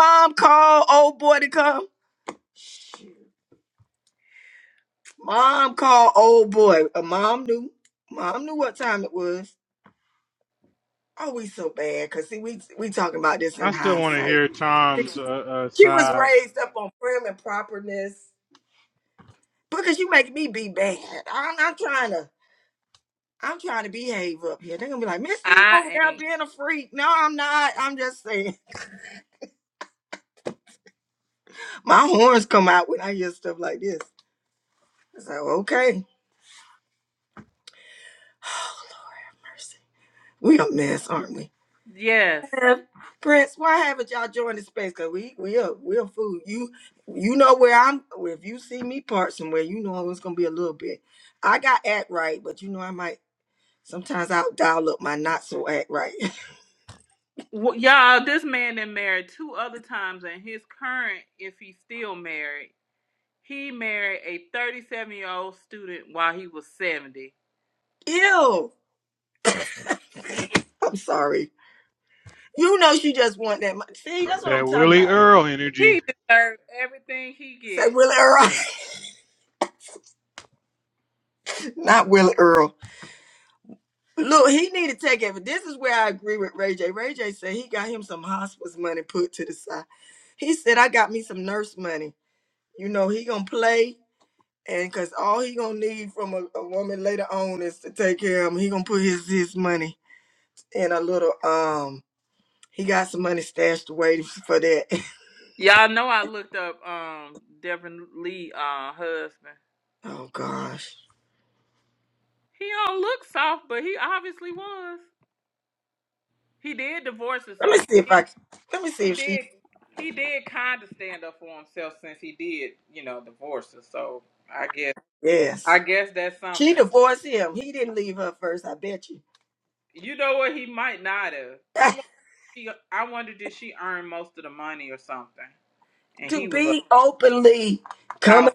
I still want to hear Tom's uh, uh, side,
I ain't. Yes. W y'all, this man been married two other times, and his current, if he's still married, he married a 37 year old student while he was 70.
that Willie Earl energy.
He deserved everything he get. Y'all know I looked up um Devin Lee uh husband. He don't look soft, but he obviously was. He did divorce her, so he He did. He did kind of stand up for himself since he did, you know, divorce her. So I guess, I guess that's something. You know what? He might not have. I wonder. If She, I wonder did she earn most of the money or something? And he was a house.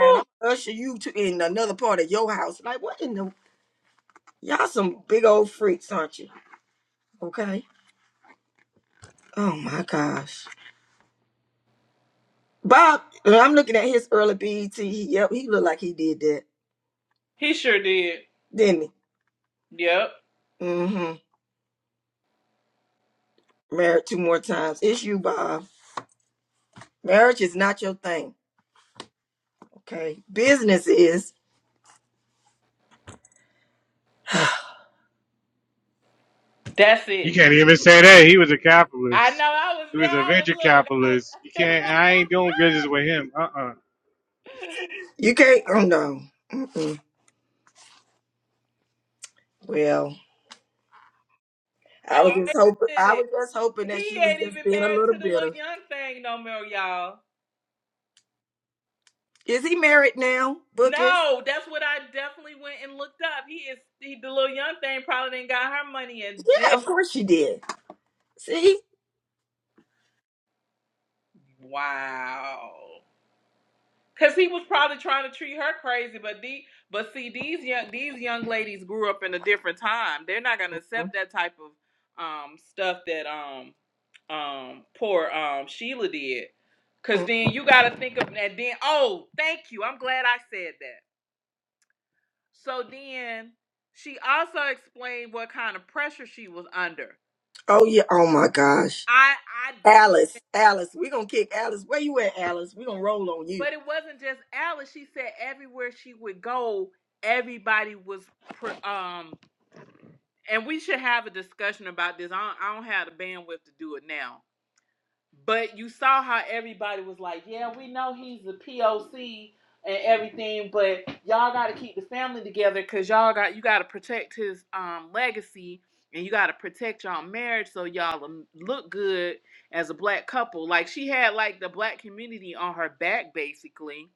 Whew, he sure did. Yep. That's
You
it.
can't even say that he was a
I know.
capitalist.
I was
He
there.
was a
I was
venture
look. I was.
capitalist. You can't. I ain't doing business with him. Uh uh
oh wait a minute. He ain't even married to the little young thing no more, y'all. No, that's what I definitely went and looked up. He is he, the little young thing probably didn't got her money and did. Wow. Cause he was probably trying to treat her crazy, but the but see these young these young ladies grew up in a different time. They're not gonna accept that type of um stuff that um um poor um Sheila did. Cause then you gotta think of that then oh, thank you. I'm glad I said that. So then she also explained what kind of pressure she was under. I I didn't but it wasn't just Alice. She said everywhere she would go, everybody was um and we should have a discussion about this. I don't, I don't have the bandwidth to do it now. But you saw how everybody was like, yeah, we know he's a POC and everything, but y'all got to keep the family together because y'all got you got to protect his um legacy and you got to protect y'all marriage so y'all um, look good as a black couple. Like she had like the black community on her back basically,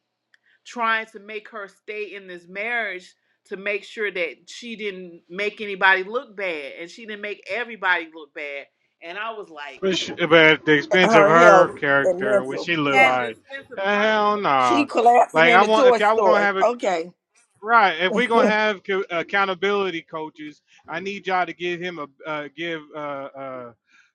trying to make her stay in this marriage to make sure that she didn't make anybody look bad and she didn't make everybody look bad. And I was like.
But, she, but at the expense of her character, what she look
at the
like?
expense of
Uh,
her.
hell
So
nah. Like I want if y'all were gonna have a Right. If we're gonna have co- accountability coaches, I need y'all to give him a uh, give uh, uh,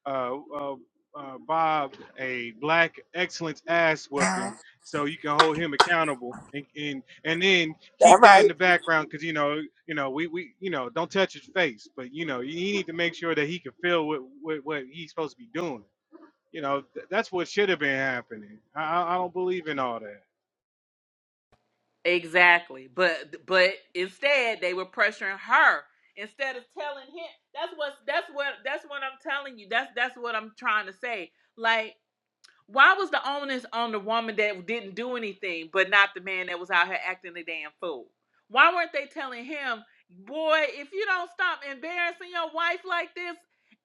uh, uh, uh, Bob a black excellence ass whooping, so you can hold him accountable, and and, and then keep that in the background, because you know you know we, we you know don't touch his face, but you know you need to make sure that he can feel what what, what he's supposed to be doing. You know th- that's what should have been happening. I I I don't believe in all that.
exactly, but but instead they were pressuring her instead of telling him. That's what that's what that's what I'm telling you. That's that's what I'm trying to say. Like Why was the onus on the woman that didn't do anything, but not the man that was out here acting a damn fool? Why weren't they telling him, boy, if you don't stop embarrassing your wife like this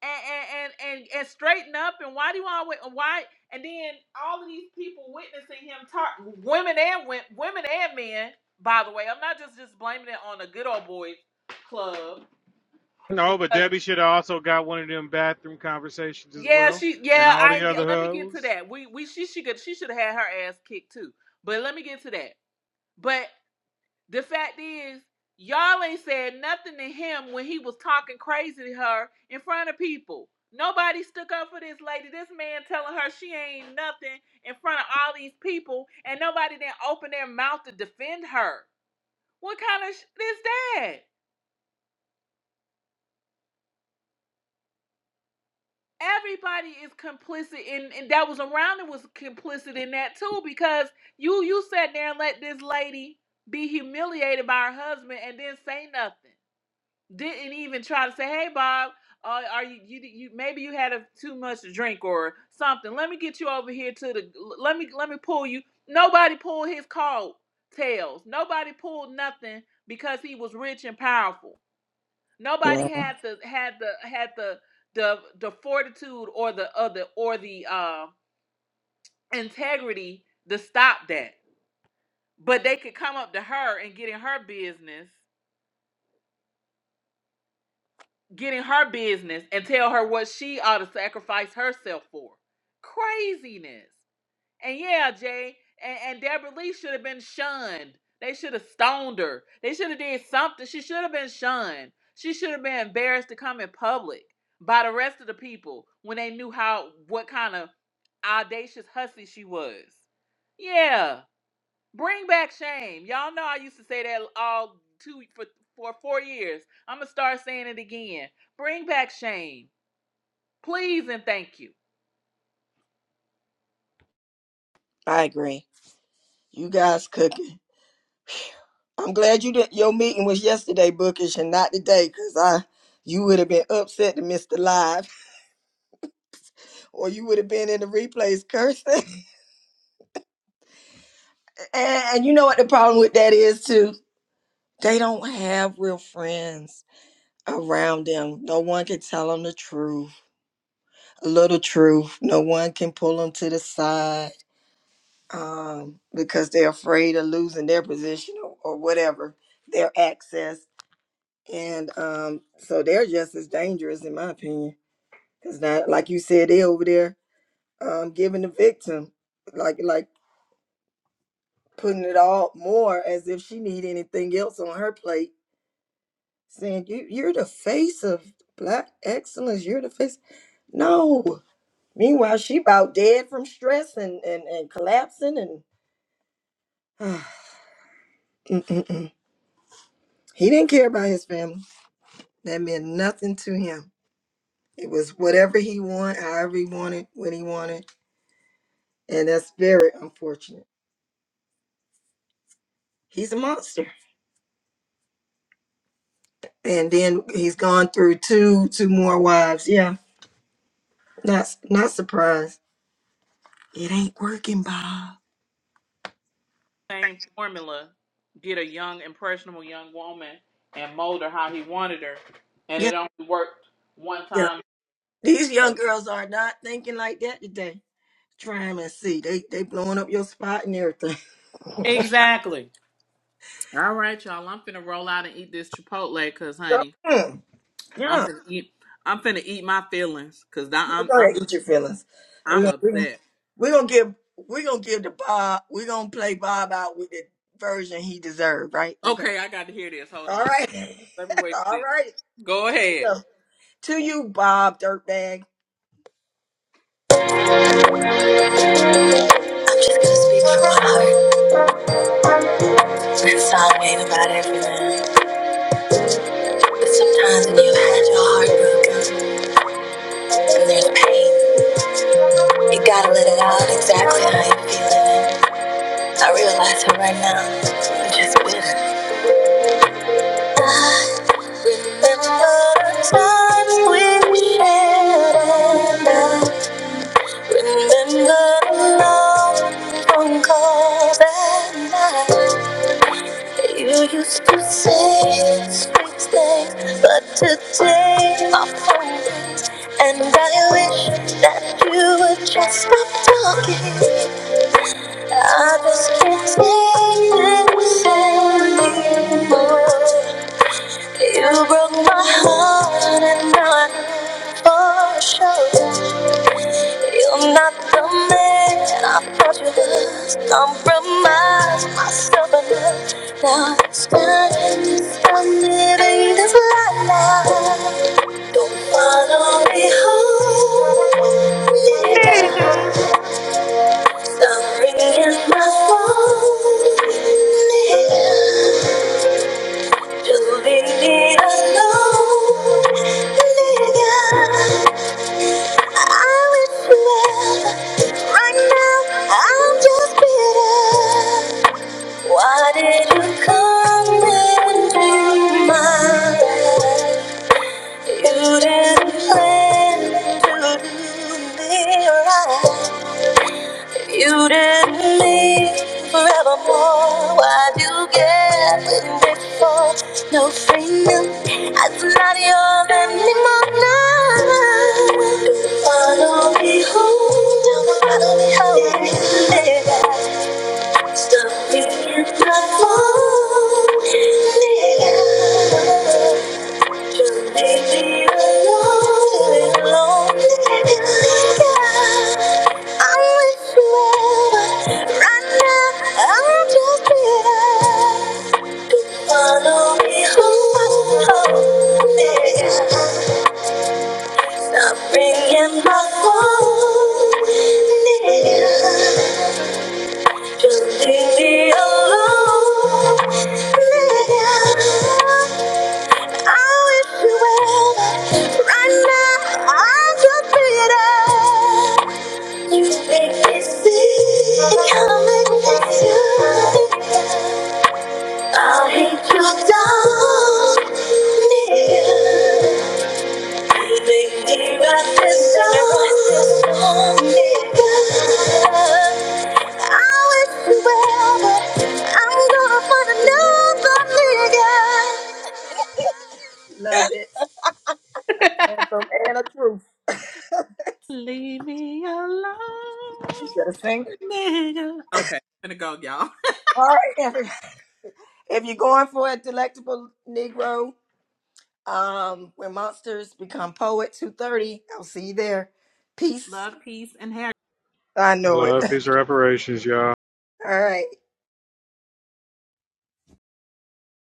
and and and, and, and straighten up, and why do you always why? And then all of these people witnessing him talk, women and wo- women and men. By the way, I'm not just just blaming it on the good old boys club
No, but
because.
Debbie should have also got one of them bathroom conversations as
Yeah,
well.
she.
And
Yeah,
all
I
the
ain't get.
other
Let me get to
hoes.
that. We we she she could she should have had her ass kicked too. But let me get to that. But the fact is, y'all ain't said nothing to him when he was talking crazy to her in front of people. Nobody stuck up for this lady. This man telling her she ain't nothing in front of all these people, and nobody didn't open their mouth to defend her. What kind of shit is that? everybody is complicit in and that was around it was complicit in that too because you you sat there and let this lady be humiliated by her husband and then say nothing didn't even try to say hey bob uh, are you, you you maybe you had a, too much to drink or something let me get you over here to the let me let me pull you nobody pulled his coat tails nobody pulled nothing because he was rich and powerful Nobody had the had the had the the the fortitude or the other or the uh integrity to stop that. But they could come up to her and get in her business, get in her business and tell her what she ought to sacrifice herself for. Craziness. And yeah, Jay, and, and Deborah Lee should have been shunned. They should have stoned her. They should have did something. She should have been shunned. She should have been embarrassed to come in public by the rest of the people when they knew how what kind of audacious hussy she was. Yeah. Bring back shame. Y'all know I used to say that all two for for four years. I'm gonna start saying it again. Bring back shame. Please and thank you. same formula, get a young, impressionable young woman and mold her how he wanted her. And it only worked one time. Exactly. All right, y'all. I'm finna roll out and eat this Chipotle, cause honey, I'm finna eat. I'm finna eat my feelings, cause I, I'm I'm I'm upset. Okay, I got to hear this. Hold on. Let me wait for this. Go ahead.
am just gonna speak from my heart. It's always about everything. But sometimes when you've had your heart broken and there's pain, you gotta let it out exactly how you're feeling. I realize it right now. I'm just winning. I remember the times we shared. and I Remember the long phone call that night. You used to say sweet things, but today our phone rings, and I wish that you would just stop talking. I just can't take this anymore. You broke my heart, and now I'm for sure. You're not the man I thought you was. Compromise myself enough. Now it's time to stop living this life. Don't follow me home, nigga.
Nigga,
Stop ringing my phone, nigga. Just leave me alone, nigga. I wish you well. Right now, I'm just bitter. Why did you come into my life? You didn't plan to do me right. You didn't leave forevermore. Why'd you get with me for? No freedom. I'm not yours anymore. No. Follow me home. Follow me home. Nigga. Stop me in my phone. Nigga. Just leave me alone, alone in the dark. I wish you would. Right now, I'm just here. To follow me home, home, yeah. Stop bringing my phone, yeah. Just leave me alone. yeah. I wish you well. Right now, I'm just beat up. You make me sick. Come and get you. I'll hate you down, nigga. You make me write this song, nigga. I wish you well, but I'm gonna find another nigga.
leave me alone, nigga. Okay, finna go, y'all. Love, peace, and hair.
Love his reparations, y'all.